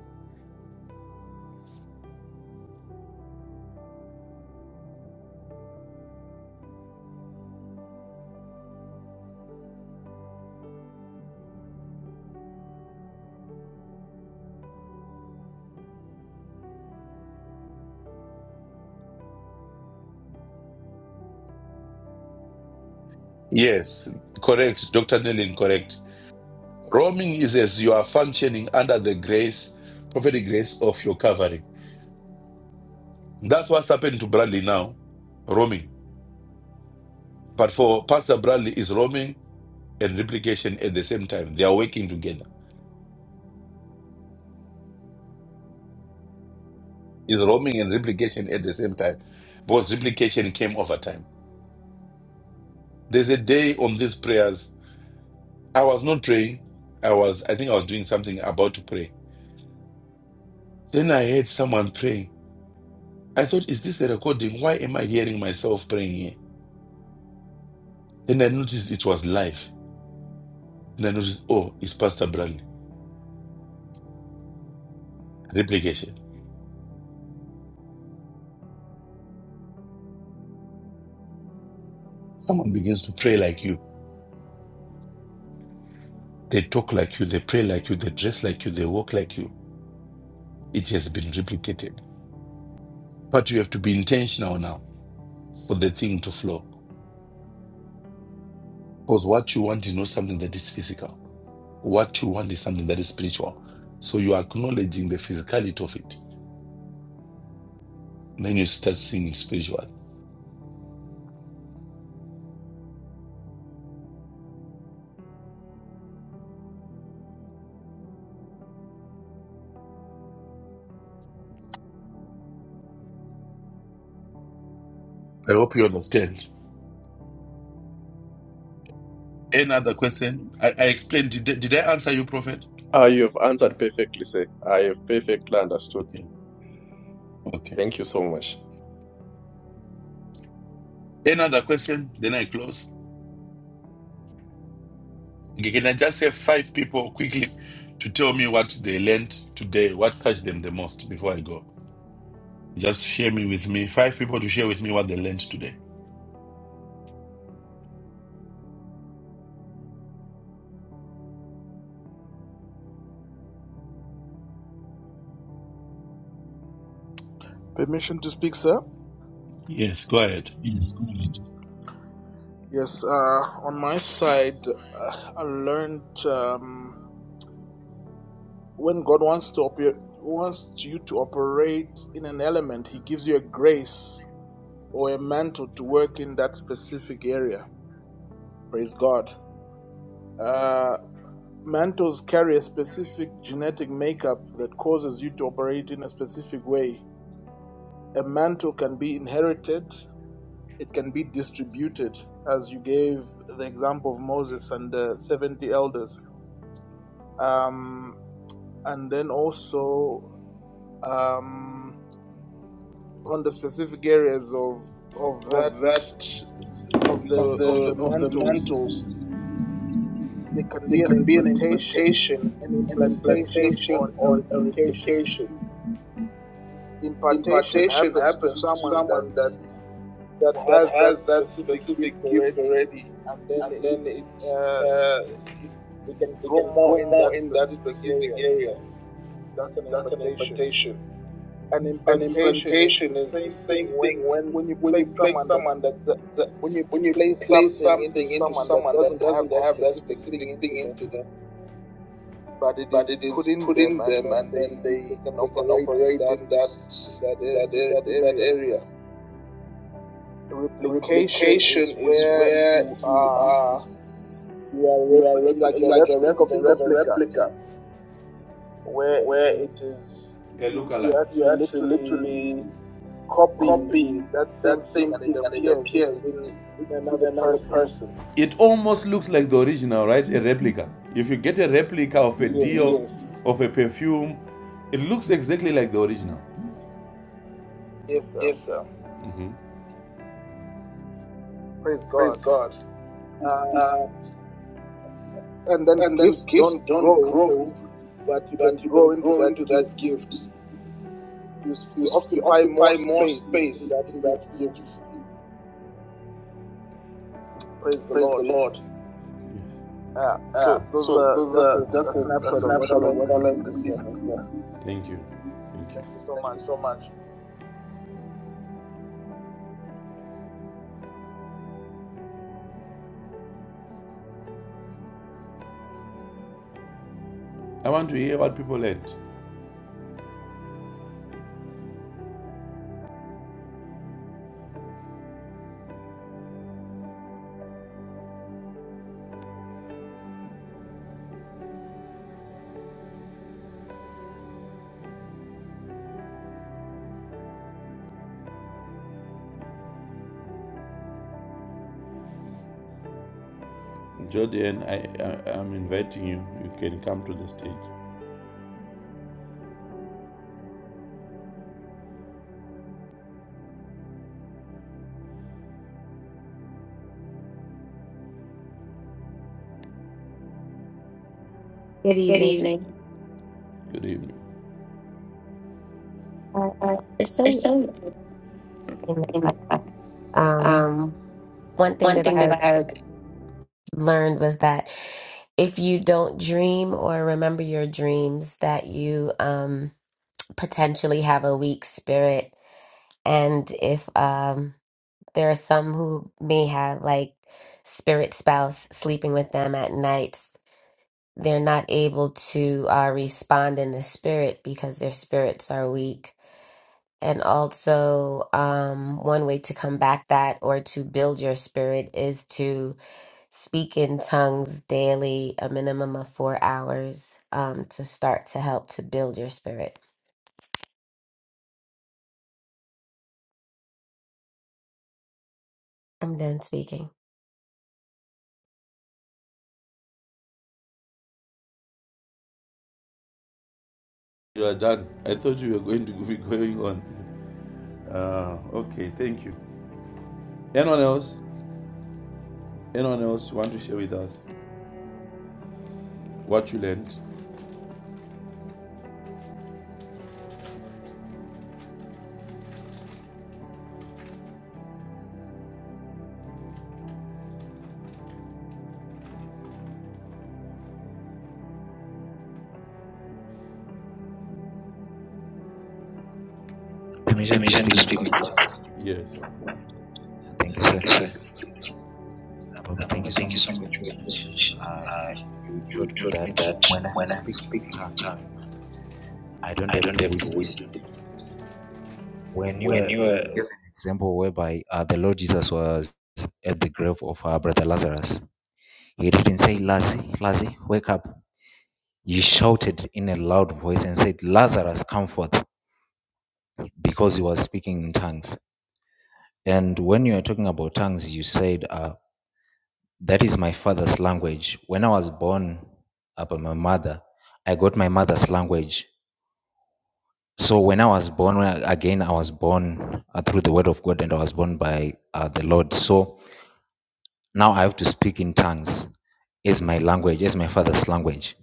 [SPEAKER 4] Yes, correct, Dr. Nellin, correct. Roaming is as you are functioning under the grace, prophetic grace of your covering. That's what's happened to Bradley now, roaming. But for Pastor Bradley, is roaming and replication at the same time. They are working together. Is roaming and replication at the same time, because replication came over time. There's a day on these prayers. I was not praying. I was, I think, I was doing something about to pray. Then I heard someone praying. I thought, is this a recording? Why am I hearing myself praying here? Then I noticed it was live. And I noticed, oh, it's Pastor Bradley. Replication. Someone begins to pray like you. They talk like you, they pray like you, they dress like you, they walk like you. It has been replicated. But you have to be intentional now for the thing to flow. Because what you want is not something that is physical. What you want is something that is spiritual. So you are acknowledging the physicality of it. Then you start seeing spiritual. I hope you understand. Another question? I, I explained. Did, did I answer you, Prophet?
[SPEAKER 8] Ah, you have answered perfectly, sir. I have perfectly understood.
[SPEAKER 4] Okay. Okay.
[SPEAKER 8] Thank you so much.
[SPEAKER 4] Another question? Then I close. Okay, can I just have five people quickly to tell me what they learned today, what touched them the most before I go? Just share me with me. Five people to share with me what they learned today.
[SPEAKER 3] Permission to speak, sir.
[SPEAKER 4] Yes, go ahead.
[SPEAKER 3] Yes, go ahead. Yes, uh, on my side, uh, I learned. Um, when God wants to operate, wants you to operate in an element, He gives you a grace or a mantle to work in that specific area. Praise God. Uh, mantles carry a specific genetic makeup that causes you to operate in a specific way. A mantle can be inherited; it can be distributed, as you gave the example of Moses and the seventy elders. Um, and then also. Um, on the specific areas of of that
[SPEAKER 4] of that
[SPEAKER 3] of
[SPEAKER 4] of
[SPEAKER 3] the of the
[SPEAKER 4] the of the
[SPEAKER 3] mantles,
[SPEAKER 4] mantles
[SPEAKER 3] there can
[SPEAKER 4] there
[SPEAKER 3] be an
[SPEAKER 4] can be an
[SPEAKER 3] impartation,
[SPEAKER 4] impartation
[SPEAKER 3] an
[SPEAKER 4] an
[SPEAKER 3] implantation, or
[SPEAKER 4] implantation
[SPEAKER 3] a
[SPEAKER 4] or a
[SPEAKER 3] replication.
[SPEAKER 4] replication
[SPEAKER 3] Impartation
[SPEAKER 4] impartation
[SPEAKER 3] happens to
[SPEAKER 4] happens to
[SPEAKER 3] someone that
[SPEAKER 4] someone that
[SPEAKER 3] that
[SPEAKER 4] that
[SPEAKER 3] has that
[SPEAKER 4] has that
[SPEAKER 3] specific
[SPEAKER 4] specific
[SPEAKER 3] gift
[SPEAKER 4] gift
[SPEAKER 3] already,
[SPEAKER 4] already
[SPEAKER 3] and then
[SPEAKER 4] and then
[SPEAKER 3] it's
[SPEAKER 4] it
[SPEAKER 3] uh,
[SPEAKER 4] uh, it
[SPEAKER 3] they can
[SPEAKER 4] They
[SPEAKER 3] grow
[SPEAKER 4] can
[SPEAKER 3] more
[SPEAKER 4] grow
[SPEAKER 3] in that
[SPEAKER 4] more in that
[SPEAKER 3] specific
[SPEAKER 4] specific
[SPEAKER 3] area.
[SPEAKER 4] area.
[SPEAKER 3] That's an
[SPEAKER 4] That's an
[SPEAKER 3] impartation.
[SPEAKER 4] implantation.
[SPEAKER 3] an
[SPEAKER 4] An
[SPEAKER 3] implantation is the
[SPEAKER 4] implantation is the
[SPEAKER 3] same thing
[SPEAKER 4] same
[SPEAKER 3] when
[SPEAKER 4] thing when
[SPEAKER 3] when you
[SPEAKER 4] when you
[SPEAKER 3] place
[SPEAKER 4] place
[SPEAKER 3] someone that,
[SPEAKER 4] someone that,
[SPEAKER 3] that
[SPEAKER 4] that
[SPEAKER 3] when you
[SPEAKER 4] when you
[SPEAKER 3] place
[SPEAKER 4] place
[SPEAKER 3] something into
[SPEAKER 4] something into
[SPEAKER 3] someone that
[SPEAKER 4] someone that
[SPEAKER 3] doesn't have
[SPEAKER 4] doesn't
[SPEAKER 3] that
[SPEAKER 4] have that
[SPEAKER 3] specific
[SPEAKER 4] specific
[SPEAKER 3] thing
[SPEAKER 4] thing
[SPEAKER 3] into them
[SPEAKER 4] into them,
[SPEAKER 3] but it
[SPEAKER 4] but
[SPEAKER 3] is
[SPEAKER 4] it
[SPEAKER 3] put
[SPEAKER 4] is
[SPEAKER 3] in
[SPEAKER 4] put
[SPEAKER 3] them
[SPEAKER 4] in
[SPEAKER 3] and
[SPEAKER 4] them,
[SPEAKER 3] then
[SPEAKER 4] and then
[SPEAKER 3] they
[SPEAKER 4] they
[SPEAKER 3] they can
[SPEAKER 4] they can
[SPEAKER 3] operate in
[SPEAKER 4] operate
[SPEAKER 3] that
[SPEAKER 4] in that
[SPEAKER 3] in that
[SPEAKER 4] in that
[SPEAKER 3] ar- in that
[SPEAKER 4] in that
[SPEAKER 3] area
[SPEAKER 4] area.
[SPEAKER 3] replication is
[SPEAKER 4] Replication is
[SPEAKER 3] where
[SPEAKER 4] where
[SPEAKER 3] you
[SPEAKER 4] you
[SPEAKER 3] are
[SPEAKER 4] are
[SPEAKER 3] you are
[SPEAKER 4] you are
[SPEAKER 3] repl- like
[SPEAKER 4] repli-
[SPEAKER 3] a rep
[SPEAKER 4] like a
[SPEAKER 3] think
[SPEAKER 4] rep.
[SPEAKER 3] of a
[SPEAKER 4] Think of a
[SPEAKER 3] replica
[SPEAKER 4] replica
[SPEAKER 3] where it
[SPEAKER 4] where it
[SPEAKER 3] is
[SPEAKER 4] is A
[SPEAKER 3] you you
[SPEAKER 4] lookalike. you
[SPEAKER 3] actually
[SPEAKER 4] actually
[SPEAKER 3] literally
[SPEAKER 4] literally
[SPEAKER 3] copying
[SPEAKER 4] copying
[SPEAKER 3] that same
[SPEAKER 4] that
[SPEAKER 3] thing
[SPEAKER 4] same
[SPEAKER 3] and it
[SPEAKER 4] thing and it
[SPEAKER 3] appears
[SPEAKER 4] appears
[SPEAKER 3] in
[SPEAKER 4] in,
[SPEAKER 3] in
[SPEAKER 4] in
[SPEAKER 3] another
[SPEAKER 4] another
[SPEAKER 3] person.
[SPEAKER 4] person. It almost looks like the original, right? A replica. If you get a replica of a
[SPEAKER 3] Yes,
[SPEAKER 4] deal, Yes. of a perfume, it looks exactly like the original.
[SPEAKER 3] yes, sir.
[SPEAKER 4] Yes, sir. hmm
[SPEAKER 3] Praise God.
[SPEAKER 4] Praise God.
[SPEAKER 3] Um,
[SPEAKER 4] Uh,
[SPEAKER 3] and then
[SPEAKER 4] and then
[SPEAKER 3] gifts
[SPEAKER 4] gifts
[SPEAKER 3] don't
[SPEAKER 4] don't
[SPEAKER 3] grow,
[SPEAKER 4] grow,
[SPEAKER 3] but you can
[SPEAKER 4] but you can
[SPEAKER 3] grow into
[SPEAKER 4] grow
[SPEAKER 3] that
[SPEAKER 4] into that
[SPEAKER 3] gift.
[SPEAKER 4] gift.
[SPEAKER 3] You, s-
[SPEAKER 4] You,
[SPEAKER 3] you
[SPEAKER 4] you
[SPEAKER 3] occupy more
[SPEAKER 4] occupy more
[SPEAKER 3] space in
[SPEAKER 4] space
[SPEAKER 3] that
[SPEAKER 4] in that
[SPEAKER 3] gift.
[SPEAKER 4] gift.
[SPEAKER 3] Praise the
[SPEAKER 4] Praise
[SPEAKER 3] Lord.
[SPEAKER 4] the Lord. Yes.
[SPEAKER 3] Uh,
[SPEAKER 4] Uh,
[SPEAKER 3] so those
[SPEAKER 4] so
[SPEAKER 3] are
[SPEAKER 4] those
[SPEAKER 3] just
[SPEAKER 4] are
[SPEAKER 3] a, a
[SPEAKER 4] just a, a
[SPEAKER 3] snapshot of what
[SPEAKER 4] snapshot
[SPEAKER 3] I
[SPEAKER 4] of
[SPEAKER 3] learned
[SPEAKER 4] what I
[SPEAKER 3] this
[SPEAKER 4] learned
[SPEAKER 3] evening,
[SPEAKER 4] this
[SPEAKER 3] sir.
[SPEAKER 4] evening, sir. Thank you. Thank you.
[SPEAKER 3] Thank you so
[SPEAKER 4] Thank
[SPEAKER 3] much.
[SPEAKER 4] you so much. I want to hear what people learned. Jordan, I, I, I'm inviting you. You can come to the stage.
[SPEAKER 9] Good
[SPEAKER 4] Good
[SPEAKER 9] evening.
[SPEAKER 4] evening. Good evening.
[SPEAKER 9] Uh,
[SPEAKER 4] Uh,
[SPEAKER 9] There's so many
[SPEAKER 4] So,
[SPEAKER 9] things that, um,
[SPEAKER 4] um,
[SPEAKER 9] one thing
[SPEAKER 4] one
[SPEAKER 9] that
[SPEAKER 4] thing that
[SPEAKER 9] I
[SPEAKER 4] I
[SPEAKER 9] learned was that if you don't dream or remember your dreams, that you um, potentially have a weak spirit. And if um, there are some who may have like spirit spouse sleeping with them at nights, they're not able to uh, respond in the spirit because their spirits are weak And also, um, one way to combat that or to build your spirit is to speak in tongues daily, a minimum of four hours, um, to start to help to build your spirit. I'm done speaking.
[SPEAKER 4] You are done. I thought you were going to be going on. Uh, okay, thank you. Anyone else? Anyone else want to share with us what you learned?
[SPEAKER 1] Permission to
[SPEAKER 4] Permission
[SPEAKER 1] speak.
[SPEAKER 4] to
[SPEAKER 1] Mr.
[SPEAKER 4] speak. Yes.
[SPEAKER 1] Uh, Thank you,
[SPEAKER 4] Thank
[SPEAKER 1] sir.
[SPEAKER 4] you, sir.
[SPEAKER 1] Uh, Baba,
[SPEAKER 4] Uh,
[SPEAKER 1] thank
[SPEAKER 4] Baba,
[SPEAKER 1] you so
[SPEAKER 4] thank you
[SPEAKER 1] much
[SPEAKER 4] so
[SPEAKER 1] for
[SPEAKER 4] much for
[SPEAKER 1] your
[SPEAKER 4] your
[SPEAKER 1] speech.
[SPEAKER 4] message.
[SPEAKER 1] Uh,
[SPEAKER 4] Uh,
[SPEAKER 1] you
[SPEAKER 4] you
[SPEAKER 1] taught me
[SPEAKER 4] taught me
[SPEAKER 1] that
[SPEAKER 4] that
[SPEAKER 1] when I'm
[SPEAKER 4] when I'm
[SPEAKER 1] speaking in
[SPEAKER 4] speaking in
[SPEAKER 1] tongues,
[SPEAKER 4] tongue,
[SPEAKER 1] I don't
[SPEAKER 4] I
[SPEAKER 1] have
[SPEAKER 4] don't
[SPEAKER 1] to
[SPEAKER 4] have to
[SPEAKER 1] whisper.
[SPEAKER 4] whistle.
[SPEAKER 1] When you,
[SPEAKER 4] When
[SPEAKER 1] were,
[SPEAKER 4] you are
[SPEAKER 1] you gave an example whereby uh, the Lord Jesus was at the grave of our brother Lazarus, he didn't say, Lazzy, Lazzy, wake up. He shouted in a loud voice and said, Lazarus, come forth. because he was speaking in tongues. And when you were talking about tongues, you said, uh, That is my father's language. When I was born uh, by my mother, I got my mother's language. So when I was born, when I- again, I was born uh, through the word of God and I was born by uh, the Lord. So now I have to speak in tongues as my language, as my father's language.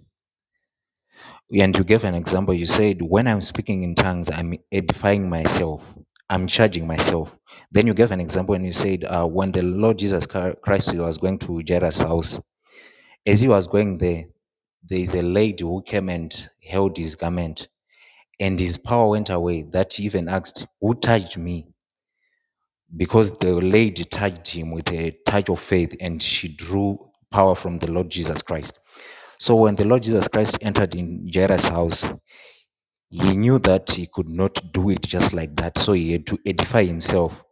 [SPEAKER 1] And you gave an example. You said, when I'm speaking in tongues, I'm edifying myself, I'm charging myself. Then you gave an example and you said, uh, when the Lord Jesus Chri- Christ was going to Jairus' house, as he was going there, there is a lady who came and held his garment, and his power went away. That he even asked, Who touched me? Because the lady touched him with a touch of faith, and she drew power from the Lord Jesus Christ. So when the Lord Jesus Christ entered in Jairus' house, He knew that he could not do it just like that, so he had to edify himself.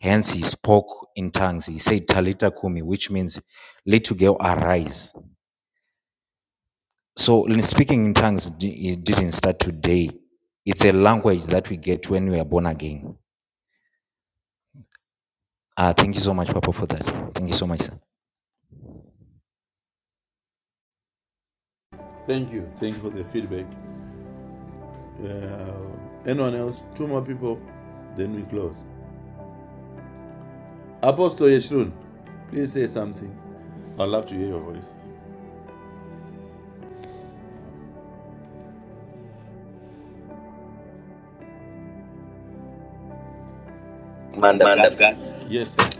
[SPEAKER 1] Hence, he spoke in tongues. He said, Talita Kumi, which means, little girl, arise. So, in speaking in tongues di- it didn't start today. It's a language that we get when we are born again. Uh, thank you so much, Papa, for that. Thank you so much, sir.
[SPEAKER 4] Thank you. Thank you for the feedback. Uh, anyone else? Two more people, then we close. Apostle Yeshurun, please say something. I'd love to hear your voice.
[SPEAKER 10] man of God.
[SPEAKER 4] Yes, sir.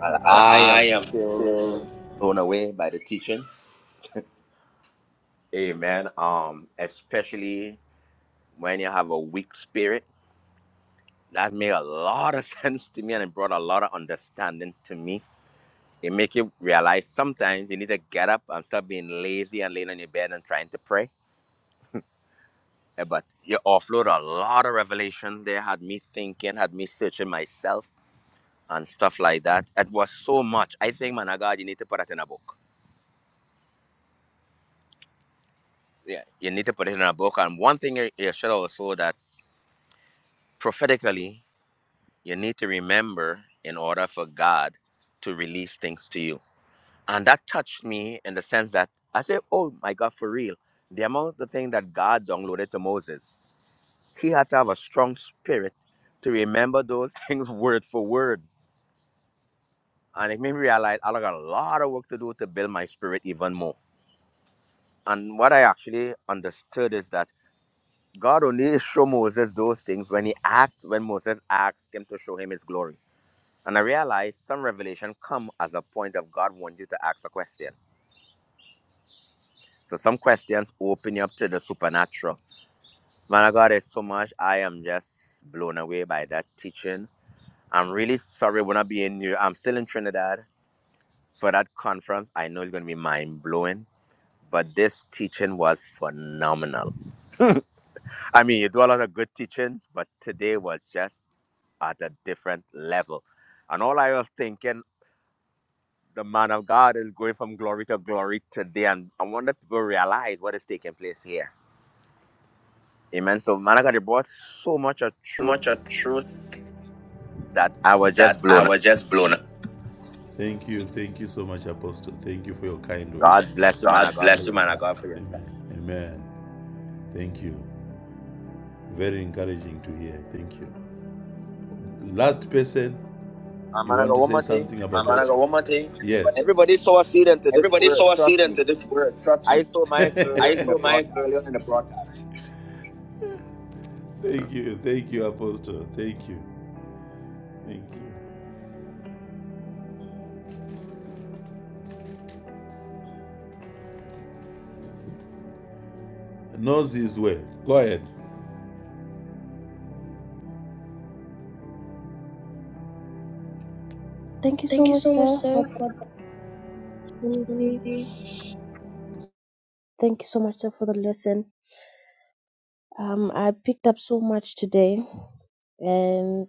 [SPEAKER 10] Well, I am still blown away by the teaching. Amen. Um, especially when you have a weak spirit. That made a lot of sense to me and it brought a lot of understanding to me. It make you realize sometimes you need to get up and stop being lazy and laying on your bed and trying to pray. Eh, But you offload a lot of revelation there, had me thinking, had me searching myself and stuff like that. It was so much. I think, man of God, you need to put it in a book yeah, you need to put it in a book. And one thing you you should also that prophetically, you need to remember in order for God to release things to you. And that touched me in the sense that I said, oh my God, for real. The amount of the thing that God downloaded to Moses, he had to have a strong spirit to remember those things word for word. And it made me realize I got a lot of work to do to build my spirit even more. And what I actually understood is that God only showed Moses those things when he asked, when Moses asked him to show him his glory. And I realized some revelation come as a point of God wants you to ask a question. So some questions open you up to the supernatural. Man of God, it's so much. I am just blown away by that teaching. I'm really sorry we're not being here. I'm still in Trinidad for that conference. I know it's going to be mind blowing, but this teaching was phenomenal. I mean, you do a lot of good teachings, but today was just at a different level. And all I was thinking, the man of God is going from glory to glory today. And I want that people realize what is taking place here. Amen. So, man of God, you brought so much of truth that I was just
[SPEAKER 4] That I
[SPEAKER 10] blown away.
[SPEAKER 4] was just blown. up. Thank you. Thank you so much, Apostle. Thank you for your kind words.
[SPEAKER 10] God bless you, man
[SPEAKER 4] God
[SPEAKER 10] of God, for
[SPEAKER 4] bless you,
[SPEAKER 10] your
[SPEAKER 4] man. I
[SPEAKER 10] time.
[SPEAKER 4] God for you. Amen. Amen. Thank you. Very encouraging to hear. Thank you. Last person,
[SPEAKER 10] And
[SPEAKER 4] you
[SPEAKER 10] man of
[SPEAKER 4] want
[SPEAKER 10] God,
[SPEAKER 4] to
[SPEAKER 10] one
[SPEAKER 4] say
[SPEAKER 10] more thing.
[SPEAKER 4] something about? Mama
[SPEAKER 10] Everybody,
[SPEAKER 4] what- one more thing. Yes. Everybody,
[SPEAKER 10] everybody saw a seed into this
[SPEAKER 4] everybody
[SPEAKER 10] word.
[SPEAKER 4] sow a seed
[SPEAKER 10] Trust me.
[SPEAKER 4] into this word. Trust
[SPEAKER 10] I
[SPEAKER 4] me.
[SPEAKER 10] saw mine early on
[SPEAKER 4] I
[SPEAKER 10] in the
[SPEAKER 4] saw mine
[SPEAKER 10] broadcast.
[SPEAKER 4] early on in the broadcast. Thank you. Thank you, Apostle. Thank you. Thank you. Knows his way. Go ahead.
[SPEAKER 11] Thank you so
[SPEAKER 4] Thank you
[SPEAKER 11] much,
[SPEAKER 4] so much,
[SPEAKER 11] sir, for
[SPEAKER 4] sir,
[SPEAKER 11] the
[SPEAKER 4] for being
[SPEAKER 11] opportunity.
[SPEAKER 4] here.
[SPEAKER 11] Thank you so much, sir, for the lesson. Um, I picked up so much today, and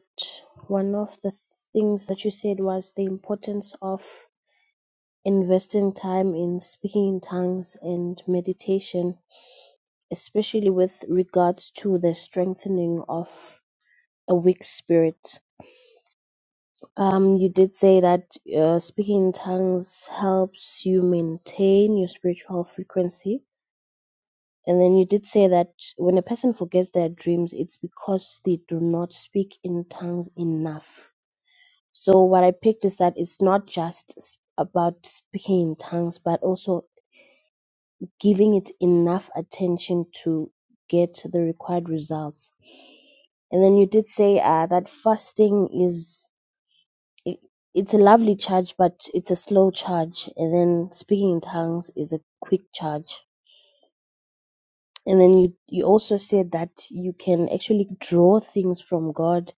[SPEAKER 11] one of the things that you said was the importance of investing time in speaking in tongues and meditation, especially with regards to the strengthening of a weak spirit. Um, you did say that uh, speaking in tongues helps you maintain your spiritual frequency And then you did say that when a person forgets their dreams, it's because they do not speak in tongues enough. So, what I picked is that it's not just s- about speaking in tongues, but also giving it enough attention to get the required results. And then you did say uh, that fasting is. it- It's a lovely charge, but it's a slow charge. And then speaking in tongues is a quick charge. And then you you also said that you can actually draw things from God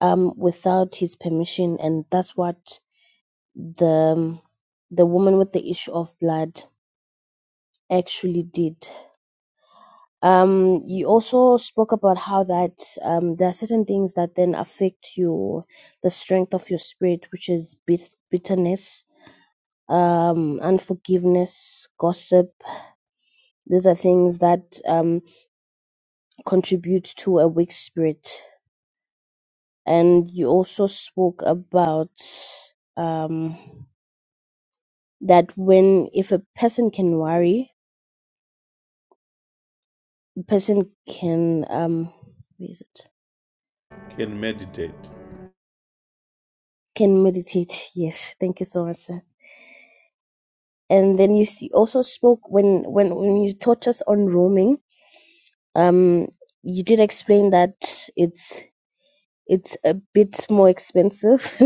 [SPEAKER 11] um without his permission and that's what the um, the woman with the issue of blood actually did. Um you also spoke about how that um there are certain things that then affect your the strength of your spirit which is bit- bitterness, um unforgiveness, gossip. These are things that um contribute to a weak spirit and you also spoke about um, that when if a person can worry, a person can um, what is it?
[SPEAKER 4] Can meditate.
[SPEAKER 11] Can meditate. Yes, thank you so much, sir. And then you see, also spoke when when when you taught us on roaming. Um, you did explain that it's it's a bit more expensive.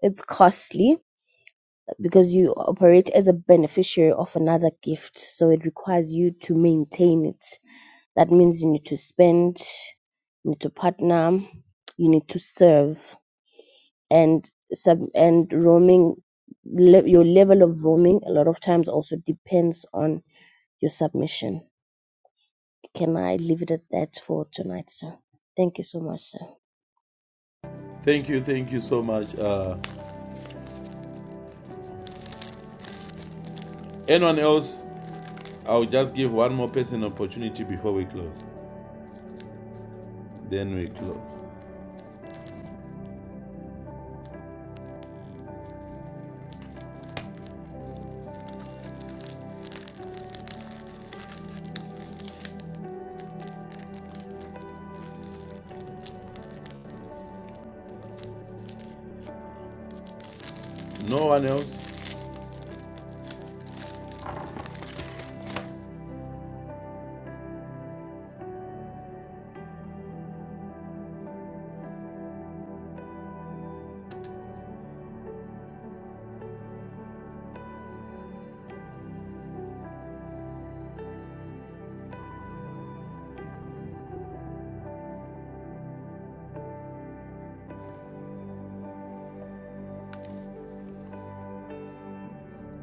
[SPEAKER 11] it's costly because you operate as a beneficiary of another gift, so it requires you to maintain it That means you need to spend, you need to partner, you need to serve, and sub and roaming. Le- your level of roaming a lot of times also depends on your submission. Can I leave it at that for tonight, sir? Thank you so much, sir.
[SPEAKER 4] Thank you. Thank you so much. Uh, anyone else? I'll just give one more person an opportunity before we close. Then we close. No one else?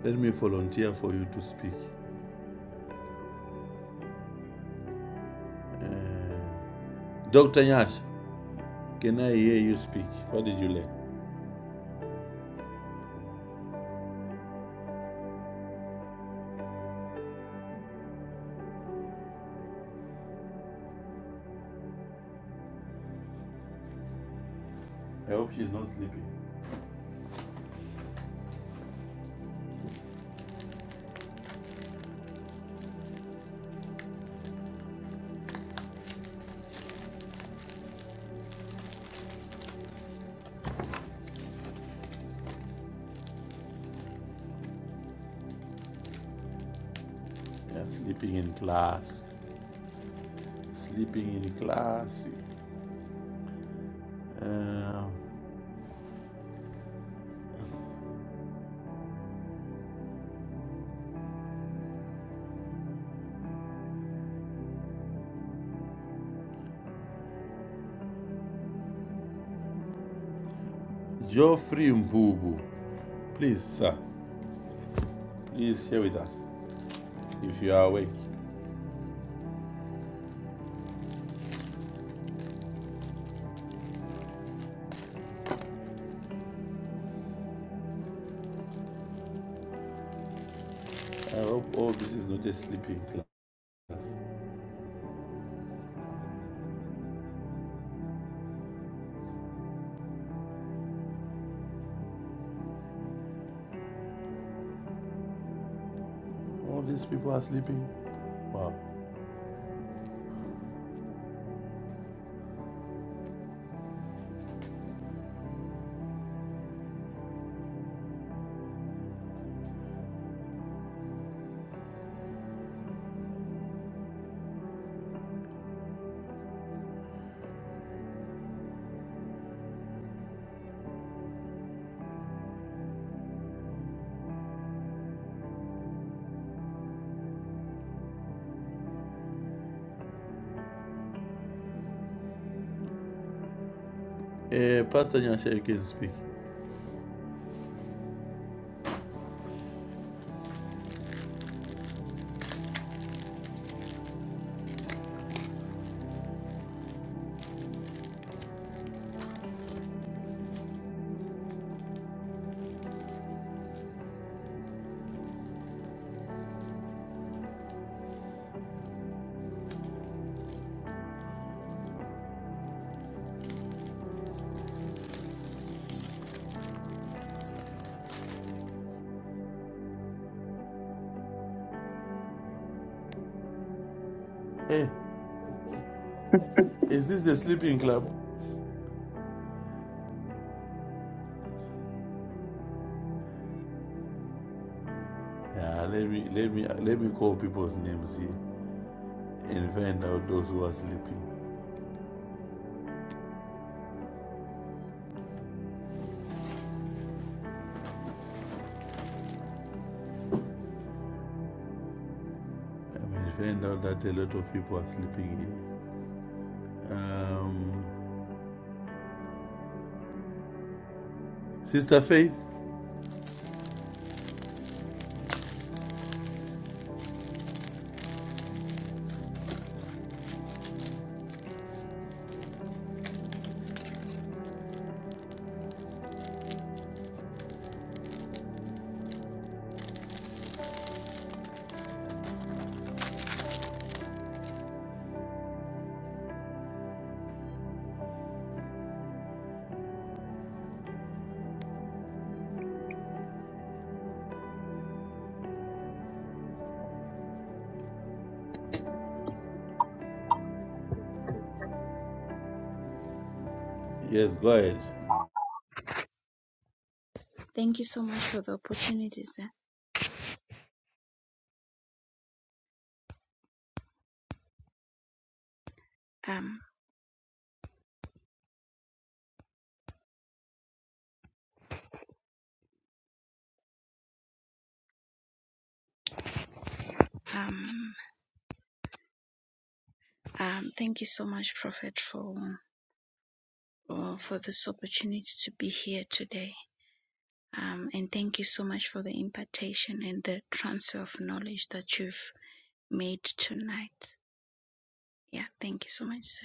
[SPEAKER 4] Let me volunteer for you to speak. Dr. Nyash. can I hear you speak? What did you learn? I hope she's not sleeping. Yeah, sleeping in class. Sleeping in class. Uh, Geoffrey Mbubu, please, sir, please share with us if you are awake. I hope all this is not a sleeping class. All these people are sleeping. Wow. Uh, Pastor Nyash, you can speak. Hey, is this the sleeping club? Yeah, let me let me let me call people's names here. and find out those who are sleeping. I mean, find out that a lot of people are sleeping here. Um, Sister Faith,
[SPEAKER 12] Thank you so much for the opportunity, sir. Um, um, um, thank you so much, Prophet, for for for this opportunity to be here today. Um, and thank you so much for the impartation and the transfer of knowledge that you've made tonight. Yeah, thank you so much, sir.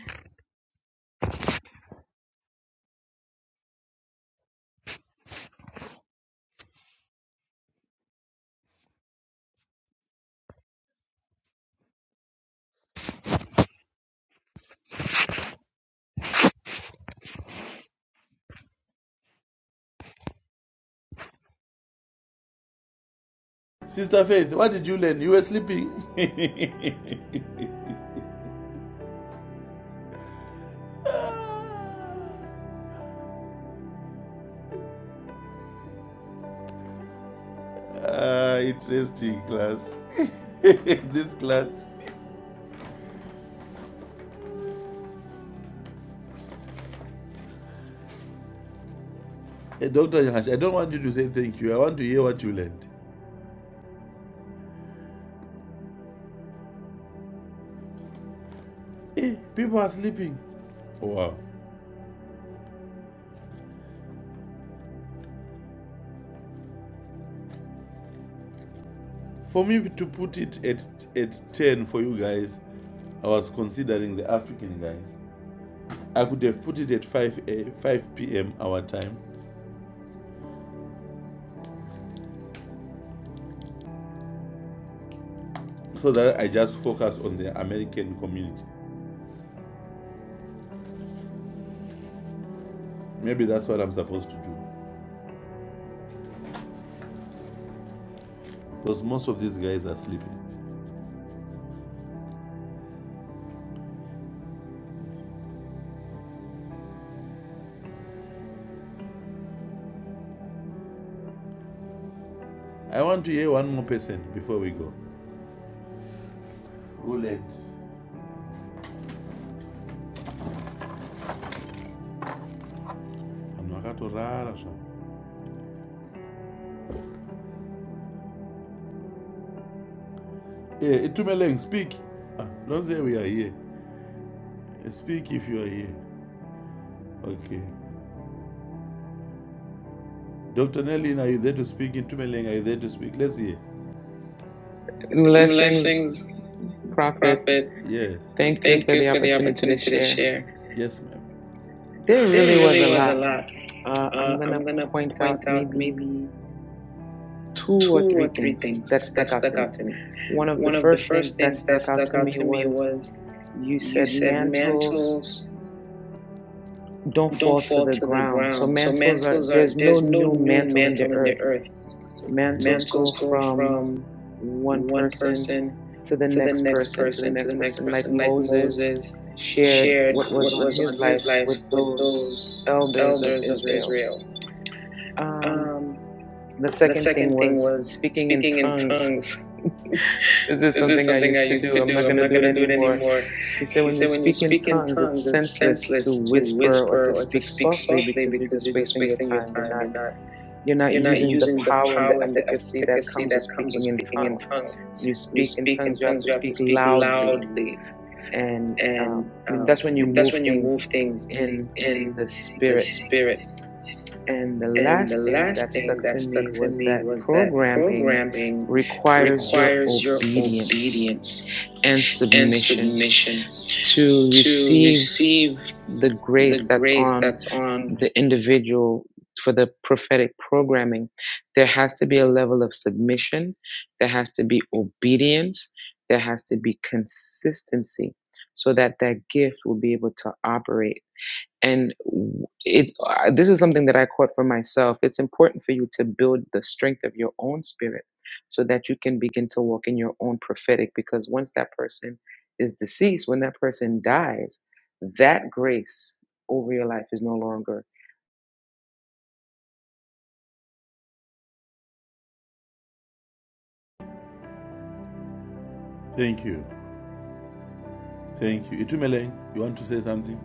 [SPEAKER 4] Sister Faith, what did you learn? You were sleeping. ah, interesting class. this class. Eh, Dr. Yahash, I don't want you to say thank you. I want to hear what you learned. Eh, people are sleeping. Wow. For me to put it at, at 10 for you guys, I was considering the African guys. I could have put it at 5 a 5 p.m. our time so that I just focus on the American community. Maybe that's what I'm supposed to do because most of these guys are sleeping. I want to hear one more person before we go. Who led? Vanhu vakatorara zvavo. Eh, Itumeleng, speak. Ah, Don't say we are here. Eh, Speak if you are here. Okay. Dr. Nellin, are you there to speak? Itumeleng, are you there to speak? Let's hear.
[SPEAKER 13] Blessings,
[SPEAKER 4] Blessings,
[SPEAKER 13] Prophet.
[SPEAKER 4] Prophet. Yes.
[SPEAKER 13] Thank you
[SPEAKER 4] Thank
[SPEAKER 13] for the
[SPEAKER 4] you for the
[SPEAKER 13] opportunity to
[SPEAKER 4] opportunity to
[SPEAKER 13] share.
[SPEAKER 4] share. Yes, ma'am.
[SPEAKER 13] There
[SPEAKER 4] There
[SPEAKER 13] really was a
[SPEAKER 4] really was a
[SPEAKER 13] lot.
[SPEAKER 4] lot.
[SPEAKER 13] Uh, I'm
[SPEAKER 4] Uh,
[SPEAKER 13] going to
[SPEAKER 4] I'm going to
[SPEAKER 13] point out
[SPEAKER 4] point out
[SPEAKER 13] maybe
[SPEAKER 4] maybe
[SPEAKER 13] two
[SPEAKER 4] two
[SPEAKER 13] or
[SPEAKER 4] or
[SPEAKER 13] three
[SPEAKER 4] three
[SPEAKER 13] things that
[SPEAKER 4] things that
[SPEAKER 13] stuck out to
[SPEAKER 4] stuck
[SPEAKER 13] me.
[SPEAKER 4] out to me.
[SPEAKER 13] One of the
[SPEAKER 4] One of the
[SPEAKER 13] first
[SPEAKER 4] first
[SPEAKER 13] things that
[SPEAKER 4] things that
[SPEAKER 13] stuck out
[SPEAKER 4] stuck
[SPEAKER 13] to
[SPEAKER 4] out
[SPEAKER 13] me
[SPEAKER 4] to me
[SPEAKER 13] was
[SPEAKER 4] was
[SPEAKER 13] you
[SPEAKER 4] you
[SPEAKER 13] said
[SPEAKER 4] said
[SPEAKER 13] mantles
[SPEAKER 4] mantles
[SPEAKER 13] don't
[SPEAKER 4] don't
[SPEAKER 13] fall to
[SPEAKER 4] fall
[SPEAKER 13] the
[SPEAKER 4] to the
[SPEAKER 13] ground. So
[SPEAKER 4] ground. So
[SPEAKER 13] mantles are,
[SPEAKER 4] mantles are,
[SPEAKER 13] there's no
[SPEAKER 4] there's no
[SPEAKER 13] new
[SPEAKER 4] new
[SPEAKER 13] mantle in the
[SPEAKER 4] mantle in the
[SPEAKER 13] earth.
[SPEAKER 4] earth.
[SPEAKER 13] Mantles go
[SPEAKER 4] Mantles go
[SPEAKER 13] from
[SPEAKER 4] from
[SPEAKER 13] one
[SPEAKER 4] one
[SPEAKER 13] person
[SPEAKER 4] person
[SPEAKER 13] to the
[SPEAKER 4] to the
[SPEAKER 13] next
[SPEAKER 4] next
[SPEAKER 13] person, to the
[SPEAKER 4] person, to
[SPEAKER 13] next
[SPEAKER 4] the next
[SPEAKER 13] person, like
[SPEAKER 4] person, like
[SPEAKER 13] Moses
[SPEAKER 4] Moses
[SPEAKER 13] shared
[SPEAKER 4] shared
[SPEAKER 13] what was
[SPEAKER 4] what
[SPEAKER 13] on
[SPEAKER 4] was
[SPEAKER 13] his
[SPEAKER 4] on
[SPEAKER 13] life
[SPEAKER 4] his life
[SPEAKER 13] with
[SPEAKER 4] with
[SPEAKER 13] those
[SPEAKER 4] those
[SPEAKER 13] elders of
[SPEAKER 4] elders of
[SPEAKER 13] Israel.
[SPEAKER 4] Israel.
[SPEAKER 13] Um,
[SPEAKER 4] Um,
[SPEAKER 13] the
[SPEAKER 4] The
[SPEAKER 13] second thing
[SPEAKER 4] second thing
[SPEAKER 13] was
[SPEAKER 4] was
[SPEAKER 13] speaking in
[SPEAKER 4] speaking in
[SPEAKER 13] tongues.
[SPEAKER 4] tongues.
[SPEAKER 13] This is
[SPEAKER 4] This is
[SPEAKER 13] something I
[SPEAKER 4] something
[SPEAKER 13] used
[SPEAKER 4] I
[SPEAKER 13] to
[SPEAKER 4] used to
[SPEAKER 13] do. I'm not
[SPEAKER 4] do.
[SPEAKER 13] going
[SPEAKER 4] I'm
[SPEAKER 13] to
[SPEAKER 4] not
[SPEAKER 13] do
[SPEAKER 4] going
[SPEAKER 13] it
[SPEAKER 4] to do it
[SPEAKER 13] anymore.
[SPEAKER 4] anymore.
[SPEAKER 13] He said,
[SPEAKER 4] He
[SPEAKER 13] when you
[SPEAKER 4] said, when you
[SPEAKER 13] speak in
[SPEAKER 4] speak in
[SPEAKER 13] tongues,
[SPEAKER 4] tongues,
[SPEAKER 13] it's
[SPEAKER 4] it's
[SPEAKER 13] senseless to
[SPEAKER 4] senseless to
[SPEAKER 13] whisper or
[SPEAKER 4] whisper
[SPEAKER 13] to
[SPEAKER 4] or to
[SPEAKER 13] speak
[SPEAKER 4] speak
[SPEAKER 13] softly
[SPEAKER 4] softly
[SPEAKER 13] because you're
[SPEAKER 4] because
[SPEAKER 13] just
[SPEAKER 4] you're just
[SPEAKER 13] wasting your
[SPEAKER 4] wasting your
[SPEAKER 13] time. You're
[SPEAKER 4] time.
[SPEAKER 13] not
[SPEAKER 4] You're not
[SPEAKER 13] you're not
[SPEAKER 4] you're not
[SPEAKER 13] using the
[SPEAKER 4] using the
[SPEAKER 13] power and the
[SPEAKER 4] power and the
[SPEAKER 13] efficacy that
[SPEAKER 4] efficacy
[SPEAKER 13] comes with
[SPEAKER 4] that comes with
[SPEAKER 13] speaking in
[SPEAKER 4] speaking in
[SPEAKER 13] tongues.
[SPEAKER 4] tongues.
[SPEAKER 13] When you
[SPEAKER 4] When you
[SPEAKER 13] speak in
[SPEAKER 4] speak in
[SPEAKER 13] tongues, you have
[SPEAKER 4] tongues,
[SPEAKER 13] to
[SPEAKER 4] you have to
[SPEAKER 13] speak
[SPEAKER 4] speak
[SPEAKER 13] loudly
[SPEAKER 4] loudly,
[SPEAKER 13] and um,
[SPEAKER 4] and uh,
[SPEAKER 13] that's when you
[SPEAKER 4] that's
[SPEAKER 13] move
[SPEAKER 4] when you
[SPEAKER 13] things
[SPEAKER 4] move things
[SPEAKER 13] in
[SPEAKER 4] in
[SPEAKER 13] the
[SPEAKER 4] the
[SPEAKER 13] spirit.
[SPEAKER 4] spirit.
[SPEAKER 13] And the
[SPEAKER 4] And the
[SPEAKER 13] last thing that
[SPEAKER 4] last
[SPEAKER 13] stuck
[SPEAKER 4] thing that
[SPEAKER 13] to me
[SPEAKER 4] stuck to
[SPEAKER 13] was
[SPEAKER 4] me
[SPEAKER 13] that
[SPEAKER 4] was that
[SPEAKER 13] programming
[SPEAKER 4] programming
[SPEAKER 13] requires your
[SPEAKER 4] requires your
[SPEAKER 13] obedience
[SPEAKER 4] obedience
[SPEAKER 13] and
[SPEAKER 4] and
[SPEAKER 13] submission
[SPEAKER 4] submission
[SPEAKER 13] to
[SPEAKER 4] to
[SPEAKER 13] receive
[SPEAKER 4] receive
[SPEAKER 13] the
[SPEAKER 4] the
[SPEAKER 13] grace that's
[SPEAKER 4] grace
[SPEAKER 13] on
[SPEAKER 4] that's on.
[SPEAKER 13] the individual for the prophetic programming. There has to be a level of submission, there has to be obedience, there has to be consistency so that that gift will be able to operate and w- it I- this is something that i caught for myself it's important for you to build the strength of your own spirit so that you can begin to walk in your own prophetic because once that person is deceased when that person dies that grace over your life is no longer
[SPEAKER 4] Thank you. Thank you. Itumele, you want to say something?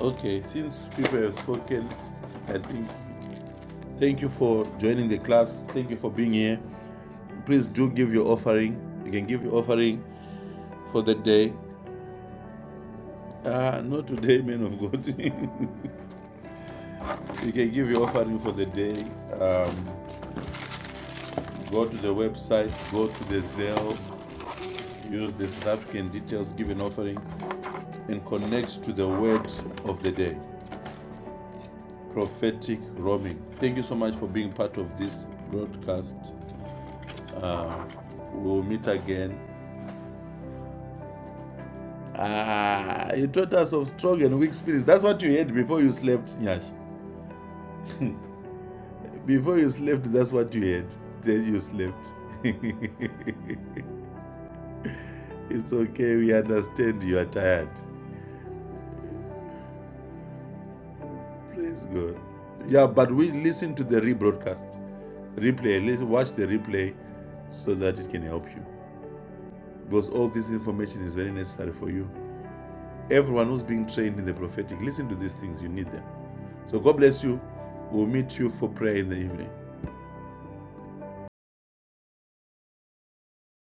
[SPEAKER 4] Okay, since people have spoken, I think thank you for joining the class. Thank you for being here. Please do give your offering. You can give your offering for the day. Ah, uh, not today, man of God. You can give your offering for the day. Um, go to the website, go to the Zelle, use the African details, give an offering, and connect to the word of the day. Prophetic roaming. Thank you so much for being part of this broadcast. We'll meet again. Ah, you taught us of strong and weak spirits. That's what you had before you slept, Nyash. Before you slept, that's what you had. Then you slept. it's okay, we understand you are tired. Praise God. Yeah, but we listen to the rebroadcast, replay. Let's watch the replay so that it can help you. Because all this information is very necessary for you. Everyone who's being trained in the prophetic, listen to these things. You need them. So God bless you. We'll meet you for prayer in the evening.